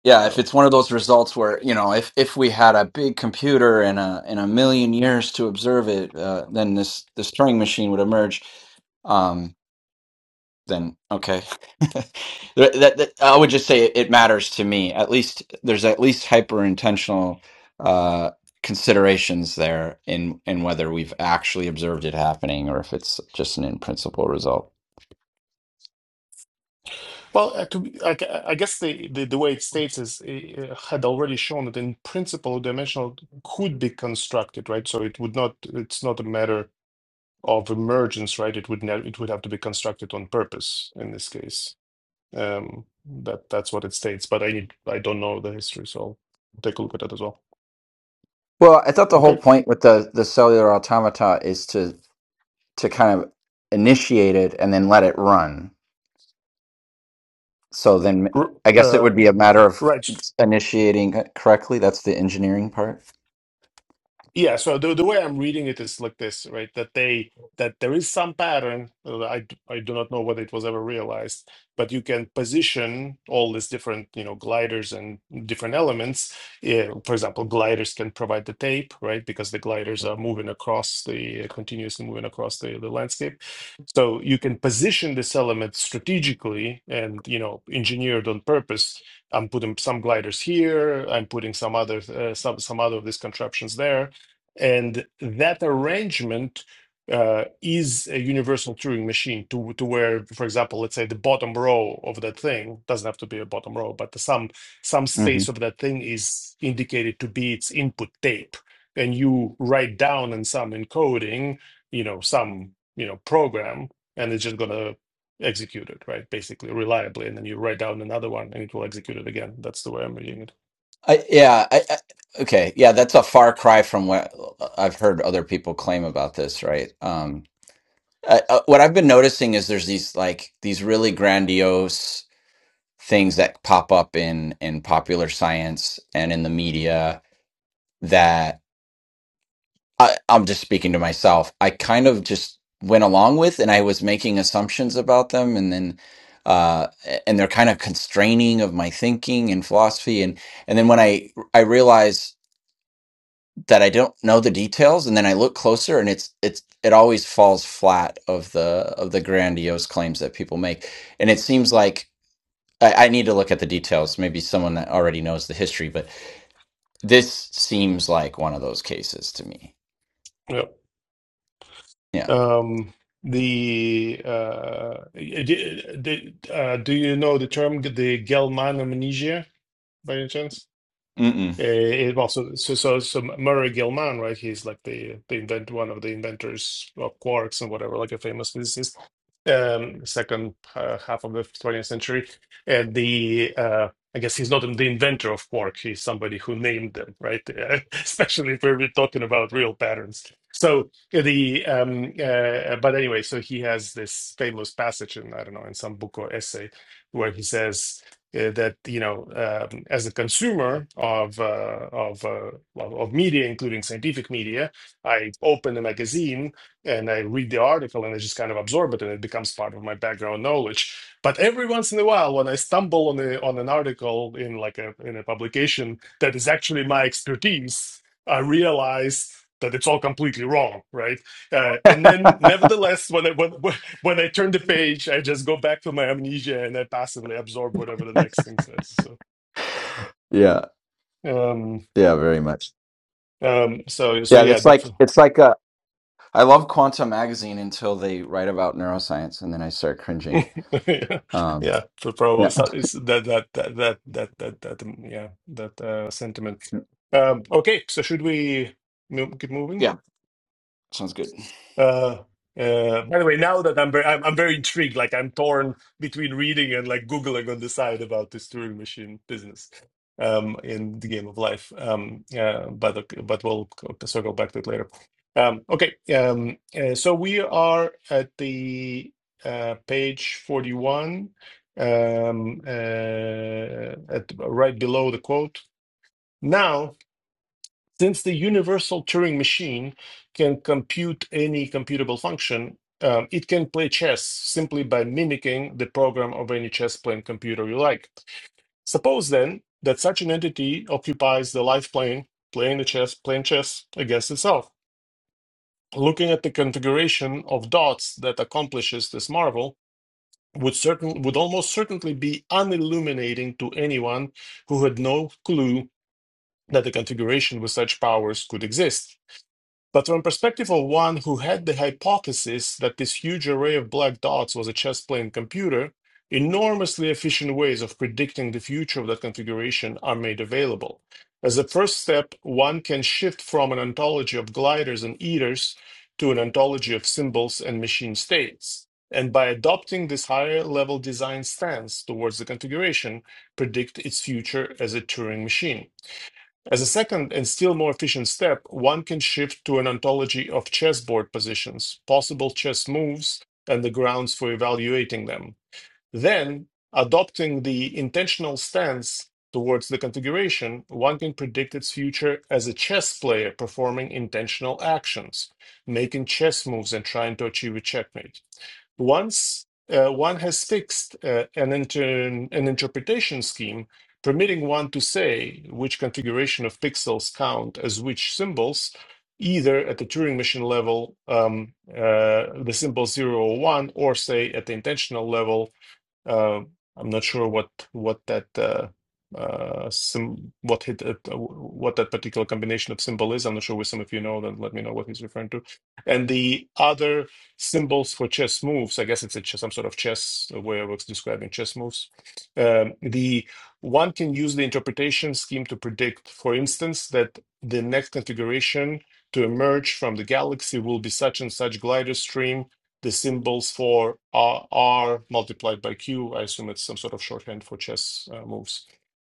yeah. If So. it's one of those results where you know, if if we had a big computer and a and a million years to observe it, uh, then this this Turing machine would emerge. Um, then okay. [LAUGHS] that, that, that- I would just say it, it matters to me. At least there's at least hyper intentional uh, considerations there in in whether we've actually observed it happening or if it's just an in principle result. Well, uh, to, be- I, g- I guess the, the, the way it states is uh, had already shown that in principle, dimensional could be constructed, right? So it would not. It's not a matter of emergence, right? It would not, it would have to be constructed on purpose in this case. Um, that that's what it states. But I need I don't know the history, so I'll take a look at that as well. Well, I thought the whole Okay, point with the the cellular automata is to to kind of initiate it and then let it run. So then R I guess it uh, would be a matter of right. initiating it correctly. That's the engineering part. Yeah, so the the way I'm reading it is like this, right? That they that there is some pattern. uh, I d- I do not know whether it was ever realized, but you can position all these different, you know, gliders and different elements. Yeah, for example, gliders can provide the tape, right? Because the gliders are moving across the continuously moving across the, the landscape. So you can position this element strategically and, you know, engineered on purpose. I'm putting some gliders here. I'm putting some other uh, some some other of these contraptions there and that arrangement uh, is a universal Turing machine to, to where, for example, let's say the bottom row of that thing doesn't have to be a bottom row, but some some hmm space of that thing is indicated to be its input tape. And you write down in some encoding, you know, some you know program, and it's just gonna execute it, right? Basically, reliably, and then you write down another one, and it will execute it again. That's the way I'm reading it. I, yeah, I, I, okay, yeah, that's a far cry from what I've heard other people claim about this, right? Um, uh, uh, what I've been noticing is there's these like these really grandiose things that pop up in in popular science and in the media that I, I'm just speaking to myself. I kind of just went along with, and I was making assumptions about them, and then uh a- and they're kind of constraining of my thinking and philosophy and and then when i i realize that I don't know the details, and then I look closer, and it's it's it always falls flat of the of the grandiose claims that people make, and it seems like I, I need to look at the details. Maybe someone that already knows the history, but this seems like one of those cases to me. Yep. Yeah. Um, the uh, d d- uh, do you know the term g- the Gelman amnesia by any chance? Mm-mm. Uh, it also so so so Murray Gell-Mann, right? He's like the the invent one of the inventors of quarks and whatever, like a famous physicist. Um, second uh, half of the 20th century, and the uh, I guess he's not the inventor of quark. He's somebody who named them, right? [LAUGHS] especially if we're talking about real patterns. So the um, uh, but anyway, so he has this famous passage in I don't know in some book or essay where he says uh, that you know um, as a consumer of uh, of, uh, of of media including scientific media i open a magazine and i read the article and i just kind of absorb it and it becomes part of my background knowledge but every once in a while when i stumble on a on an article in like a in a publication that is actually my expertise i realize that it's all completely wrong right uh, [LAUGHS] and then nevertheless when i when, [LAUGHS] when I turn the page, I just go back to my amnesia and I passively absorb whatever the next thing says. So, yeah. um, Yeah. Very much. um, so, so Yeah. yeah, It's like definitely. it's like a. I love Quantum Magazine until they write about neuroscience, and then I start [LAUGHS] cringing. yeah, Um, yeah, so probably yeah. so it's that that that that that that that um, yeah that uh, sentiment. Um, okay, so should we mo- keep moving? Yeah. Sounds good. Uh, uh, by the way, now that I'm very, I'm, I'm very intrigued. Like I'm torn between reading and like googling on the side about this Turing machine business, um, in the game of life. Um, uh, but okay, but we'll c- circle back to it later. Um, okay. Um, uh, so we are at the uh, page forty-one, um, uh, at right below the quote. Now since the universal Turing machine can compute any computable function, um, it can play chess simply by mimicking the program of any chess playing computer you like. Suppose then that such an entity occupies the life plane, playing the chess, playing chess against itself. Looking at the configuration of dots that accomplishes this marvel would certain would almost certainly be unilluminating to anyone who had no clue that the configuration with such powers could exist. But from perspective of one who had the hypothesis that this huge array of black dots was a chess playing computer, enormously efficient ways of predicting the future of that configuration are made available. As a first step, one can shift from an ontology of gliders and eaters to an ontology of symbols and machine states. And by adopting this higher level design stance towards the configuration, predict its future as a Turing machine. As a second and still more efficient step, one can shift to an ontology of chessboard positions, possible chess moves, and the grounds for evaluating them. Then, adopting the intentional stance towards the configuration, one can predict its future as a chess player performing intentional actions, making chess moves and trying to achieve a checkmate. Once uh, one has fixed uh, an, inter- an interpretation scheme permitting one to say which configuration of pixels count as which symbols, either at the Turing machine level, um, uh, the symbol 0 or 1, or say at the intentional level, uh, I'm not sure what what that uh, uh, sim what hit uh, what that particular combination of symbol is. I'm not sure if some of you know. Then let me know what he's referring to. And the other symbols for chess moves. I guess it's a chess, some sort of chess way of describing chess moves. Um, the one can use the interpretation scheme to predict, for instance, that the next configuration to emerge from the galaxy will be such and such glider stream the symbols for R, R multiplied by Q. I assume it's some sort of shorthand for chess uh, moves.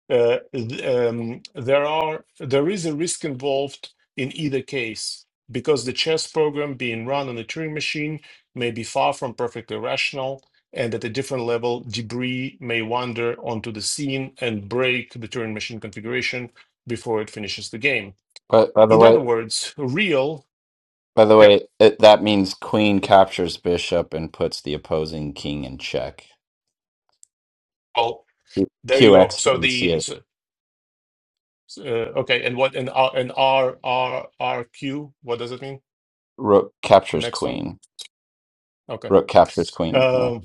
Uh, um, there are there is a risk involved in either case because the chess program being run on a Turing machine may be far from perfectly rational, and at a different level, debris may wander onto the scene and break the Turing machine configuration before it finishes the game. But by the In way, other words, real. By the Yeah. way, it, that means queen captures bishop and puts the opposing king in check. Well, there you go. QX So and the CH. so S- Uh, okay, and what and R and R R R Q? What does it mean? Rook The captures next one? queen. Okay. Rook captures queen. Yeah. Um,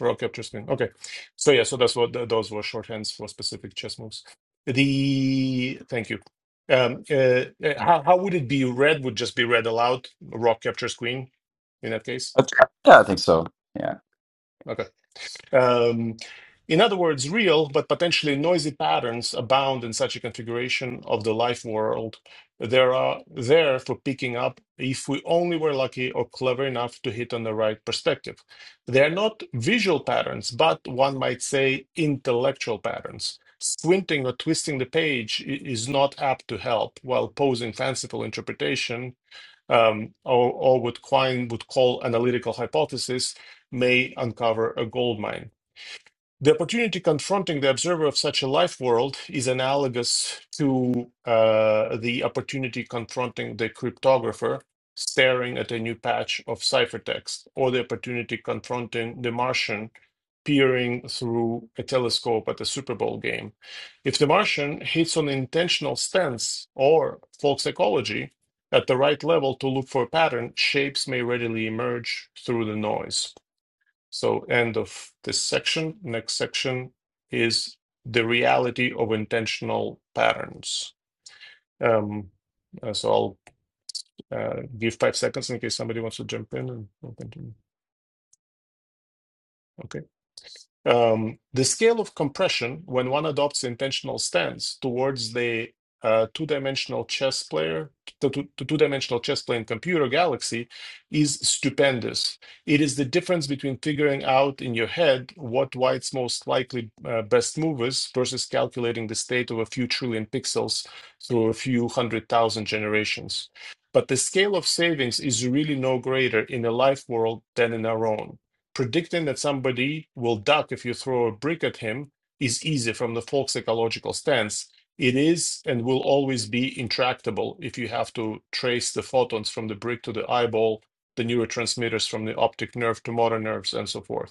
raw capture screen. Okay. So yeah, so that's what th- those were shorthands for specific chess moves. The thank you. Um, uh, uh, how how would it be read? Would just be read aloud. Raw capture screen in that case. That's- Yeah, I think so. Yeah. Okay. Um, in other words, real but potentially noisy patterns abound in such a configuration of the life world. They are there for picking up if we only were lucky or clever enough to hit on the right perspective. They are not visual patterns, but one might say intellectual patterns. Squinting or twisting the page i- is not apt to help, while posing fanciful interpretation um, or, or what Quine would call analytical hypothesis may uncover a goldmine. The opportunity confronting the observer of such a life world is analogous to uh, the opportunity confronting the cryptographer staring at a new patch of ciphertext, or the opportunity confronting the Martian peering through a telescope at a Super Bowl game. If the Martian hits on intentional stance or folk psychology at the right level to look for a pattern, shapes may readily emerge through the noise. So end of this section. Next section is the reality of intentional patterns. Um, uh, so I'll uh, give five seconds in case somebody wants to jump in and continue. Okay. Um, the scale of compression, when one adopts intentional stance towards the uh, two-dimensional chess player, the two- dimensional chess playing computer galaxy, is stupendous. It is the difference between figuring out in your head what White's most likely uh, best move is versus calculating the state of a few trillion pixels through a few hundred thousand generations. But the scale of savings is really no greater in a life world than in our own predicting that somebody will duck if you throw a brick at him is easy from the folk's ecological stance. It is and will always be intractable if you have to trace the photons from the brick to the eyeball, the neurotransmitters from the optic nerve to motor nerves, and so forth.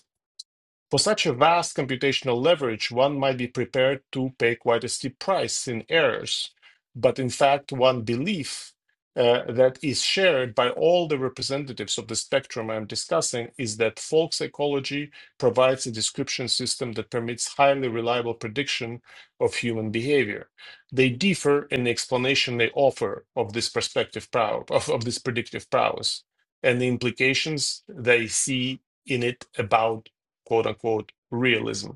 For such a vast computational leverage, one might be prepared to pay quite a steep price in errors. But in fact, one belief uh, that is shared by all the representatives of the spectrum I'm discussing is that folk psychology provides a description system that permits highly reliable prediction of human behavior. They differ in the explanation they offer of this perspective power, of, of this predictive prowess, and the implications they see in it about quote unquote realism.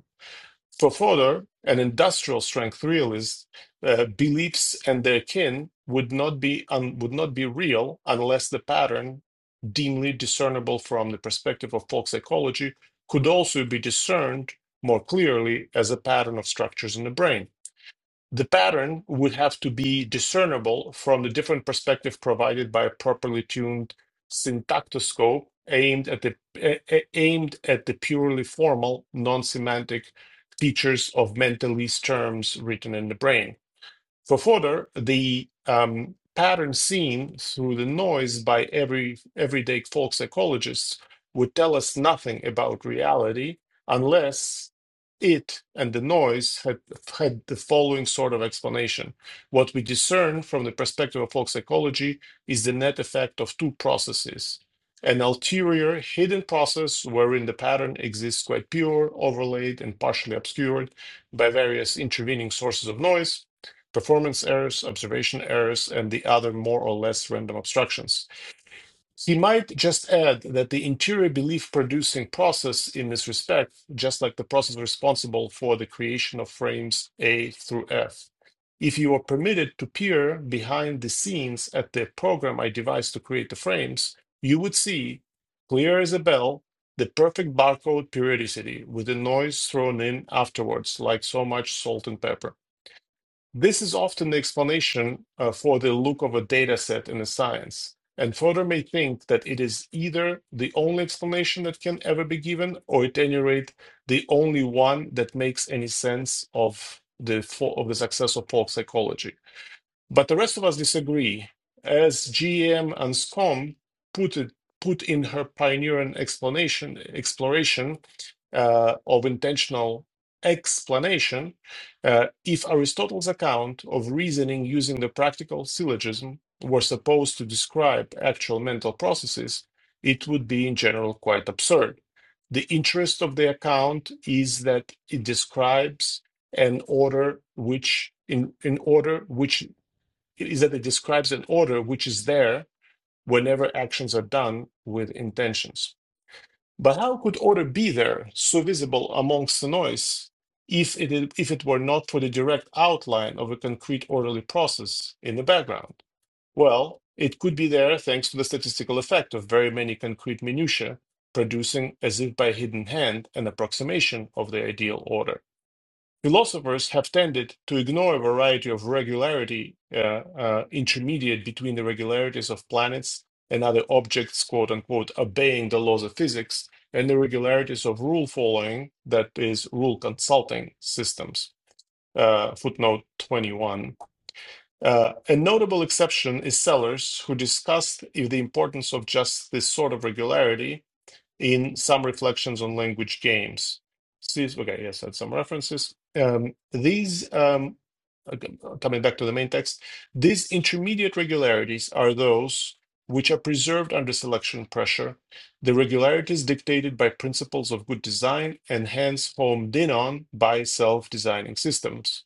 For Fodor, an industrial strength realist, uh, beliefs and their kin would not be un- would not be real unless the pattern, dimly discernible from the perspective of folk psychology, could also be discerned more clearly as a pattern of structures in the brain the pattern would have to be discernible from the different perspective provided by a properly tuned syntactoscope aimed at the a- a- aimed at the purely formal non-semantic features of mentalese terms written in the brain for further, the um, pattern seen through the noise by every everyday folk psychologists would tell us nothing about reality unless it and the noise had had the following sort of explanation. What we discern from the perspective of folk psychology is the net effect of two processes. An ulterior hidden process wherein the pattern exists quite pure, overlaid, and partially obscured by various intervening sources of noise, performance errors, observation errors, and the other more or less random obstructions. He might just add that the interior belief producing process in this respect, just like the process responsible for the creation of frames A through F. If you are permitted to peer behind the scenes at the program I devised to create the frames, you would see, clear as a bell, the perfect barcode periodicity with the noise thrown in afterwards, like so much salt and pepper. This is often the explanation uh, for the look of a data set in a science, and further may think that it is either the only explanation that can ever be given, or at any rate, the only one that makes any sense of the fo- of the success of folk psychology. But the rest of us disagree. As GM and SCOM put it, put in her pioneering explanation exploration uh, of intentional explanation, uh, if Aristotle's account of reasoning using the practical syllogism were supposed to describe actual mental processes, it would be in general quite absurd. The interest of the account is that it describes an order which in, in order which is that it describes an order which is there whenever actions are done with intentions. But how could order be there, so visible amongst the noise, if it, if it were not for the direct outline of a concrete orderly process in the background? Well, it could be there thanks to the statistical effect of very many concrete minutiae producing, as if by hidden hand, an approximation of the ideal order. Philosophers have tended to ignore a variety of regularity uh, uh, intermediate between the regularities of planets and other objects, quote unquote, obeying the laws of physics, and the regularities of rule following, that is, rule consulting systems. Uh, footnote 21. Uh, a notable exception is Sellers, who discussed if the importance of just this sort of regularity in some reflections on language games. Okay, yes, I had some references. Um, these um, okay, coming back to the main text, these intermediate regularities are those which are preserved under selection pressure, the regularities dictated by principles of good design and hence homed in on by self designing systems.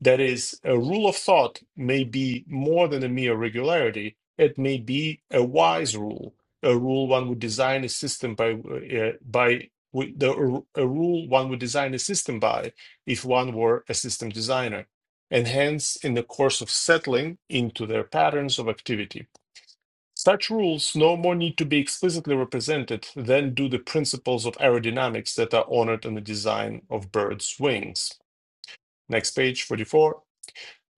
That is, a rule of thought may be more than a mere regularity, it may be a wise rule, a rule one would design a system by, uh, by the, a rule one would design a system by if one were a system designer and hence in the course of settling into their patterns of activity. Such rules no more need to be explicitly represented than do the principles of aerodynamics that are honored in the design of birds' wings. Next page, 44.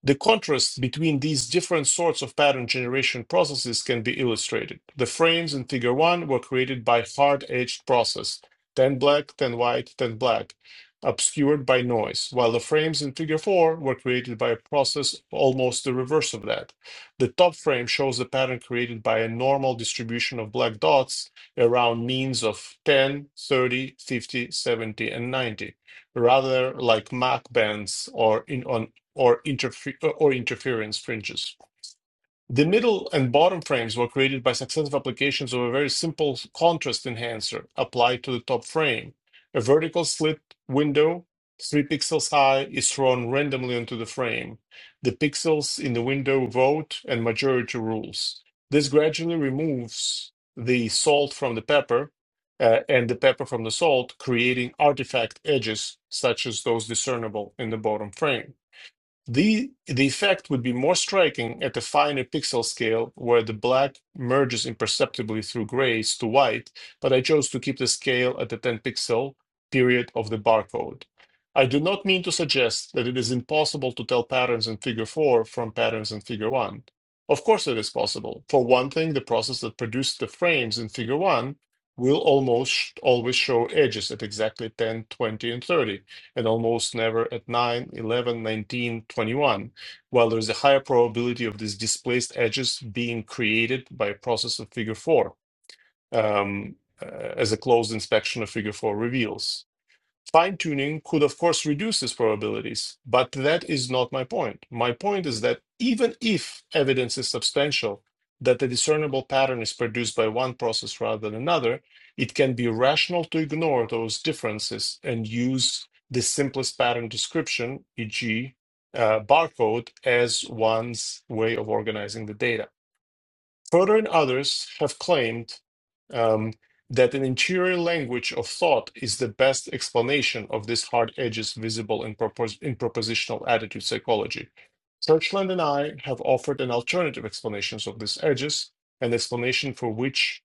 The contrast between these different sorts of pattern generation processes can be illustrated. The frames in figure 1 were created by hard-edged process, 10 black, 10 white, 10 black, obscured by noise, while the frames in figure 4 were created by a process almost the reverse of that. The top frame shows the pattern created by a normal distribution of black dots around means of 10, 30, 50, 70, and 90 rather like Mach bands or in, on or, interfe- or interference fringes. The middle and bottom frames were created by successive applications of a very simple contrast enhancer applied to the top frame. A vertical slit window, three pixels high, is thrown randomly onto the frame. The pixels in the window vote and majority rules. This gradually removes the salt from the pepper uh, and the pepper from the salt, creating artifact edges such as those discernible in the bottom frame. The, the effect would be more striking at the finer pixel scale, where the black merges imperceptibly through grays to white, but I chose to keep the scale at the 10 pixel period of the barcode. I do not mean to suggest that it is impossible to tell patterns in Figure 4 from patterns in Figure 1. Of course, it is possible. For one thing, the process that produced the frames in Figure 1 will almost always show edges at exactly 10, 20, and 30 and almost never at 9, 11, 19, 21. while there is a higher probability of these displaced edges being created by a process of figure 4, um, uh, as a closed inspection of figure 4 reveals. Fine tuning could, of course, reduce these probabilities, but that is not my point. My point is that even if evidence is substantial, that a discernible pattern is produced by one process rather than another, it can be rational to ignore those differences and use the simplest pattern description, e.g., uh, barcode, as one's way of organizing the data. Further, and others have claimed um, that an interior language of thought is the best explanation of these hard edges visible in, propos- in propositional attitude psychology. Churchland and I have offered an alternative explanations of these edges, an explanation for which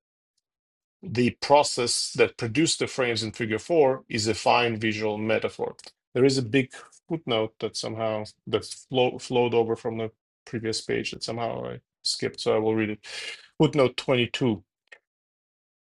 the process that produced the frames in figure four is a fine visual metaphor. There is a big footnote that somehow that flow, flowed over from the previous page that somehow I skipped, so I will read it. Footnote 22.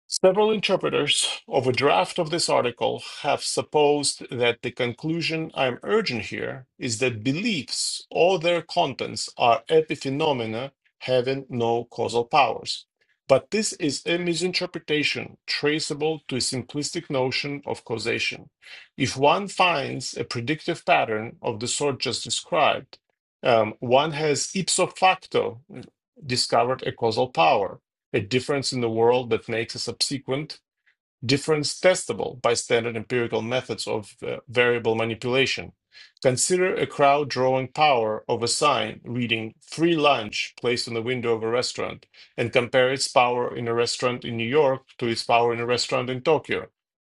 Several interpreters of a draft of this article have supposed that the conclusion I am urging here is that beliefs or their contents are epiphenomena having no causal powers. But this is a misinterpretation traceable to a simplistic notion of causation. If one finds a predictive pattern of the sort just described, um, one has ipso facto discovered a causal power a difference in the world that makes a subsequent difference testable by standard empirical methods of uh, variable manipulation. Consider a crowd drawing power of a sign reading free lunch placed on the window of a restaurant and compare its power in a restaurant in New York to its power in a restaurant in Tokyo.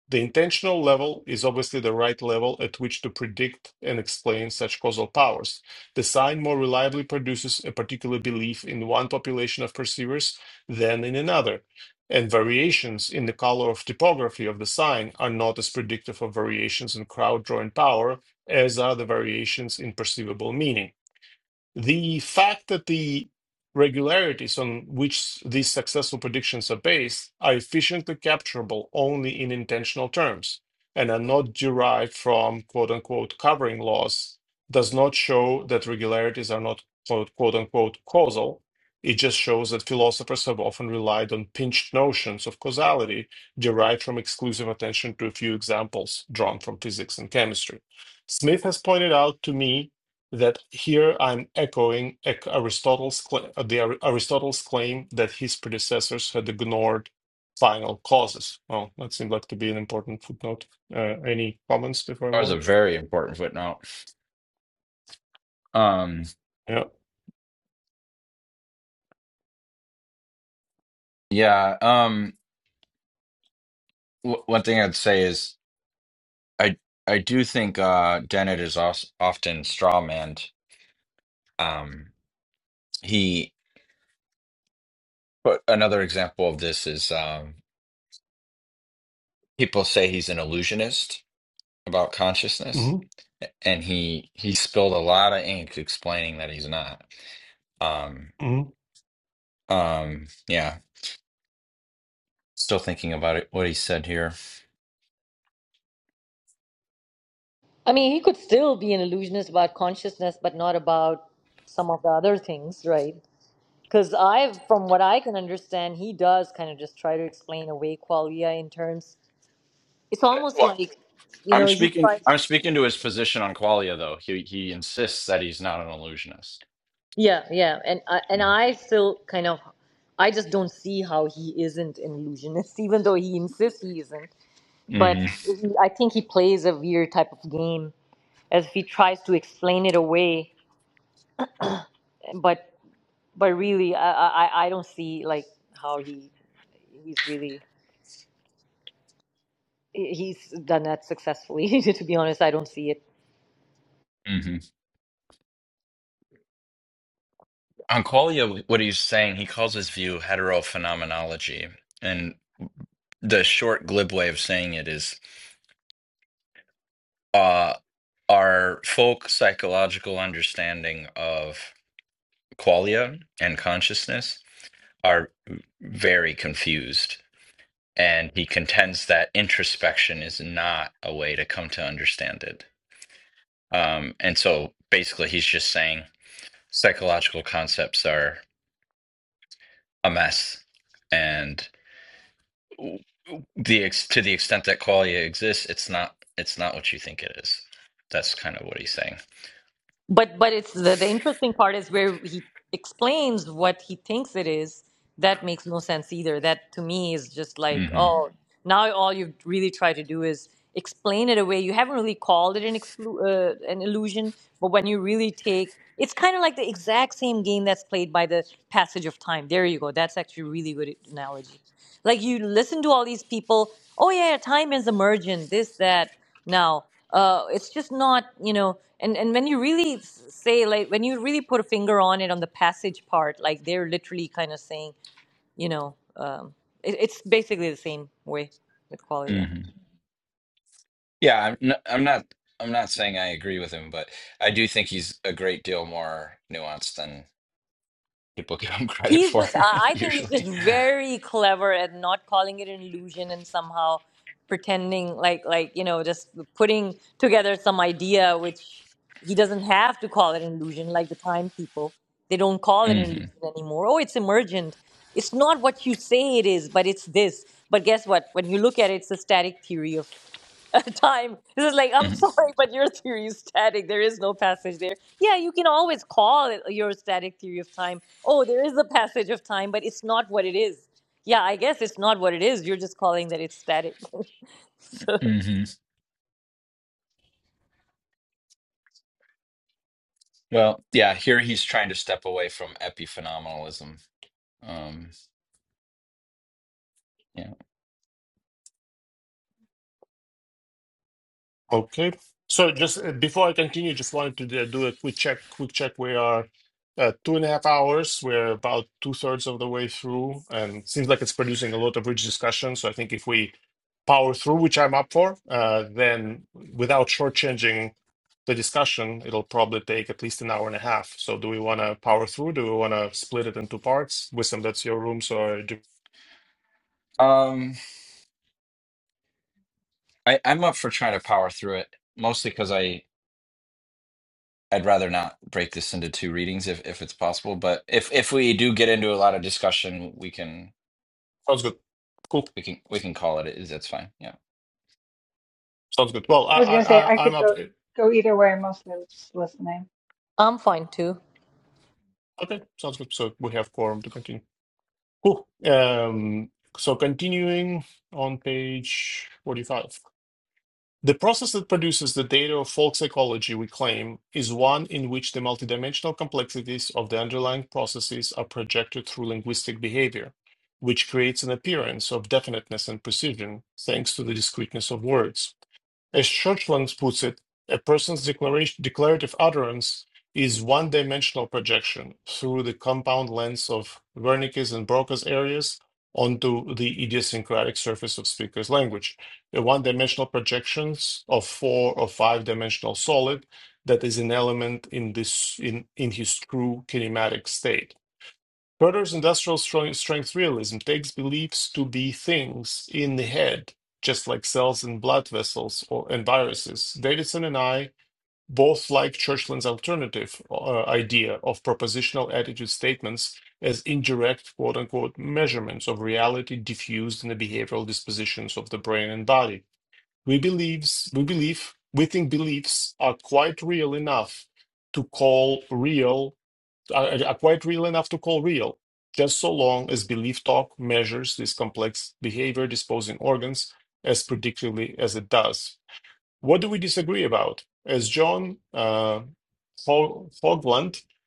The intentional level is obviously the right level at which to predict and explain such causal powers. The sign more reliably produces a particular belief in one population of perceivers than in another and variations in the color of typography of the sign are not as predictive of variations in crowd drawing power as are the variations in perceivable meaning. The fact that the regularities on which these successful predictions are based are efficiently capturable only in intentional terms and are not derived from quote unquote covering laws does not show that regularities are not quote quote unquote causal. It just shows that philosophers have often relied on pinched notions of causality derived from exclusive attention to a few examples drawn from physics and chemistry. Smith has pointed out to me that here I'm echoing Aristotle's cla- uh, the Aristotle's claim that his predecessors had ignored final causes. Oh, that seemed like to be an important footnote. Uh, any comments before I That was a move very important footnote. Um, on? yeah. Um, w one thing I'd say is I I do think uh Dennett is also often strawmanned. Um, he but another example of this is um people say he's an illusionist, about Yeah. consciousness and he he spilled a lot of ink explaining that he's not um hmm um yeah still thinking about it what he said here I mean, he could still be an illusionist about consciousness, but not about some of the other things, right? Because I, from what I can understand, he does kind of just try to explain away qualia in terms. It's almost well like, you i'm know, he speaking tries. i'm speaking to his position on qualia though he he insists that he's not an illusionist Yeah, yeah, and I and I still kind of, I just don't see how he isn't an illusionist, [LAUGHS] even though he insists he isn't. But mm-hmm. he, I think he plays a weird type of game as if he tries to explain it away, but but really, I, I I don't see like how he he's really he's done that successfully. [LAUGHS] to be honest, I don't see it. hmm on qualia what he's saying he calls his view heterophenomenology and the short glib way of saying it is uh our folk psychological understanding of qualia and consciousness are very confused. And he contends that introspection is not a way to come to understand it. Um, and so basically, he's just saying psychological concepts are a mess. And the ex- to the extent that qualia exists, it's not it's not what you think it is. That's kind of what he's saying. But but it's the, the interesting part is where he explains what he thinks it is. That makes no sense either. That to me is just like hmm oh now all you really try to do is explain it away. You haven't really called it an exclu- uh, an illusion, but when you really take it's kind of like the exact same game that's played by the passage of time. There you go. That's actually a really good analogy. Like you listen to all these people, oh yeah, time is emergent, this, that. Now, uh, it's just not, you know, and, and when you really say, like, when you really put a finger on it on the passage part, like they're literally kind of saying, you know, um, it, it's basically the same way with qualia. hmm Yeah, I'm i I'm not I'm not saying I agree with him, but I do think he's a great deal more nuanced than. people [LAUGHS] give him credit he's for just i [LAUGHS] I think he's just usually. very clever at not calling it an illusion and somehow pretending like like you know just putting together some idea which he doesn't have to call it an illusion like the time people they don't call it hmm an illusion anymore oh it's emergent it's not what you say it is but it's this but guess what when you look at it it's a static theory of [LAUGHS] time. This is like, [LAUGHS] I'm hmm sorry, but your theory is static. There is no passage there. Yeah, you can always call it your static theory of time. Oh, there is a passage of time, but it's not what it is. Yeah, I guess it's not what it is. You're just calling that it's static. [LAUGHS] so hmm Well, yeah, here he's trying to step away from epiphenomenalism. Um, yeah, Okay. So just uh, before I continue, just wanted to uh, do a quick check. Quick check. We are uh, two and a half hours. We're about two thirds of the way through, and seems like it's producing a lot of rich discussion. So I think if we power through, which I'm up for, uh, then without shortchanging the discussion, it'll probably take at least an hour and a half. So do we want to power through? Do we want to split it into parts? Wisdom, that's your room. So uh, do... um, I, I'm up for trying to power through it, mostly because I I'd rather not break this into two readings if if it's possible. But if if we do get into a lot of discussion, we can sounds good. Cool. we can we can call it. It's That's fine. Yeah, Sounds good. Well, I, I was gonna I, say I, I I'm could up. go go either way. I'm mostly just listening. I'm fine too. Okay. Sounds good. So we have quorum to continue. Cool. Um, so continuing on page 45. The process that produces the data of folk psychology, we claim, is one in which the multidimensional complexities of the underlying processes are projected through linguistic behavior, which creates an appearance of definiteness and precision thanks to the discreteness of words. As Churchland puts it, a person's declaration, declarative utterance is one dimensional projection through the compound lens of Wernicke's and Broca's areas onto the idiosyncratic surface of speaker's language. A one dimensional projections of four or five dimensional solid that is an element in this in, in his true kinematic state Further's industrial strength realism takes beliefs to be things in the head, just like cells and blood vessels or, and viruses. Davidson and I both like Churchland's alternative uh, idea of propositional attitude statements as indirect quote unquote measurements of reality diffused in the behavioral dispositions of the brain and body. We believes we believe we think beliefs are quite real enough to call real are, are quite real enough to call real, just so long as belief talk measures this complex behavior disposing organs as predictably as it does. What do we disagree about? As John uh, Fo-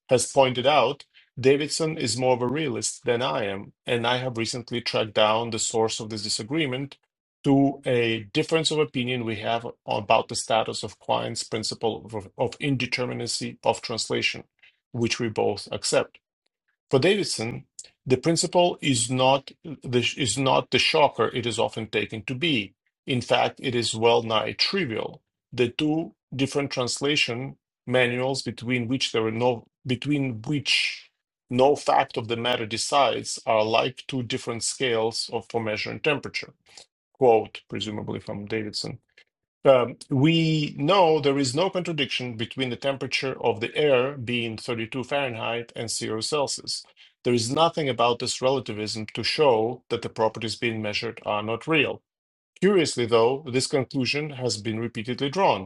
has pointed out, Davidson is more of a realist than I am, and I have recently tracked down the source of this disagreement to a difference of opinion we have about the status of Quine's principle of, of indeterminacy of translation, which we both accept. For Davidson, the principle is not the, is not the shocker it is often taken to be. In fact, it is well nigh trivial. The two different translation manuals between which there are no between which no fact of the matter decides are like two different scales of, for measuring temperature. Quote, presumably from Davidson. Um, we know there is no contradiction between the temperature of the air being 32 Fahrenheit and 0 Celsius. There is nothing about this relativism to show that the properties being measured are not real. Curiously, though, this conclusion has been repeatedly drawn.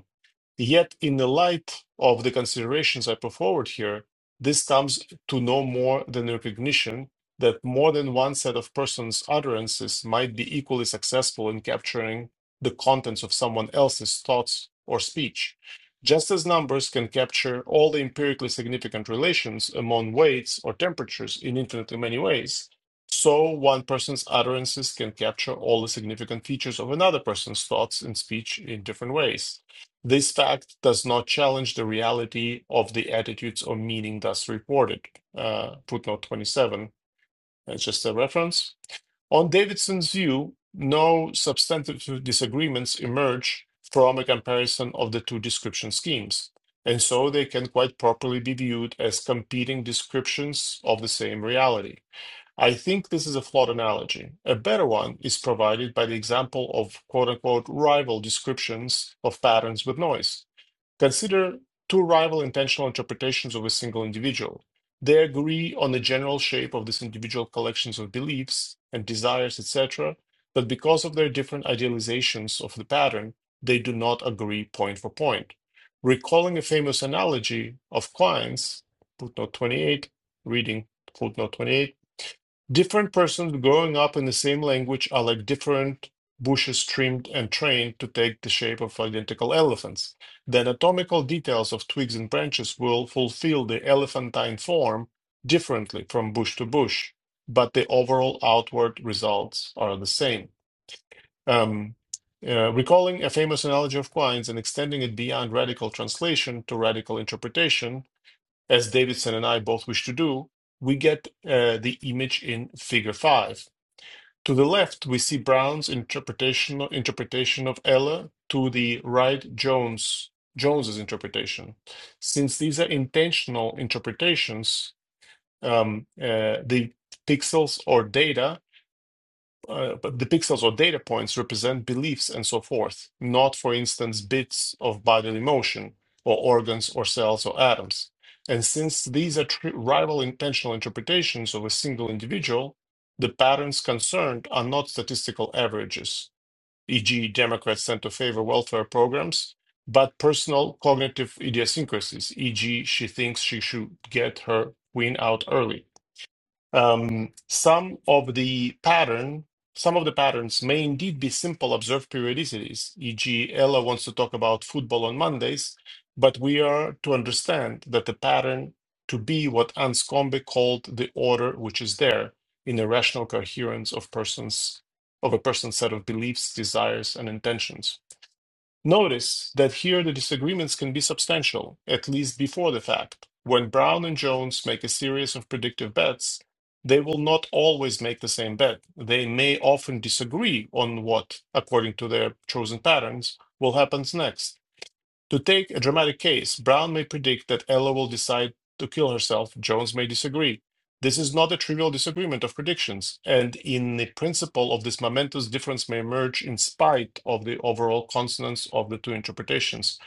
Yet, in the light of the considerations I put forward here, this comes to no more than the recognition that more than one set of persons' utterances might be equally successful in capturing the contents of someone else's thoughts or speech. Just as numbers can capture all the empirically significant relations among weights or temperatures in infinitely many ways, so one person's utterances can capture all the significant features of another person's thoughts and speech in different ways. This fact does not challenge the reality of the attitudes or meaning thus reported. Uh, footnote 27, that's just a reference. On Davidson's view, no substantive disagreements emerge from a comparison of the two description schemes, and so they can quite properly be viewed as competing descriptions of the same reality. I think this is a flawed analogy. A better one is provided by the example of quote unquote rival descriptions of patterns with noise. Consider two rival intentional interpretations of a single individual. They agree on the general shape of this individual collections of beliefs and desires, etc., but because of their different idealizations of the pattern, they do not agree point for point. Recalling a famous analogy of clients, footnote 28, reading footnote 28, different persons growing up in the same language are like different bushes trimmed and trained to take the shape of identical elephants. The anatomical details of twigs and branches will fulfill the elephantine form differently from bush to bush, but the overall outward results are the same. Um, uh, recalling a famous analogy of Quine's and extending it beyond radical translation to radical interpretation, as Davidson and I both wish to do, we get uh, the image in Figure 5. To the left, we see Brown's interpretation interpretation of Ella. To the right, Jones Jones's interpretation. Since these are intentional interpretations, um, uh, the pixels or data uh, but the pixels or data points represent beliefs and so forth, not, for instance, bits of bodily motion or organs or cells or atoms. And since these are rival intentional interpretations of a single individual, the patterns concerned are not statistical averages, e.g., Democrats tend to favor welfare programs, but personal cognitive idiosyncrasies, e.g., she thinks she should get her queen out early. Um, some of the pattern, some of the patterns may indeed be simple observed periodicities, e.g., Ella wants to talk about football on Mondays, but we are to understand that the pattern to be what Anscombe called the order which is there in the rational coherence of persons of a person's set of beliefs, desires, and intentions. Notice that here the disagreements can be substantial, at least before the fact. When Brown and Jones make a series of predictive bets, they will not always make the same bet. They may often disagree on what, according to their chosen patterns, will happen next. To take a dramatic case, Brown may predict that Ella will decide to kill herself. Jones may disagree. This is not a trivial disagreement of predictions, and in the principle of this momentous difference may emerge in spite of the overall consonance of the two interpretations.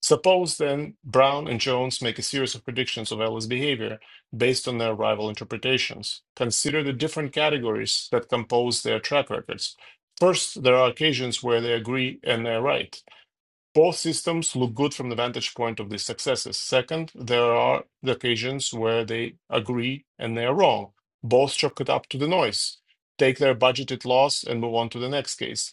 Suppose then Brown and Jones make a series of predictions of Ella's behavior based on their rival interpretations. Consider the different categories that compose their track records. First, there are occasions where they agree and they're right. Both systems look good from the vantage point of the successes. Second, there are the occasions where they agree and they are wrong. Both chalk it up to the noise, take their budgeted loss, and move on to the next case.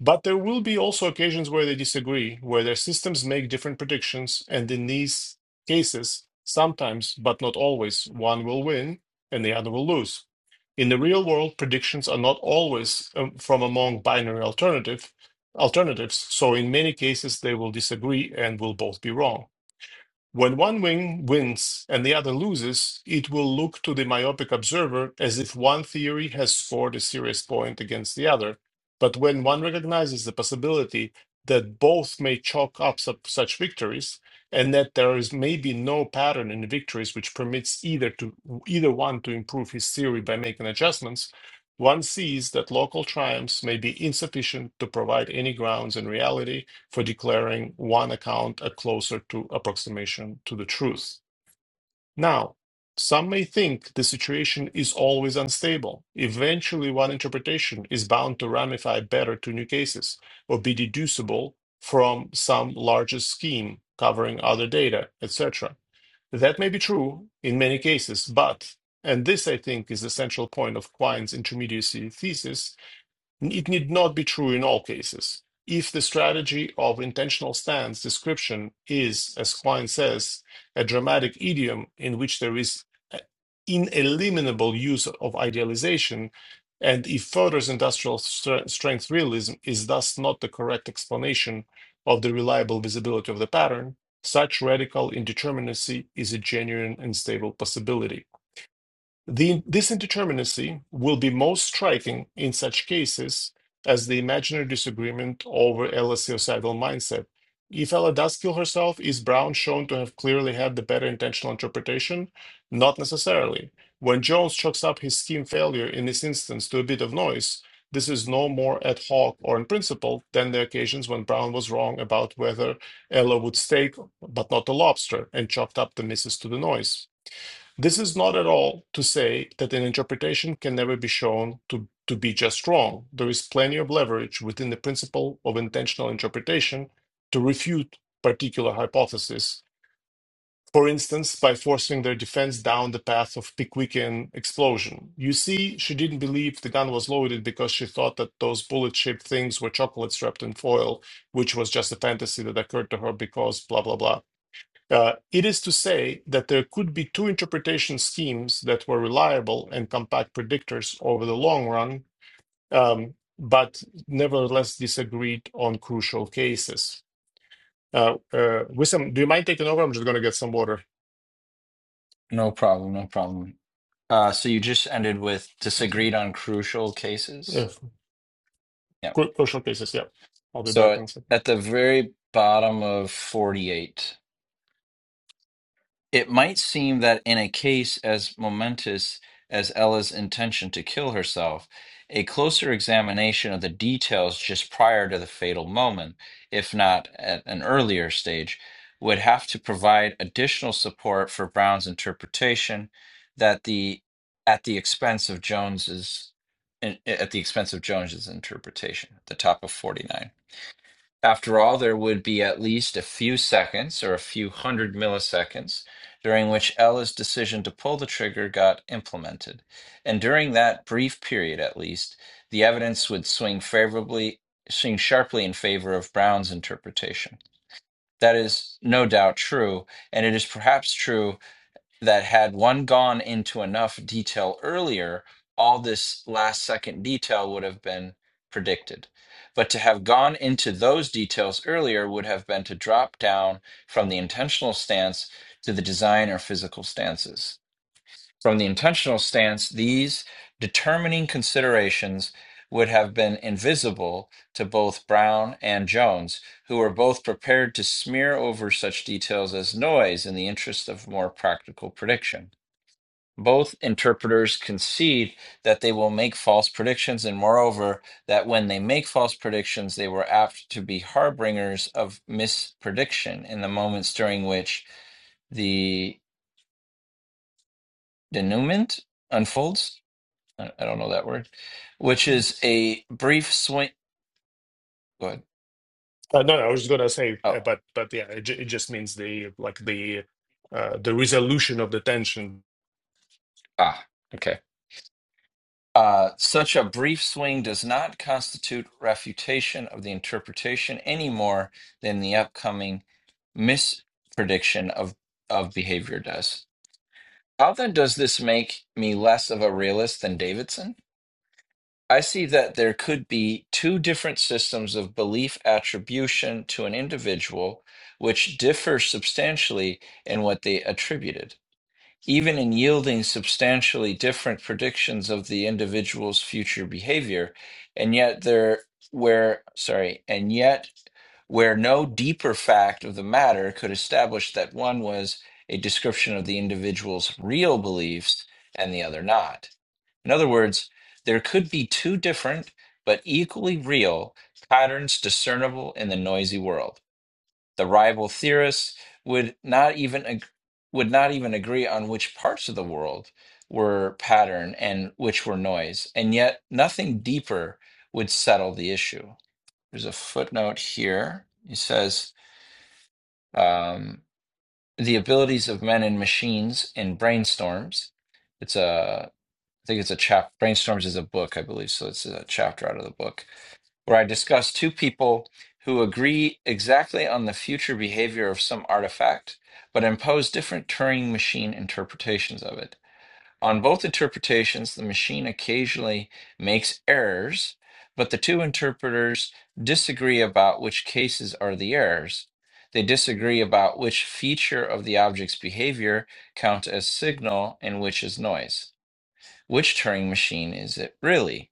But there will be also occasions where they disagree, where their systems make different predictions, and in these cases, sometimes, but not always, one will win and the other will lose. In the real world, predictions are not always um, from among binary alternative alternatives, so in many cases they will disagree and will both be wrong. When one wing wins and the other loses, it will look to the myopic observer as if one theory has scored a serious point against the other. But when one recognizes the possibility that both may chalk up su- such victories, and that there is maybe no pattern in victories which permits either to either one to improve his theory by making adjustments, one sees that local triumphs may be insufficient to provide any grounds in reality for declaring one account a closer to approximation to the truth. Now, some may think the situation is always unstable. Eventually, one interpretation is bound to ramify better to new cases or be deducible from some larger scheme covering other data, etc. That may be true in many cases, but, and this I think is the central point of Quine's intermediacy thesis, it need not be true in all cases. If the strategy of intentional stance description is, as Klein says, a dramatic idiom in which there is ineliminable use of idealization, and if Fodor's industrial stre- strength realism is thus not the correct explanation of the reliable visibility of the pattern, such radical indeterminacy is a genuine and stable possibility. The, this indeterminacy will be most striking in such cases as the imaginary disagreement over Ella's suicidal mindset. If Ella does kill herself, is Brown shown to have clearly had the better intentional interpretation? Not necessarily. When Jones chalks up his scheme failure in this instance to a bit of noise, this is no more ad hoc or in principle than the occasions when Brown was wrong about whether Ella would steak but not a lobster and chalked up the misses to the noise. This is not at all to say that an interpretation can never be shown to, to be just wrong. There is plenty of leverage within the principle of intentional interpretation to refute particular hypotheses, for instance, by forcing their defense down the path of Pickwickian explosion. You see, she didn't believe the gun was loaded because she thought that those bullet shaped things were chocolates wrapped in foil, which was just a fantasy that occurred to her because blah, blah, blah. Uh, it is to say that there could be two interpretation schemes that were reliable and compact predictors over the long run, um, but nevertheless disagreed on crucial cases. Uh, uh, Wissam, do you mind taking over? I'm just going to get some water. no problem, no problem. Uh, so you just ended with Sounds okay. disagreed on crucial Yeah, cases. Yeah. cru- crucial cases. Yeah, I'll be back So in at a 2nd the very bottom of 48, it might seem that in a case as momentous as Ella's intention to kill herself, a closer examination of the details just prior to the fatal moment, if not at an earlier stage, would have to provide additional support for Brown's interpretation that the at the expense of Jones's at the expense of Jones's interpretation at the top of 49. After all, there would be at least a few seconds or a few hundred milliseconds during which Ella's decision to pull the trigger got implemented. And during that brief period, at least, the evidence would swing favorably, swing sharply in favor of Brown's interpretation. That is no doubt true, and it is perhaps true that had one gone into enough detail earlier, all this last second detail would have been predicted. But to have gone into those details earlier would have been to drop down from the intentional stance to the design or physical stances. From the intentional stance, these determining considerations would have been invisible to both Brown and Jones, who were both prepared to smear over such details as noise in the interest of more practical prediction. Both interpreters concede that they will make false predictions, and moreover, that when they make false predictions, they were apt to be harbingers of misprediction in the moments during which the denouement unfolds I I don't know that word, which Uh, is a brief swing. Good. no, no, I was just going to say, Oh, uh, but but yeah, it, ju- it just means the like the uh, the resolution of the tension. ah, okay. Uh, such a brief swing does not constitute refutation of the interpretation any more than the upcoming misprediction of, of behavior does. How then does this make me less of a realist than Davidson? I see that there could be two different systems of belief attribution to an individual which differ substantially in what they attributed. even in yielding substantially different predictions of the individual's future behavior and yet there where sorry and yet where no deeper fact of the matter could establish that one was a description of the individual's real beliefs and the other not in other words there could be two different but equally real patterns discernible in the noisy world the rival theorists would not even ag- would not even agree on which parts of the world were pattern and which were noise, and yet nothing deeper would settle the issue. There's a footnote here. It says um, the abilities of men and machines in brainstorms. It's a I think it's a chap. Brainstorms is a book, I believe. So it's a chapter out of the book where I discuss two people who agree exactly on the future behavior of some artifact, but impose different Turing machine interpretations of it. On both interpretations, the machine occasionally makes errors, but the two interpreters disagree about which cases are the errors. They disagree about which feature of the object's behavior count as signal and which is noise. Which Turing machine is it really?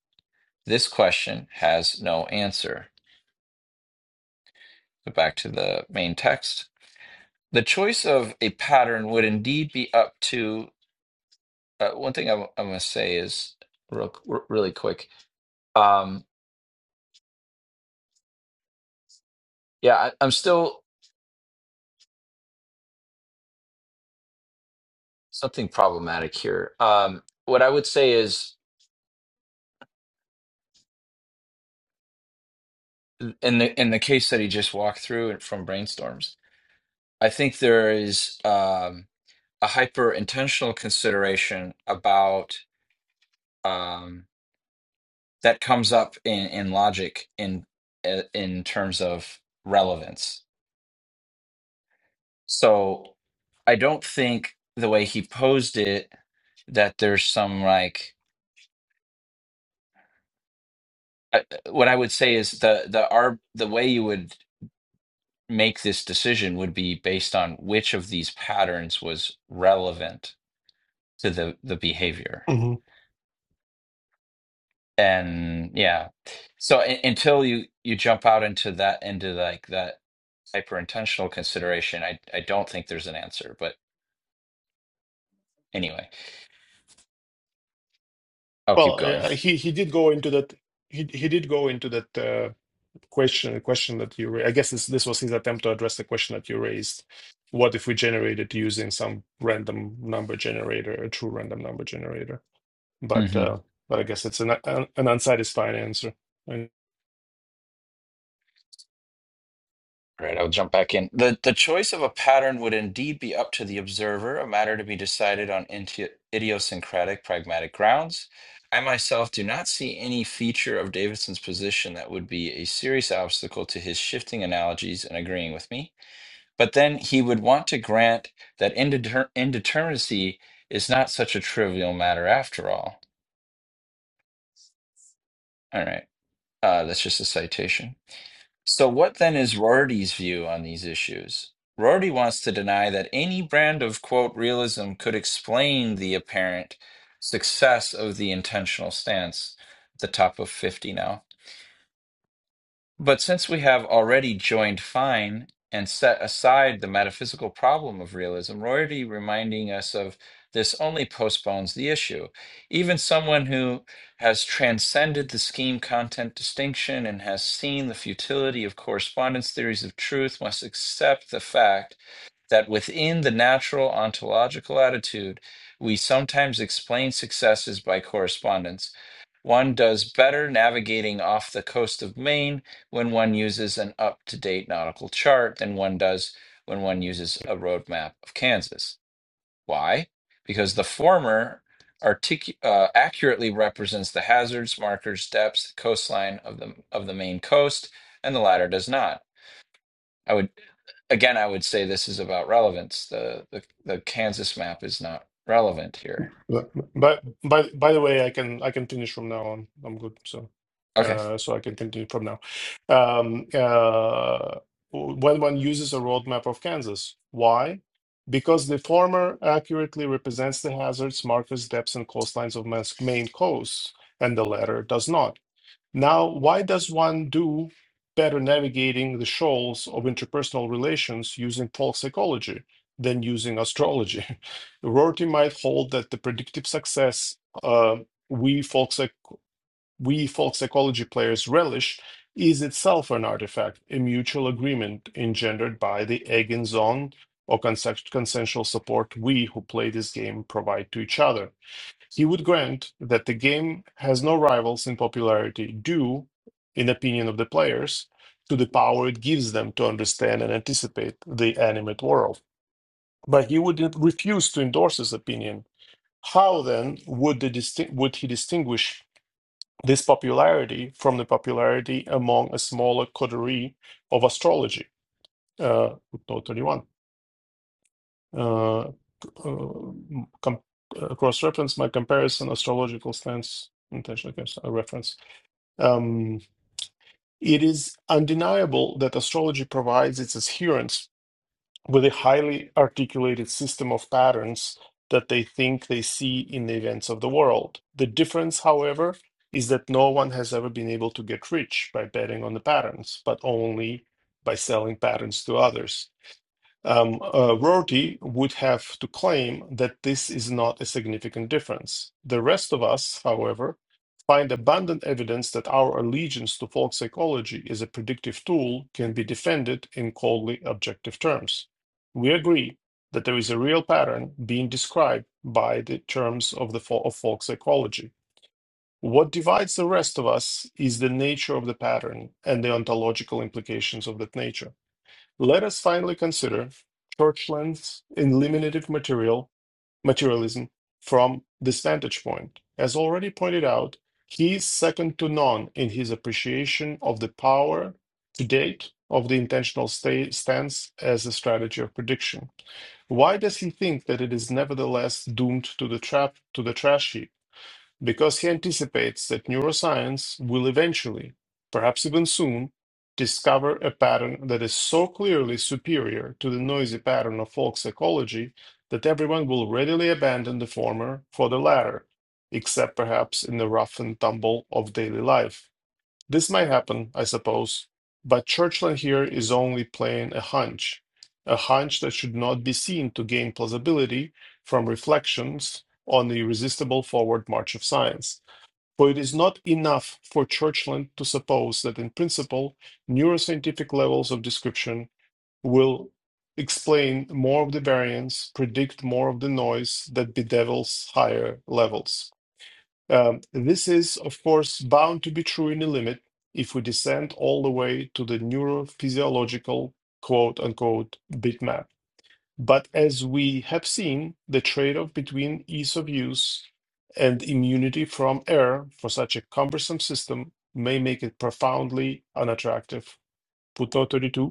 This question has no answer. So back to the main text. The choice of a pattern would indeed be up to. Uh, one thing I'm, I'm going to say is real, r- really quick. Um, yeah, I, I'm still something problematic here. Um, what I would say is in the in the case that he just walked through and from brainstorms, I think there is um, a hyper intentional consideration about um, that comes up in in logic in uh, in terms of relevance So I don't think the way he posed it that there's some like I, what I would say is the the our the way you would make this decision would be based on which of these patterns was relevant to the the behavior. And yeah. So u- until you you jump out into that into like that hyper intentional consideration, I I don't think there's an answer, but anyway, I'll keep Well, going. uh, he he did go into that. He he did go into that uh, question question that you. ra- I guess this this was his attempt to address the question that you raised. What if we generated using some random number generator, a true random number generator? But Mm-hmm. uh, but I guess it's an an, an unsatisfying answer. All right, I'll jump back in. The the choice of a pattern would indeed be up to the observer, a matter to be decided on inti- idiosyncratic pragmatic grounds. I myself do not see any feature of Davidson's position that would be a serious obstacle to his shifting analogies and agreeing with me. But then he would want to grant that indeter- indeterminacy is not such a trivial matter after all. All right, uh, that's just a citation. So, what then is Rorty's view on these issues? Rorty wants to deny that any brand of quote realism could explain the apparent success of the intentional stance at the top of 50 now. But since we have already joined fine and set aside the metaphysical problem of realism, already reminding us of this only postpones the issue. Even someone who has transcended the scheme content distinction and has seen the futility of correspondence theories of truth must accept the fact that within the natural ontological attitude, we sometimes explain successes by correspondence. One does better navigating off the coast of Maine when one uses an up to date nautical chart than one does when one uses a roadmap of Kansas. Why? Because the former artic- uh, accurately represents the hazards, markers, depths, coastline of the of the main coast, and the latter does not. I would again, I would say this is about relevance. The the, the Kansas map is not relevant here. But but- by by the way, I can I can finish from now on. I'm good. So Okay, uh, so I can continue from now. Um, uh, when one uses a roadmap of Kansas, why? Because the former accurately represents the hazards, markers, depths, and coastlines of Mass- Maine coasts, and the latter does not. Now, why does one do better navigating the shoals of interpersonal relations using folk psychology than using astrology? [LAUGHS] Rorty might hold that the predictive success uh, we folk psych- we folk psychology players relish is itself an artifact, a mutual agreement engendered by the egg zone or consensual support we who play this game provide to each other he would grant that the game has no rivals in popularity due, in opinion of the players, to the power it gives them to understand and anticipate the animate world. But he would refuse to endorse this opinion. How then would, the distin- would he distinguish this popularity from the popularity among a smaller coterie of astrology? Uh, footnote 31. uh, um, com- uh, cross-reference my comparison astrological stance intentional case, uh, reference um, it is undeniable that astrology provides its adherents with a highly articulated system of patterns that they think they see in the events of the world the difference however is that no one has ever been able to get rich by betting on the patterns but only by selling patterns to others um, uh, Rorty would have to claim that this is not a significant difference. The rest of us, however, find abundant evidence that our allegiance to folk psychology as a predictive tool can be defended in coldly objective terms. We agree that there is a real pattern being described by the terms of the fol- of folk psychology. What divides the rest of us is the nature of the pattern and the ontological implications of that nature. Let us finally consider Churchland's eliminative material materialism from this vantage point. As already pointed out, he is second to none in his appreciation of the power to date of the intentional sta- stance as a strategy of prediction. Why does he think that it is nevertheless doomed to the trap to the trash heap? because he anticipates that neuroscience will eventually, perhaps even soon, discover a pattern that is so clearly superior to the noisy pattern of folk psychology that everyone will readily abandon the former for the latter, except perhaps in the rough and tumble of daily life. This might happen, I suppose, but Churchland here is only playing a hunch, a hunch that should not be seen to gain plausibility from reflections on the irresistible forward march of science. For it is not enough for Churchland to suppose that, in principle, neuroscientific levels of description will explain more of the variance, predict more of the noise that bedevils higher levels. Um, this is, of course, bound to be true in a limit if we descend all the way to the neurophysiological quote unquote bitmap. But as we have seen, the trade off between ease of use and immunity from error for such a cumbersome system may make it profoundly unattractive. Footnote 32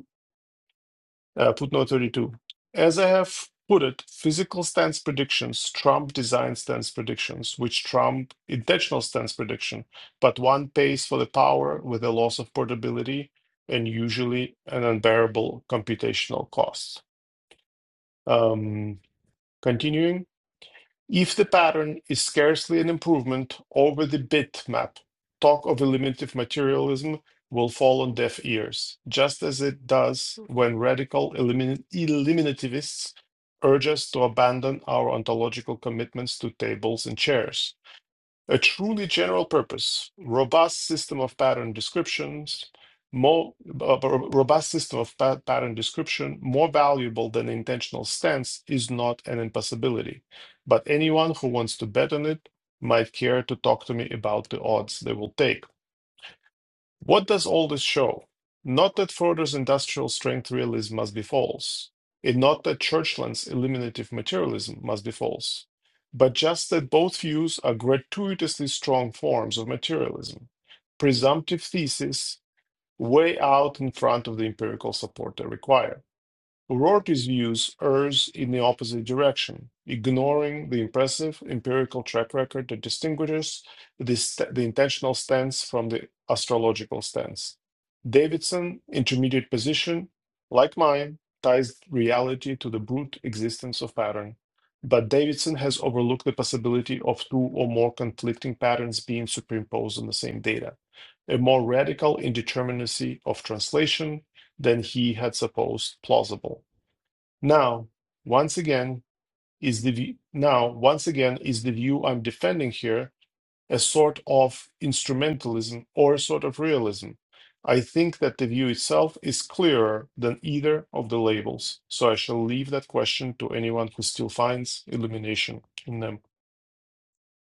uh, footnote 32. As I have put it, physical stance predictions trump design stance predictions, which trump intentional stance prediction, but one pays for the power with a loss of portability and usually an unbearable computational cost. Um, continuing. If the pattern is scarcely an improvement over the bitmap, talk of eliminative materialism will fall on deaf ears, just as it does when radical elimin- eliminativists urge us to abandon our ontological commitments to tables and chairs. A truly general purpose, robust system of pattern descriptions, more uh, robust system of pa- pattern description, more valuable than intentional stance, is not an impossibility. But anyone who wants to bet on it might care to talk to me about the odds they will take. What does all this show? Not that Froder's industrial strength realism must be false, and not that Churchland's eliminative materialism must be false, but just that both views are gratuitously strong forms of materialism, presumptive theses way out in front of the empirical support they require. O'Rourke's views errs in the opposite direction, ignoring the impressive empirical track record that distinguishes this, the intentional stance from the astrological stance. Davidson's intermediate position, like mine, ties reality to the brute existence of pattern. But Davidson has overlooked the possibility of two or more conflicting patterns being superimposed on the same data, a more radical indeterminacy of translation than he had supposed plausible. Now, once again, is the view, now once again is the view I'm defending here a sort of instrumentalism or a sort of realism. I think that the view itself is clearer than either of the labels, so I shall leave that question to anyone who still finds illumination in them.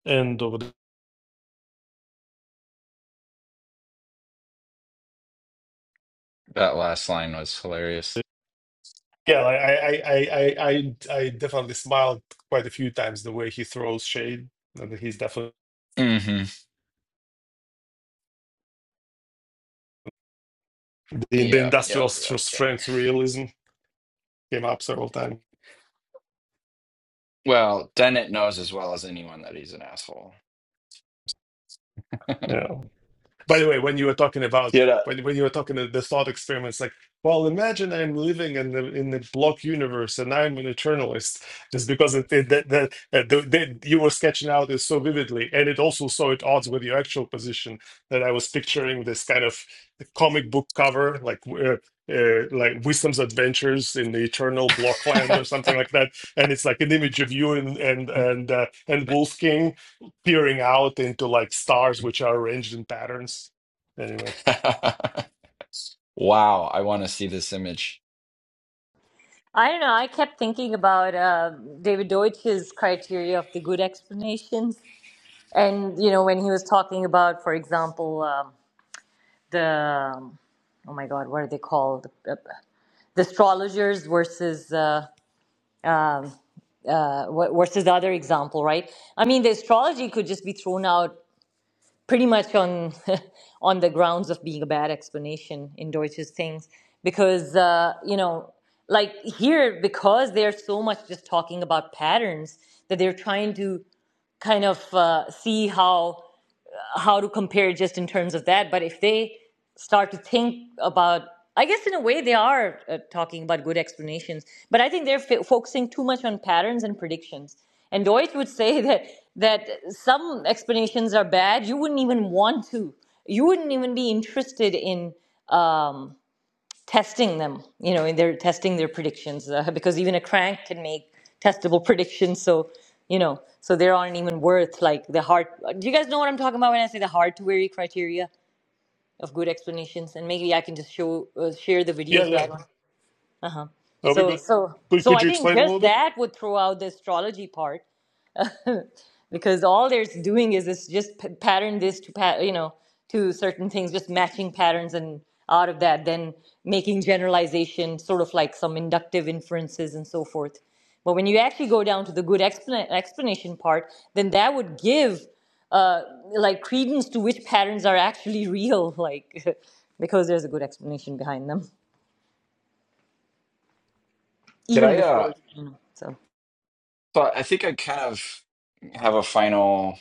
End of the. that last line was hilarious. Yeah, like, I, I, I, I, I I definitely smiled quite a few times the way he throws shade. And he's definitely hmm the, the Yeah, yeah, industrial yeah, yeah. strength realism came up several times. Well, Dennett knows as well as anyone that he's an asshole. Yeah. By the way, when you were talking about Did I, when when you were talking the, the thought experiments, like, well, imagine I'm living in the in the block universe and I'm an eternalist, just because it, it, that that that the, that you were sketching out is so vividly, and it also so at odds with your actual position that I was picturing this kind of comic book cover, like. Uh, uh, like wisdom's adventures in the eternal Blockland, or something like that and it's like an image of you and and and uh, and wolf King peering out into like stars which are arranged in patterns. Anyway, [LAUGHS] Wow, I want to see this image. I don't know. I kept thinking about uh, David Deutsch's criteria of the good explanations. And, you know, when he was talking about, for example, um, the, um, oh my God, what are they called? Uh, The astrologers versus uh, um, uh, wh- versus the other example, right? I mean, the astrology could just be thrown out pretty much on [LAUGHS] on the grounds of being a bad explanation in Deutsch's things, because uh, you know, like here, because they're so much just talking about patterns that they're trying to kind of uh, see how how to compare just in terms of that. But if they start to think about, I guess in a way they are uh, talking about good explanations, but I think they're f- focusing too much on patterns and predictions. And Deutsch would say [LAUGHS] that that some explanations are bad. You wouldn't even want to. You wouldn't even be interested in um, testing them. You know, and they're testing their predictions uh, [LAUGHS] because even a crank can make testable [LAUGHS] predictions. So, you know, so they aren't even worth like the hard. uh, Do you guys know what I'm talking about when I say the hard to vary criteria of good explanations? And maybe I can just show uh, share the video yeah, so I yeah, don't. that'll be So good. so Could, so could I you think explain a little just bit? that would throw out the astrology part because all they're doing is this just p- pattern this to pat you know to certain things just matching patterns and out of that then making generalization sort of like some inductive inferences and so forth but when you actually go down to the good explan- explanation part then that would give uh, like credence to which patterns are actually real like [LAUGHS] because there's a good explanation behind them Did I even uh before you know. so thought I think I kind of have a final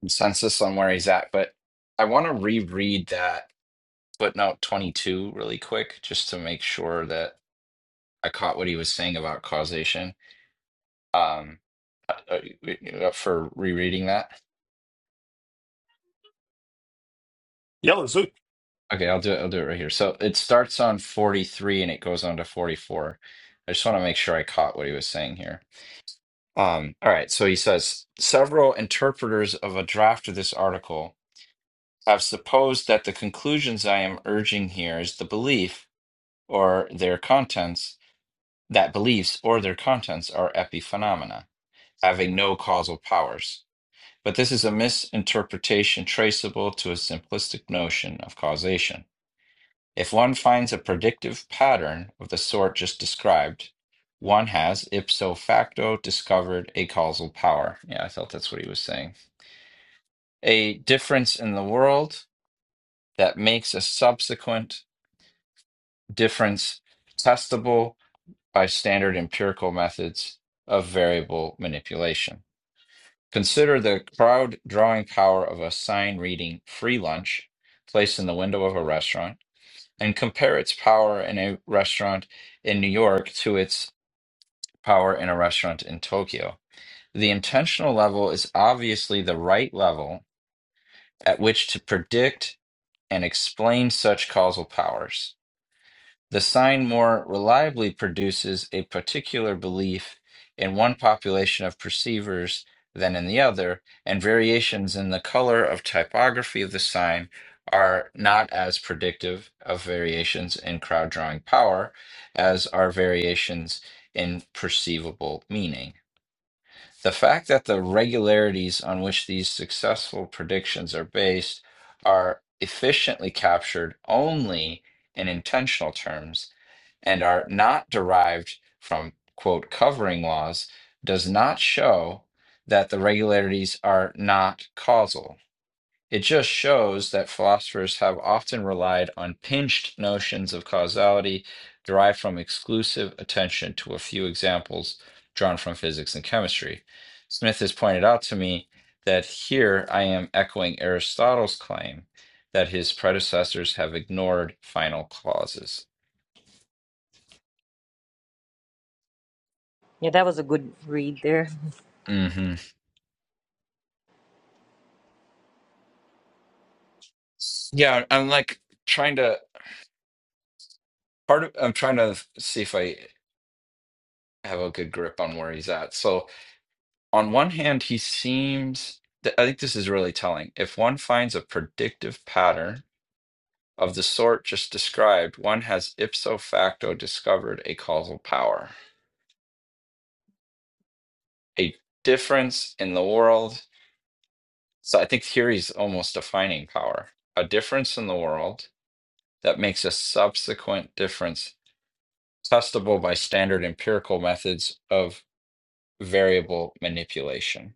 consensus on where he's at, but I want to reread that footnote 22 really quick just to make sure that I caught what he was saying about causation. Um uh, uh, for rereading that. Yeah, let's do it. Okay, I'll do it. I'll do it right here. So it starts on 43 and it goes on to 44. I just want to make sure I caught what he was saying here. Um, all right, so he says several interpreters of a draft of this article have supposed that the conclusions I am urging here is the belief or their contents that beliefs or their contents are epiphenomena, having no causal powers. But this is a misinterpretation traceable to a simplistic notion of causation. If one finds a predictive pattern of the sort just described, one has ipso facto discovered a causal power. Yeah, I thought that's what he was saying. A difference in the world that makes a subsequent difference testable by standard empirical methods of variable manipulation. Consider the crowd drawing power of a sign reading free lunch placed in the window of a restaurant and compare its power in a restaurant in New York to its power in a restaurant in Tokyo. The intentional level is obviously the right level at which to predict and explain such causal powers the sign more reliably produces a particular belief in one population of perceivers than in the other, and variations in the color of typography of the sign are not as predictive of variations in crowd drawing power as are variations in perceivable meaning. The fact that the regularities on which these successful predictions are based are efficiently captured only in intentional terms and are not derived from, quote, covering laws does not show that the regularities are not causal it just shows that philosophers have often relied on pinched notions of causality derived from exclusive attention to a few examples drawn from physics and chemistry. Smith has pointed out to me that here I am echoing Aristotle's claim that his predecessors have ignored final clauses. yeah that was a good read there hmm Yeah, I'm like trying to part of I'm trying to see if I have a good grip on where he's at. So on one hand, he seems, th- I think this is really telling. If one finds a predictive pattern of the sort just described, one has ipso facto discovered a causal power, a difference in the world. So I think here he's almost defining power, a difference in the world that makes a subsequent difference testable by standard empirical methods of variable manipulation.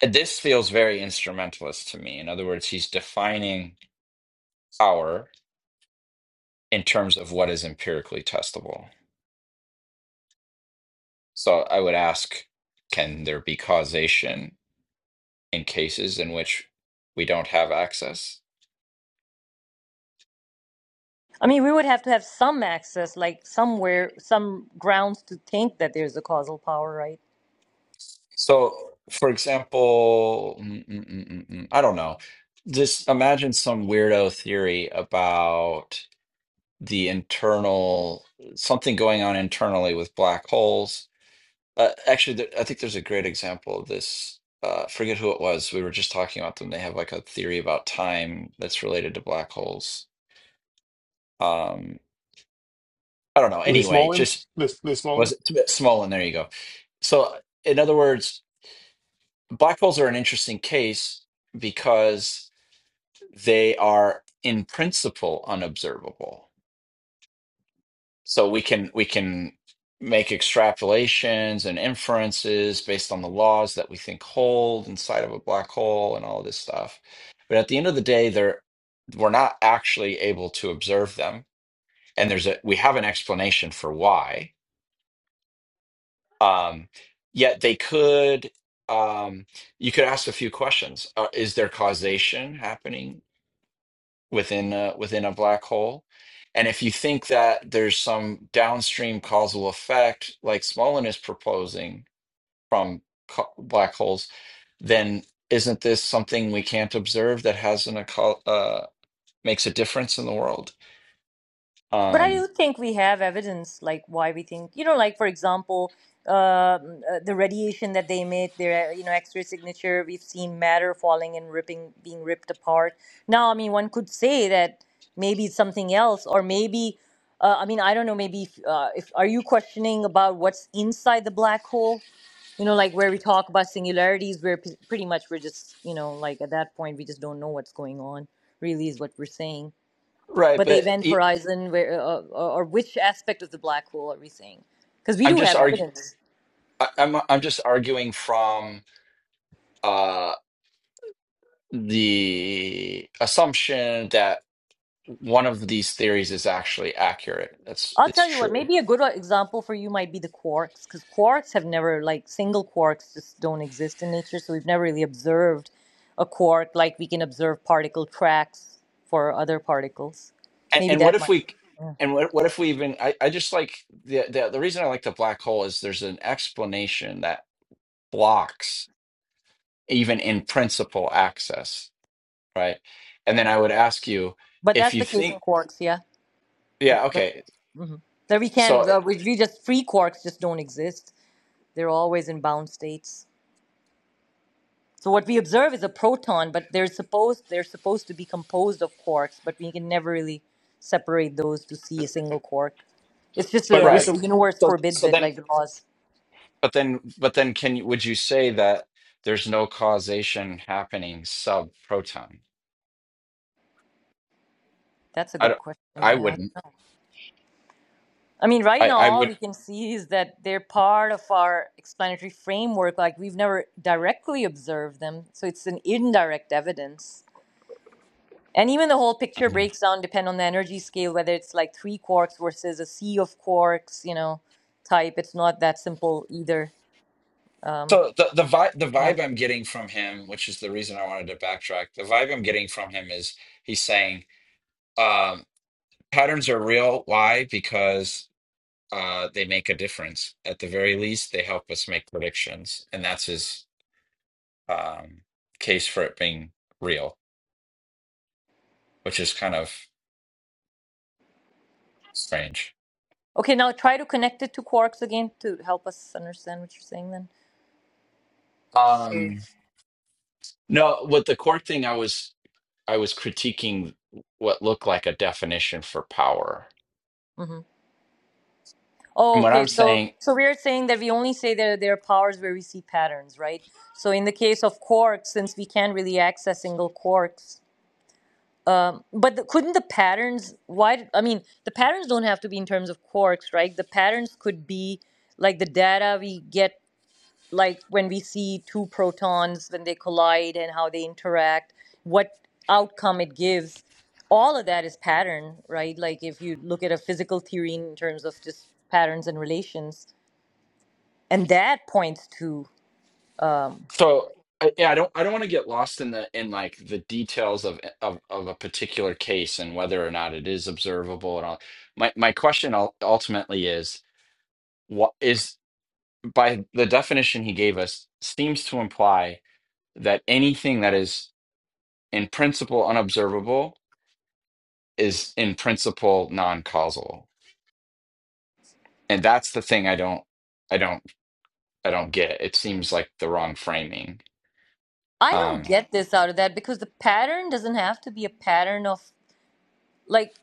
And This feels very instrumentalist to me. In other words, he's defining power in terms of what is empirically testable. So I would ask can there be causation in cases in which we don't have access? I mean, we would have to have some access, like somewhere, some grounds to think that there's a causal power, right? So, for example, mm, mm, mm, mm, mm, I don't know. Just imagine some weirdo theory about the internal, something going on internally with black holes Uh, actually, there, I think there's a great example of this. Uh, forget who it was. We were just talking about them. They have like a theory about time that's related to black holes. Um, I don't know. Lee Anyway, Smolin, just Lee, Lee was Smolin. it's a bit small, and there you go. So, in other words, black holes are an interesting case because they are, in principle, unobservable. so we can we can make extrapolations and inferences based on the laws that we think hold inside of a black hole and all of this stuff but at the end of the day they're we're not actually able to observe them and there's a we have an explanation for why um yet they could um you could ask a few questions uh, is there causation happening within a, within a black hole. And if you think that there's some downstream causal effect, like Smolin is proposing from co- black holes, then isn't this something we can't observe that has an occult, uh, makes a difference in the world? But I Um, do think we have evidence, like why we think, you know, like for example, um, uh, the radiation that they emit, their, uh, you know, X-ray signature. We've seen matter falling and ripping, being ripped apart. Now, I mean, one could say that maybe it's something else, or maybe, uh, I mean, I don't know. Maybe if, uh, if are you questioning about what's inside the black hole? you know like where we talk about singularities where p- pretty much we're just you know like at that point we just don't know what's going on really is what we're saying right, but the but event it, horizon where uh, uh, or, or which aspect of the black hole are we saying because we I'm do just have argu- evidence I, I'm I'm just arguing from uh, the assumption that one of these theories is actually accurate. That's i'll it's tell you what true. maybe a good uh, example for you might be the quarks because quarks have never like single quarks just don't exist in nature so we've never really observed a quark like we can observe particle tracks for other particles and, maybe and what that if might we and what, what if we even I, I just like the, the the reason i like the black hole is there's an explanation that blocks even in principle access right and then i would ask you but if that's you the case in think quarks yeah that, yeah that okay So we so can, uh, we, we just, free quarks just don't exist. They're always in bound states. So what we observe is a proton, but they're supposed, they're supposed to be composed of quarks, but we can never really separate those to see a single quark. It's just But with uh, right some the universe so forbids so it, then like the laws. but then but then can you would you say that there's no causation happening sub proton That's a i good don't, question. i Yeah, I wouldn't don't know. I mean, right i now i all would we can see is that they're part of our explanatory framework. Like we've never directly observed them, so it's an indirect evidence And even the whole picture mm-hmm. breaks down depend on the energy scale, whether it's like three quarks versus a sea of quarks, you know, type. It's not that simple either. Um, So the the vibe the um, vibe I'm getting from him, which is the reason I wanted to backtrack, the vibe I'm getting from him is he's saying um, patterns are real. Why? Because uh, they make a difference. At the very least, they help us make predictions, and that's his um, case for it being real, which is kind of strange. okay, now try to connect it to quarks again to help us understand what you're saying then. So, Um, no, with the core thing, I was I was critiquing what looked like a definition for power. hmm Oh, And what okay. I'm So, saying so we're saying that we only say that there are powers where we see patterns, right? So in the case of quarks, since we can't really access single quarks, Um, But the, couldn't the patterns? Why? I mean, the patterns don't have to be in terms of quarks, right? The patterns could be like the data we get, like when we see two protons when they collide and how they interact, what outcome it gives. All of that is pattern, right? Like if you look at a physical theory in terms of just patterns and relations, and that points to. Um, So I, yeah, I don't I don't want to get lost in the in like the details of eh, of of a particular case and whether or not it is observable and all. My my question ul- ultimately is what is by the definition he gave us seems to imply that anything that is in principle unobservable is in principle non-causal. And that's the thing I don't I don't I don't get. It seems like the wrong framing. I don't Um get this out of that because the pattern doesn't have to be a pattern of like.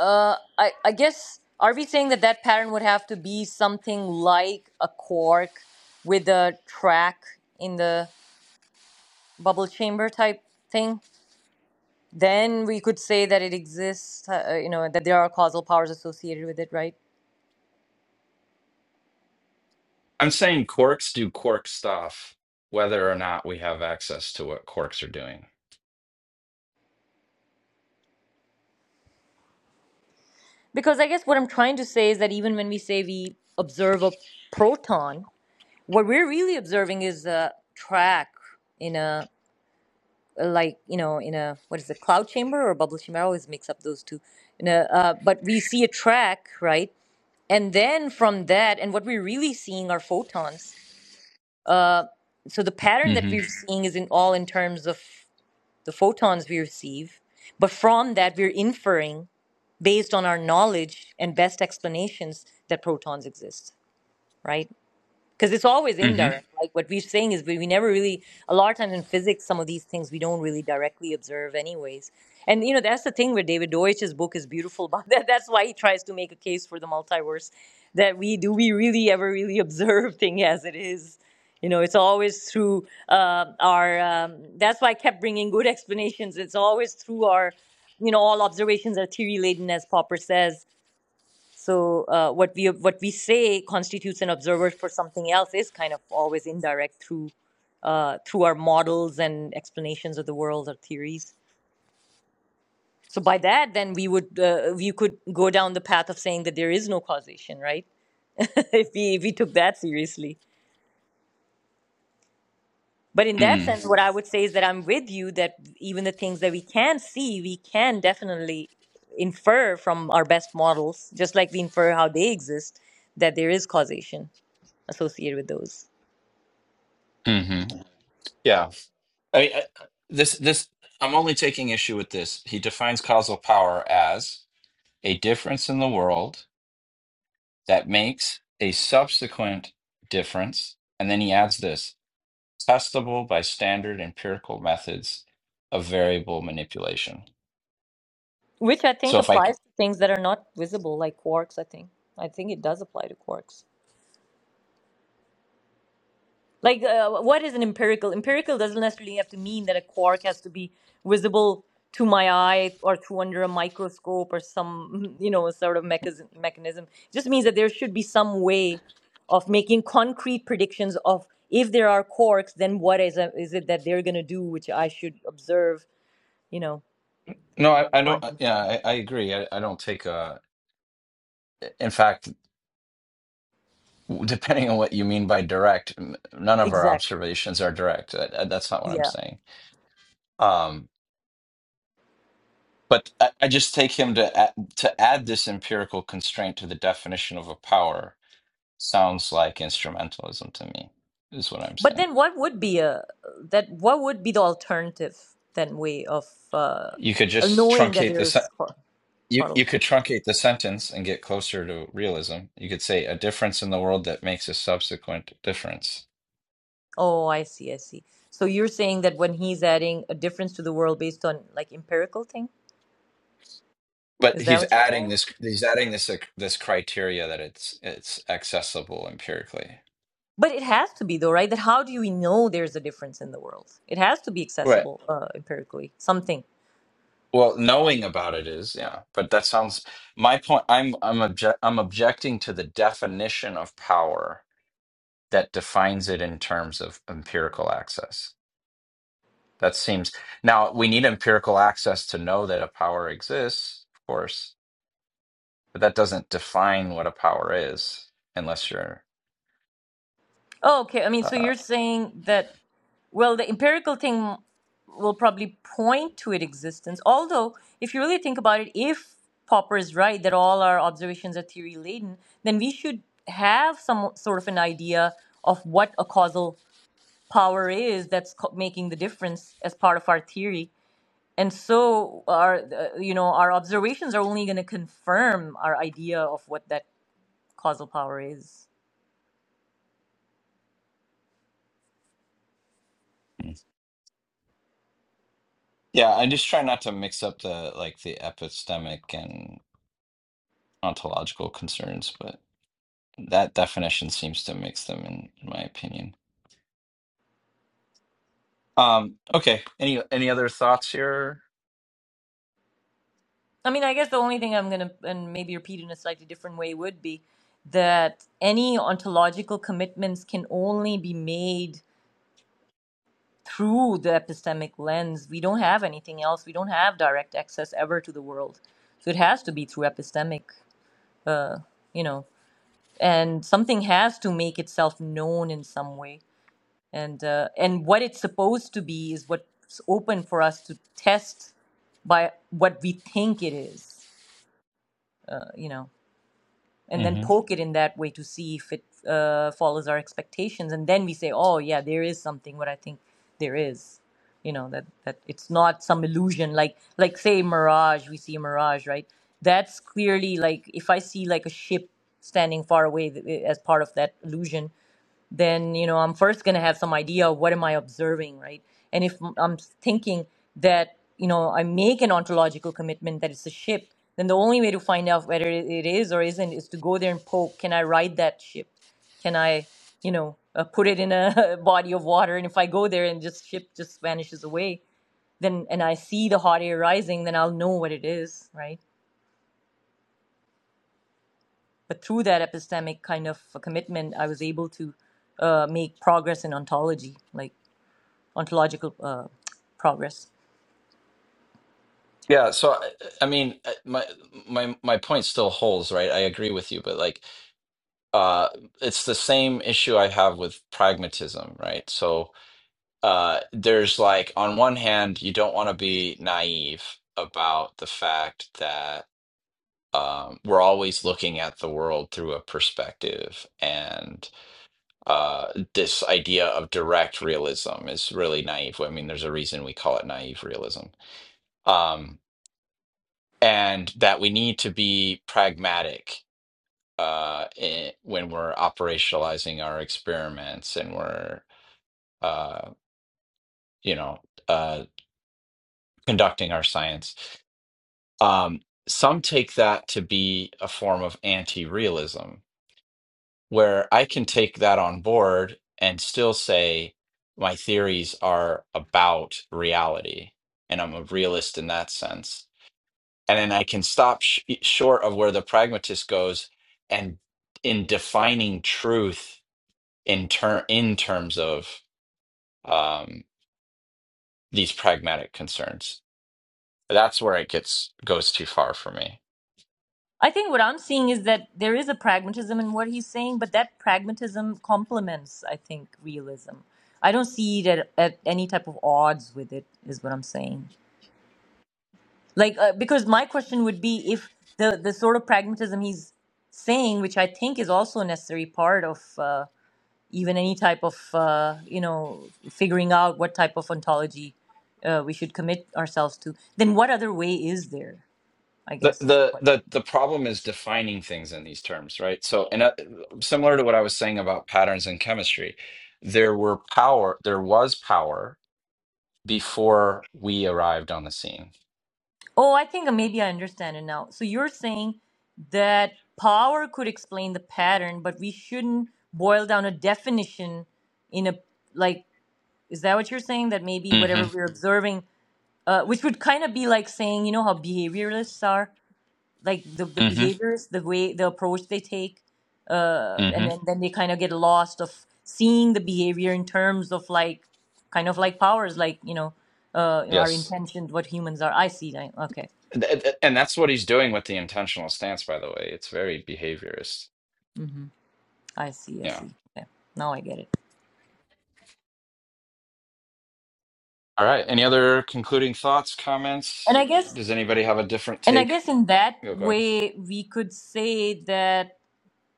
Uh, I I guess are we saying that that pattern would have to be something like a cork with a track in the bubble chamber type thing? Then we could say that it exists. Uh, uh, you know that there are causal powers associated with it, right? I'm saying quarks do quark stuff, whether or not we have access to what quarks are doing. Because I guess what I'm trying to say is that even when we say we observe a proton, what we're really observing is a track in a like you know in a what is it cloud chamber or bubble chamber i always mix up those two in a, uh, but we see a track right and then from that and what we're really seeing are photons uh, so the pattern that hmm we're seeing is in all in terms of the photons we receive but from that we're inferring based on our knowledge and best explanations that protons exist right because it's always hmm indirect. Like what we're saying is, we, we never really, a lot of times in physics, some of these things we don't really directly observe, anyways. And you know, that's the thing where David Deutsch's book is beautiful about [LAUGHS] that. That's why he tries to make a case for the multiverse that we do we really ever really [LAUGHS] observe thing as it is. You know, it's always through uh, our. Um, that's why I kept bringing good [LAUGHS] explanations. It's always through our, you know, all observations are theory laden, as Popper says so uh, what we what we say constitutes an observer for something else is kind of always indirect through uh, through our models and explanations of the world or theories. So by that, then we would uh, we could go down the path of saying that there is no causation, right? [LAUGHS] if we if we took that seriously. But in that Mm. sense, what I would say is that I'm with you that even the things that we can see, we can definitely infer from our best models, just like we infer how they exist, that there is causation associated with those. hmm Yeah. I mean, I- this, this, I'm only taking issue with this. He defines causal power as a difference in the world that makes a subsequent difference. And then he adds this testable by standard empirical methods of variable manipulation. Which I think So if I, c- applies to things that are not visible, like quarks, I think. I think it does apply to quarks. Like, uh, what is an empirical? Empirical doesn't necessarily have to mean that a quark has to be visible to my eye or through under a microscope or some, [LAUGHS] you know, sort of mechanism. mechanism. It just means that there should be some way of making concrete predictions of if there are quarks, then what is, a, is it that they're going to do, which I should observe, you know, no, I, I according don't, to my. yeah, I, I agree. I, I don't take a, in fact, Depending on what you mean by direct, m- none of our Exactly. observations are direct. That, that- that's not what I'm Yeah. saying. Um, but I, I just take him to add, to add this empirical constraint to the definition of a power sounds like instrumentalism to me, is what I'm But saying. then, what would be a that? What would be the alternative then way of uh, You could just knowing that truncate there the sen- is quar- you quarrel? you could truncate the sentence and get closer to realism. You could say a difference in the world that makes a subsequent difference. Oh, I see, I see. So you're saying that when he's adding a difference to the world based on like empirical thing, But is that he's what you're adding saying? this. He's adding this like, this criteria that it's it's accessible empirically. But it has to be though, right? That how do we know there's a difference in the world? It has to be Right. accessible uh, empirically. Something. Well, knowing about it is yeah. But that sounds. My point. I'm I'm object. I'm objecting to the definition of power that defines it in terms of empirical access. That seems. Now we need empirical access to know that a power exists, of course. But that doesn't define what a power is, unless you're. Oh, okay. I mean, so Uh, you're saying that Well, the empirical thing will probably point to its existence. Although, if you really think about it, if Popper is right that all our observations are theory laden, then we should have some sort of an idea of what a causal power is that's co- making the difference as part of our theory. And so, our uh, you know our observations are only going to confirm our idea of what that causal power is. Yeah, I just try not to mix up the like the epistemic and ontological concerns, but that definition seems to mix them in, in my opinion. Um, okay. Any any other thoughts here? I mean, I guess the only thing I'm going to, and maybe repeat in a slightly different way, would be that any ontological commitments can only be made through the epistemic lens. We don't have anything else. We don't have direct access ever to the world. So it has to be through epistemic, uh, you know, and something has to make itself known in some way. And, uh, and what it's supposed to be is what's open for us to test by what we think it is, uh, you know and then hmm poke it in that way to see if it uh, follows our expectations and then we say oh yeah there is something what i think there is you know that that it's not some illusion like like say mirage we see a mirage right that's clearly like if i see like a ship standing far away th- as part of that illusion then you know i'm first going to have some idea of what am i observing right and if i'm thinking that you know i make an ontological commitment that it's a ship then the only way to find out whether it is or isn't is to go there and poke can i ride that ship can i you know uh, put it in a [LAUGHS] body of water and if i go there and just ship just vanishes away then and i see the hot air rising then i'll know what it is right but through that epistemic kind of a commitment i was able to uh, make progress in ontology like ontological uh, progress. Yeah, so I, I mean, I- my my my point still holds, right? I agree with you, but like, uh, it's the same issue I have with pragmatism, right? So, uh, there's like, on one hand, you don't want to be naive about the fact that um, we're always looking at the world through a perspective. And uh, this idea of direct realism is really naive. I mean, there's a reason we call it naive realism. Um, and that we need to be pragmatic uh, i when we're operationalizing our experiments and we're, uh, you know, uh, conducting our science. Um, some take that to be a form of anti-realism where I can take that on board and still say my theories are about reality and I'm a realist in that sense. And then I can stop sh- e, short of where the pragmatist goes and in defining truth in ter- in terms of um, these pragmatic concerns. That's where it gets goes too far for me. I think what I'm seeing is that there is a pragmatism in what he's saying, but that pragmatism complements, I think, realism. I don't see it at, at any type of odds with it, is what I'm saying. Like, uh, because my question would be if the, the sort of pragmatism he's saying, which I think is also a necessary part of uh, even any type of, uh, you know, figuring out what type of ontology uh, we should commit ourselves to, then what other way is there? I the guess is the the the question. the problem is defining things in these terms, right? So, and uh, similar to what I was saying about patterns in chemistry, there were power, there was power before we arrived on the scene. Oh, I think maybe I understand it now. So you're saying that power could explain the pattern, but we shouldn't boil down a definition in a like. Is that what you're saying? That maybe whatever Mm-hmm. we're observing, uh, which would kind of be like saying, you know, how behavioralists are like the the Mm-hmm. behaviors, the way the approach they take, uh, and Mm-hmm. then then they kind of get lost of seeing the behavior in terms of like kind of like powers, like you know, uh, you know, our Yes, intentions, what humans are. I see. that. Okay. and and- and that's what he's doing with the intentional stance. By the way, it's very behaviorist. Mm-hmm. I see, I Yeah. see. Okay. Now I get it. All right. Any other concluding thoughts, And comments? I guess Does anybody have a different and I take? guess in that Go, go way we could say that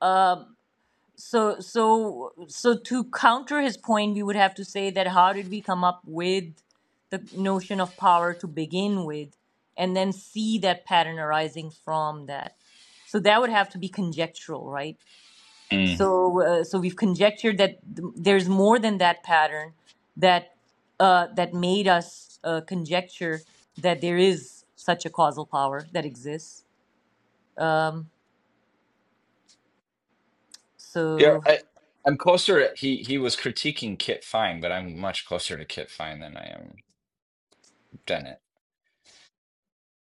um so so so to counter his point we would have to say that how did we come up with the notion of power to begin with and then see that pattern arising from that. So that would have to be conjectural, right? ahead. So, uh, so we've conjectured that th- there's more than that pattern that uh, that made us uh, conjecture that there is such a causal power that exists. Um, Yeah, so, I, I'm closer. He he was critiquing Kit Fine, but I'm much closer to Kit Fine than I am Dennett.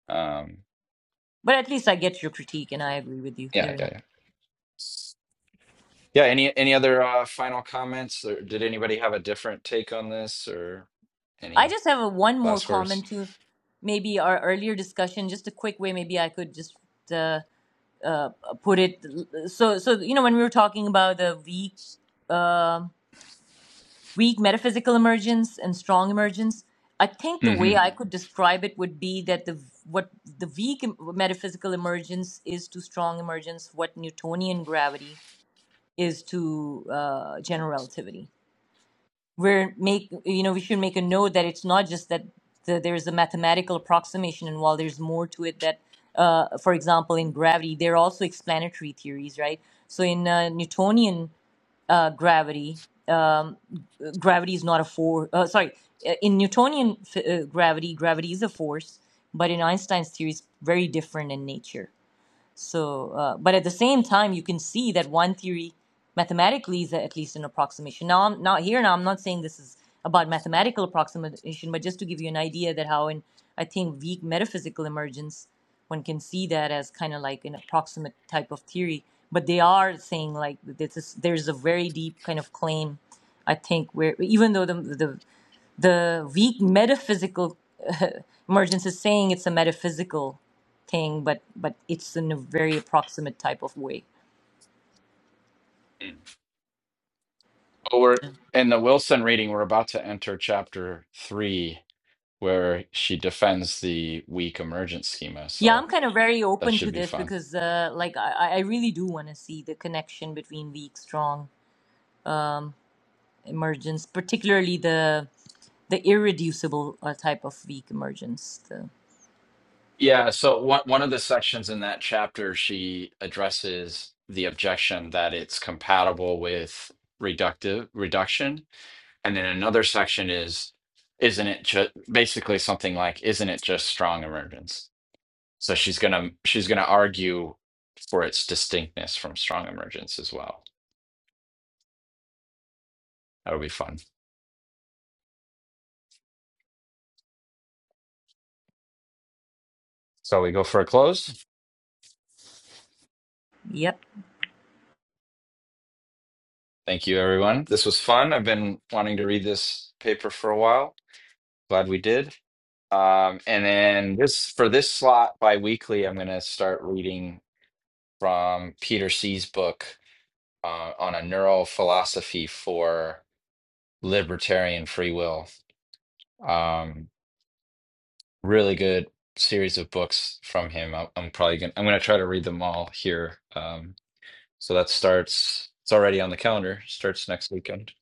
Um, but at least I get your critique, and I agree with you there yeah, yeah, enough. yeah. Yeah, Any any other uh, final comments, or did anybody have a different take on this, or I any just have a, one more last words? comment to maybe our earlier discussion. Just a quick way, maybe I could just uh, uh, put it. So, so you know, when we were talking about the weak. um weak metaphysical emergence and strong emergence. I think the hmm way I could describe it would be that the what the weak em- metaphysical emergence is to strong emergence what Newtonian gravity is to uh, general relativity we're make you know we should make a note that it's not just that the, there's a mathematical approximation and while there's more to it that uh, for example in gravity there are also explanatory theories right so in uh, newtonian uh, gravity um, g- gravity is not a force uh, sorry uh, in newtonian f- uh, gravity gravity is a force but in einstein's theory it's very different in nature so, uh, but at the same time, you can see that one theory mathematically is at least an approximation. Now, I'm not here. Now, I'm not saying this is about mathematical approximation, but just to give you an idea that how in I think weak metaphysical emergence, one can see that as kind of like an approximate type of theory. But they are saying like this is, there's a very deep kind of claim. I think where even though the the the weak metaphysical [LAUGHS] emergence is saying it's a metaphysical thing, but but it's in a very approximate type of way. Well, we're in the Wilson reading. We're about to enter chapter three, where she defends the weak emergent schema. Yeah, So I'm kind of very that open should to be this fun. because, uh, like, I, I really do want to see the connection between weak, strong um, emergence, particularly the the irreducible uh, type of weak emergence. The, Yeah, so one one of the sections in that chapter, she addresses the objection that it's compatible with reductive reduction, and then another section is, isn't it just basically something like, isn't it just strong emergence? So she's gonna she's gonna argue for its distinctness from strong emergence as well. That'll be fun. So we go for a close. yep. Thank you, everyone. This was fun. I've been wanting to read this paper for a while. Glad we did. Um, and then this for this slot biweekly, I'm going to start reading from Peter C's book uh, on a neural philosophy for libertarian free will. Um, really good series of books from him. I'm, I'm probably going I'm gonna try to read them all here. Um, so that starts. It's already on the calendar. Starts next weekend.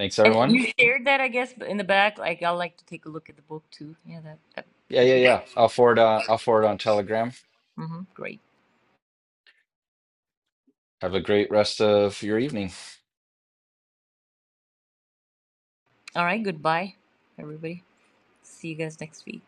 Thanks, And everyone. you shared that, I guess, in the back. Like, I'd like to take a look at the book too. Yeah, that that Yeah, could yeah, be. yeah. I'll forward. Uh, I'll forward on Telegram. hmm Great. Have a great rest of your evening. All right. Goodbye, everybody. See you guys next week.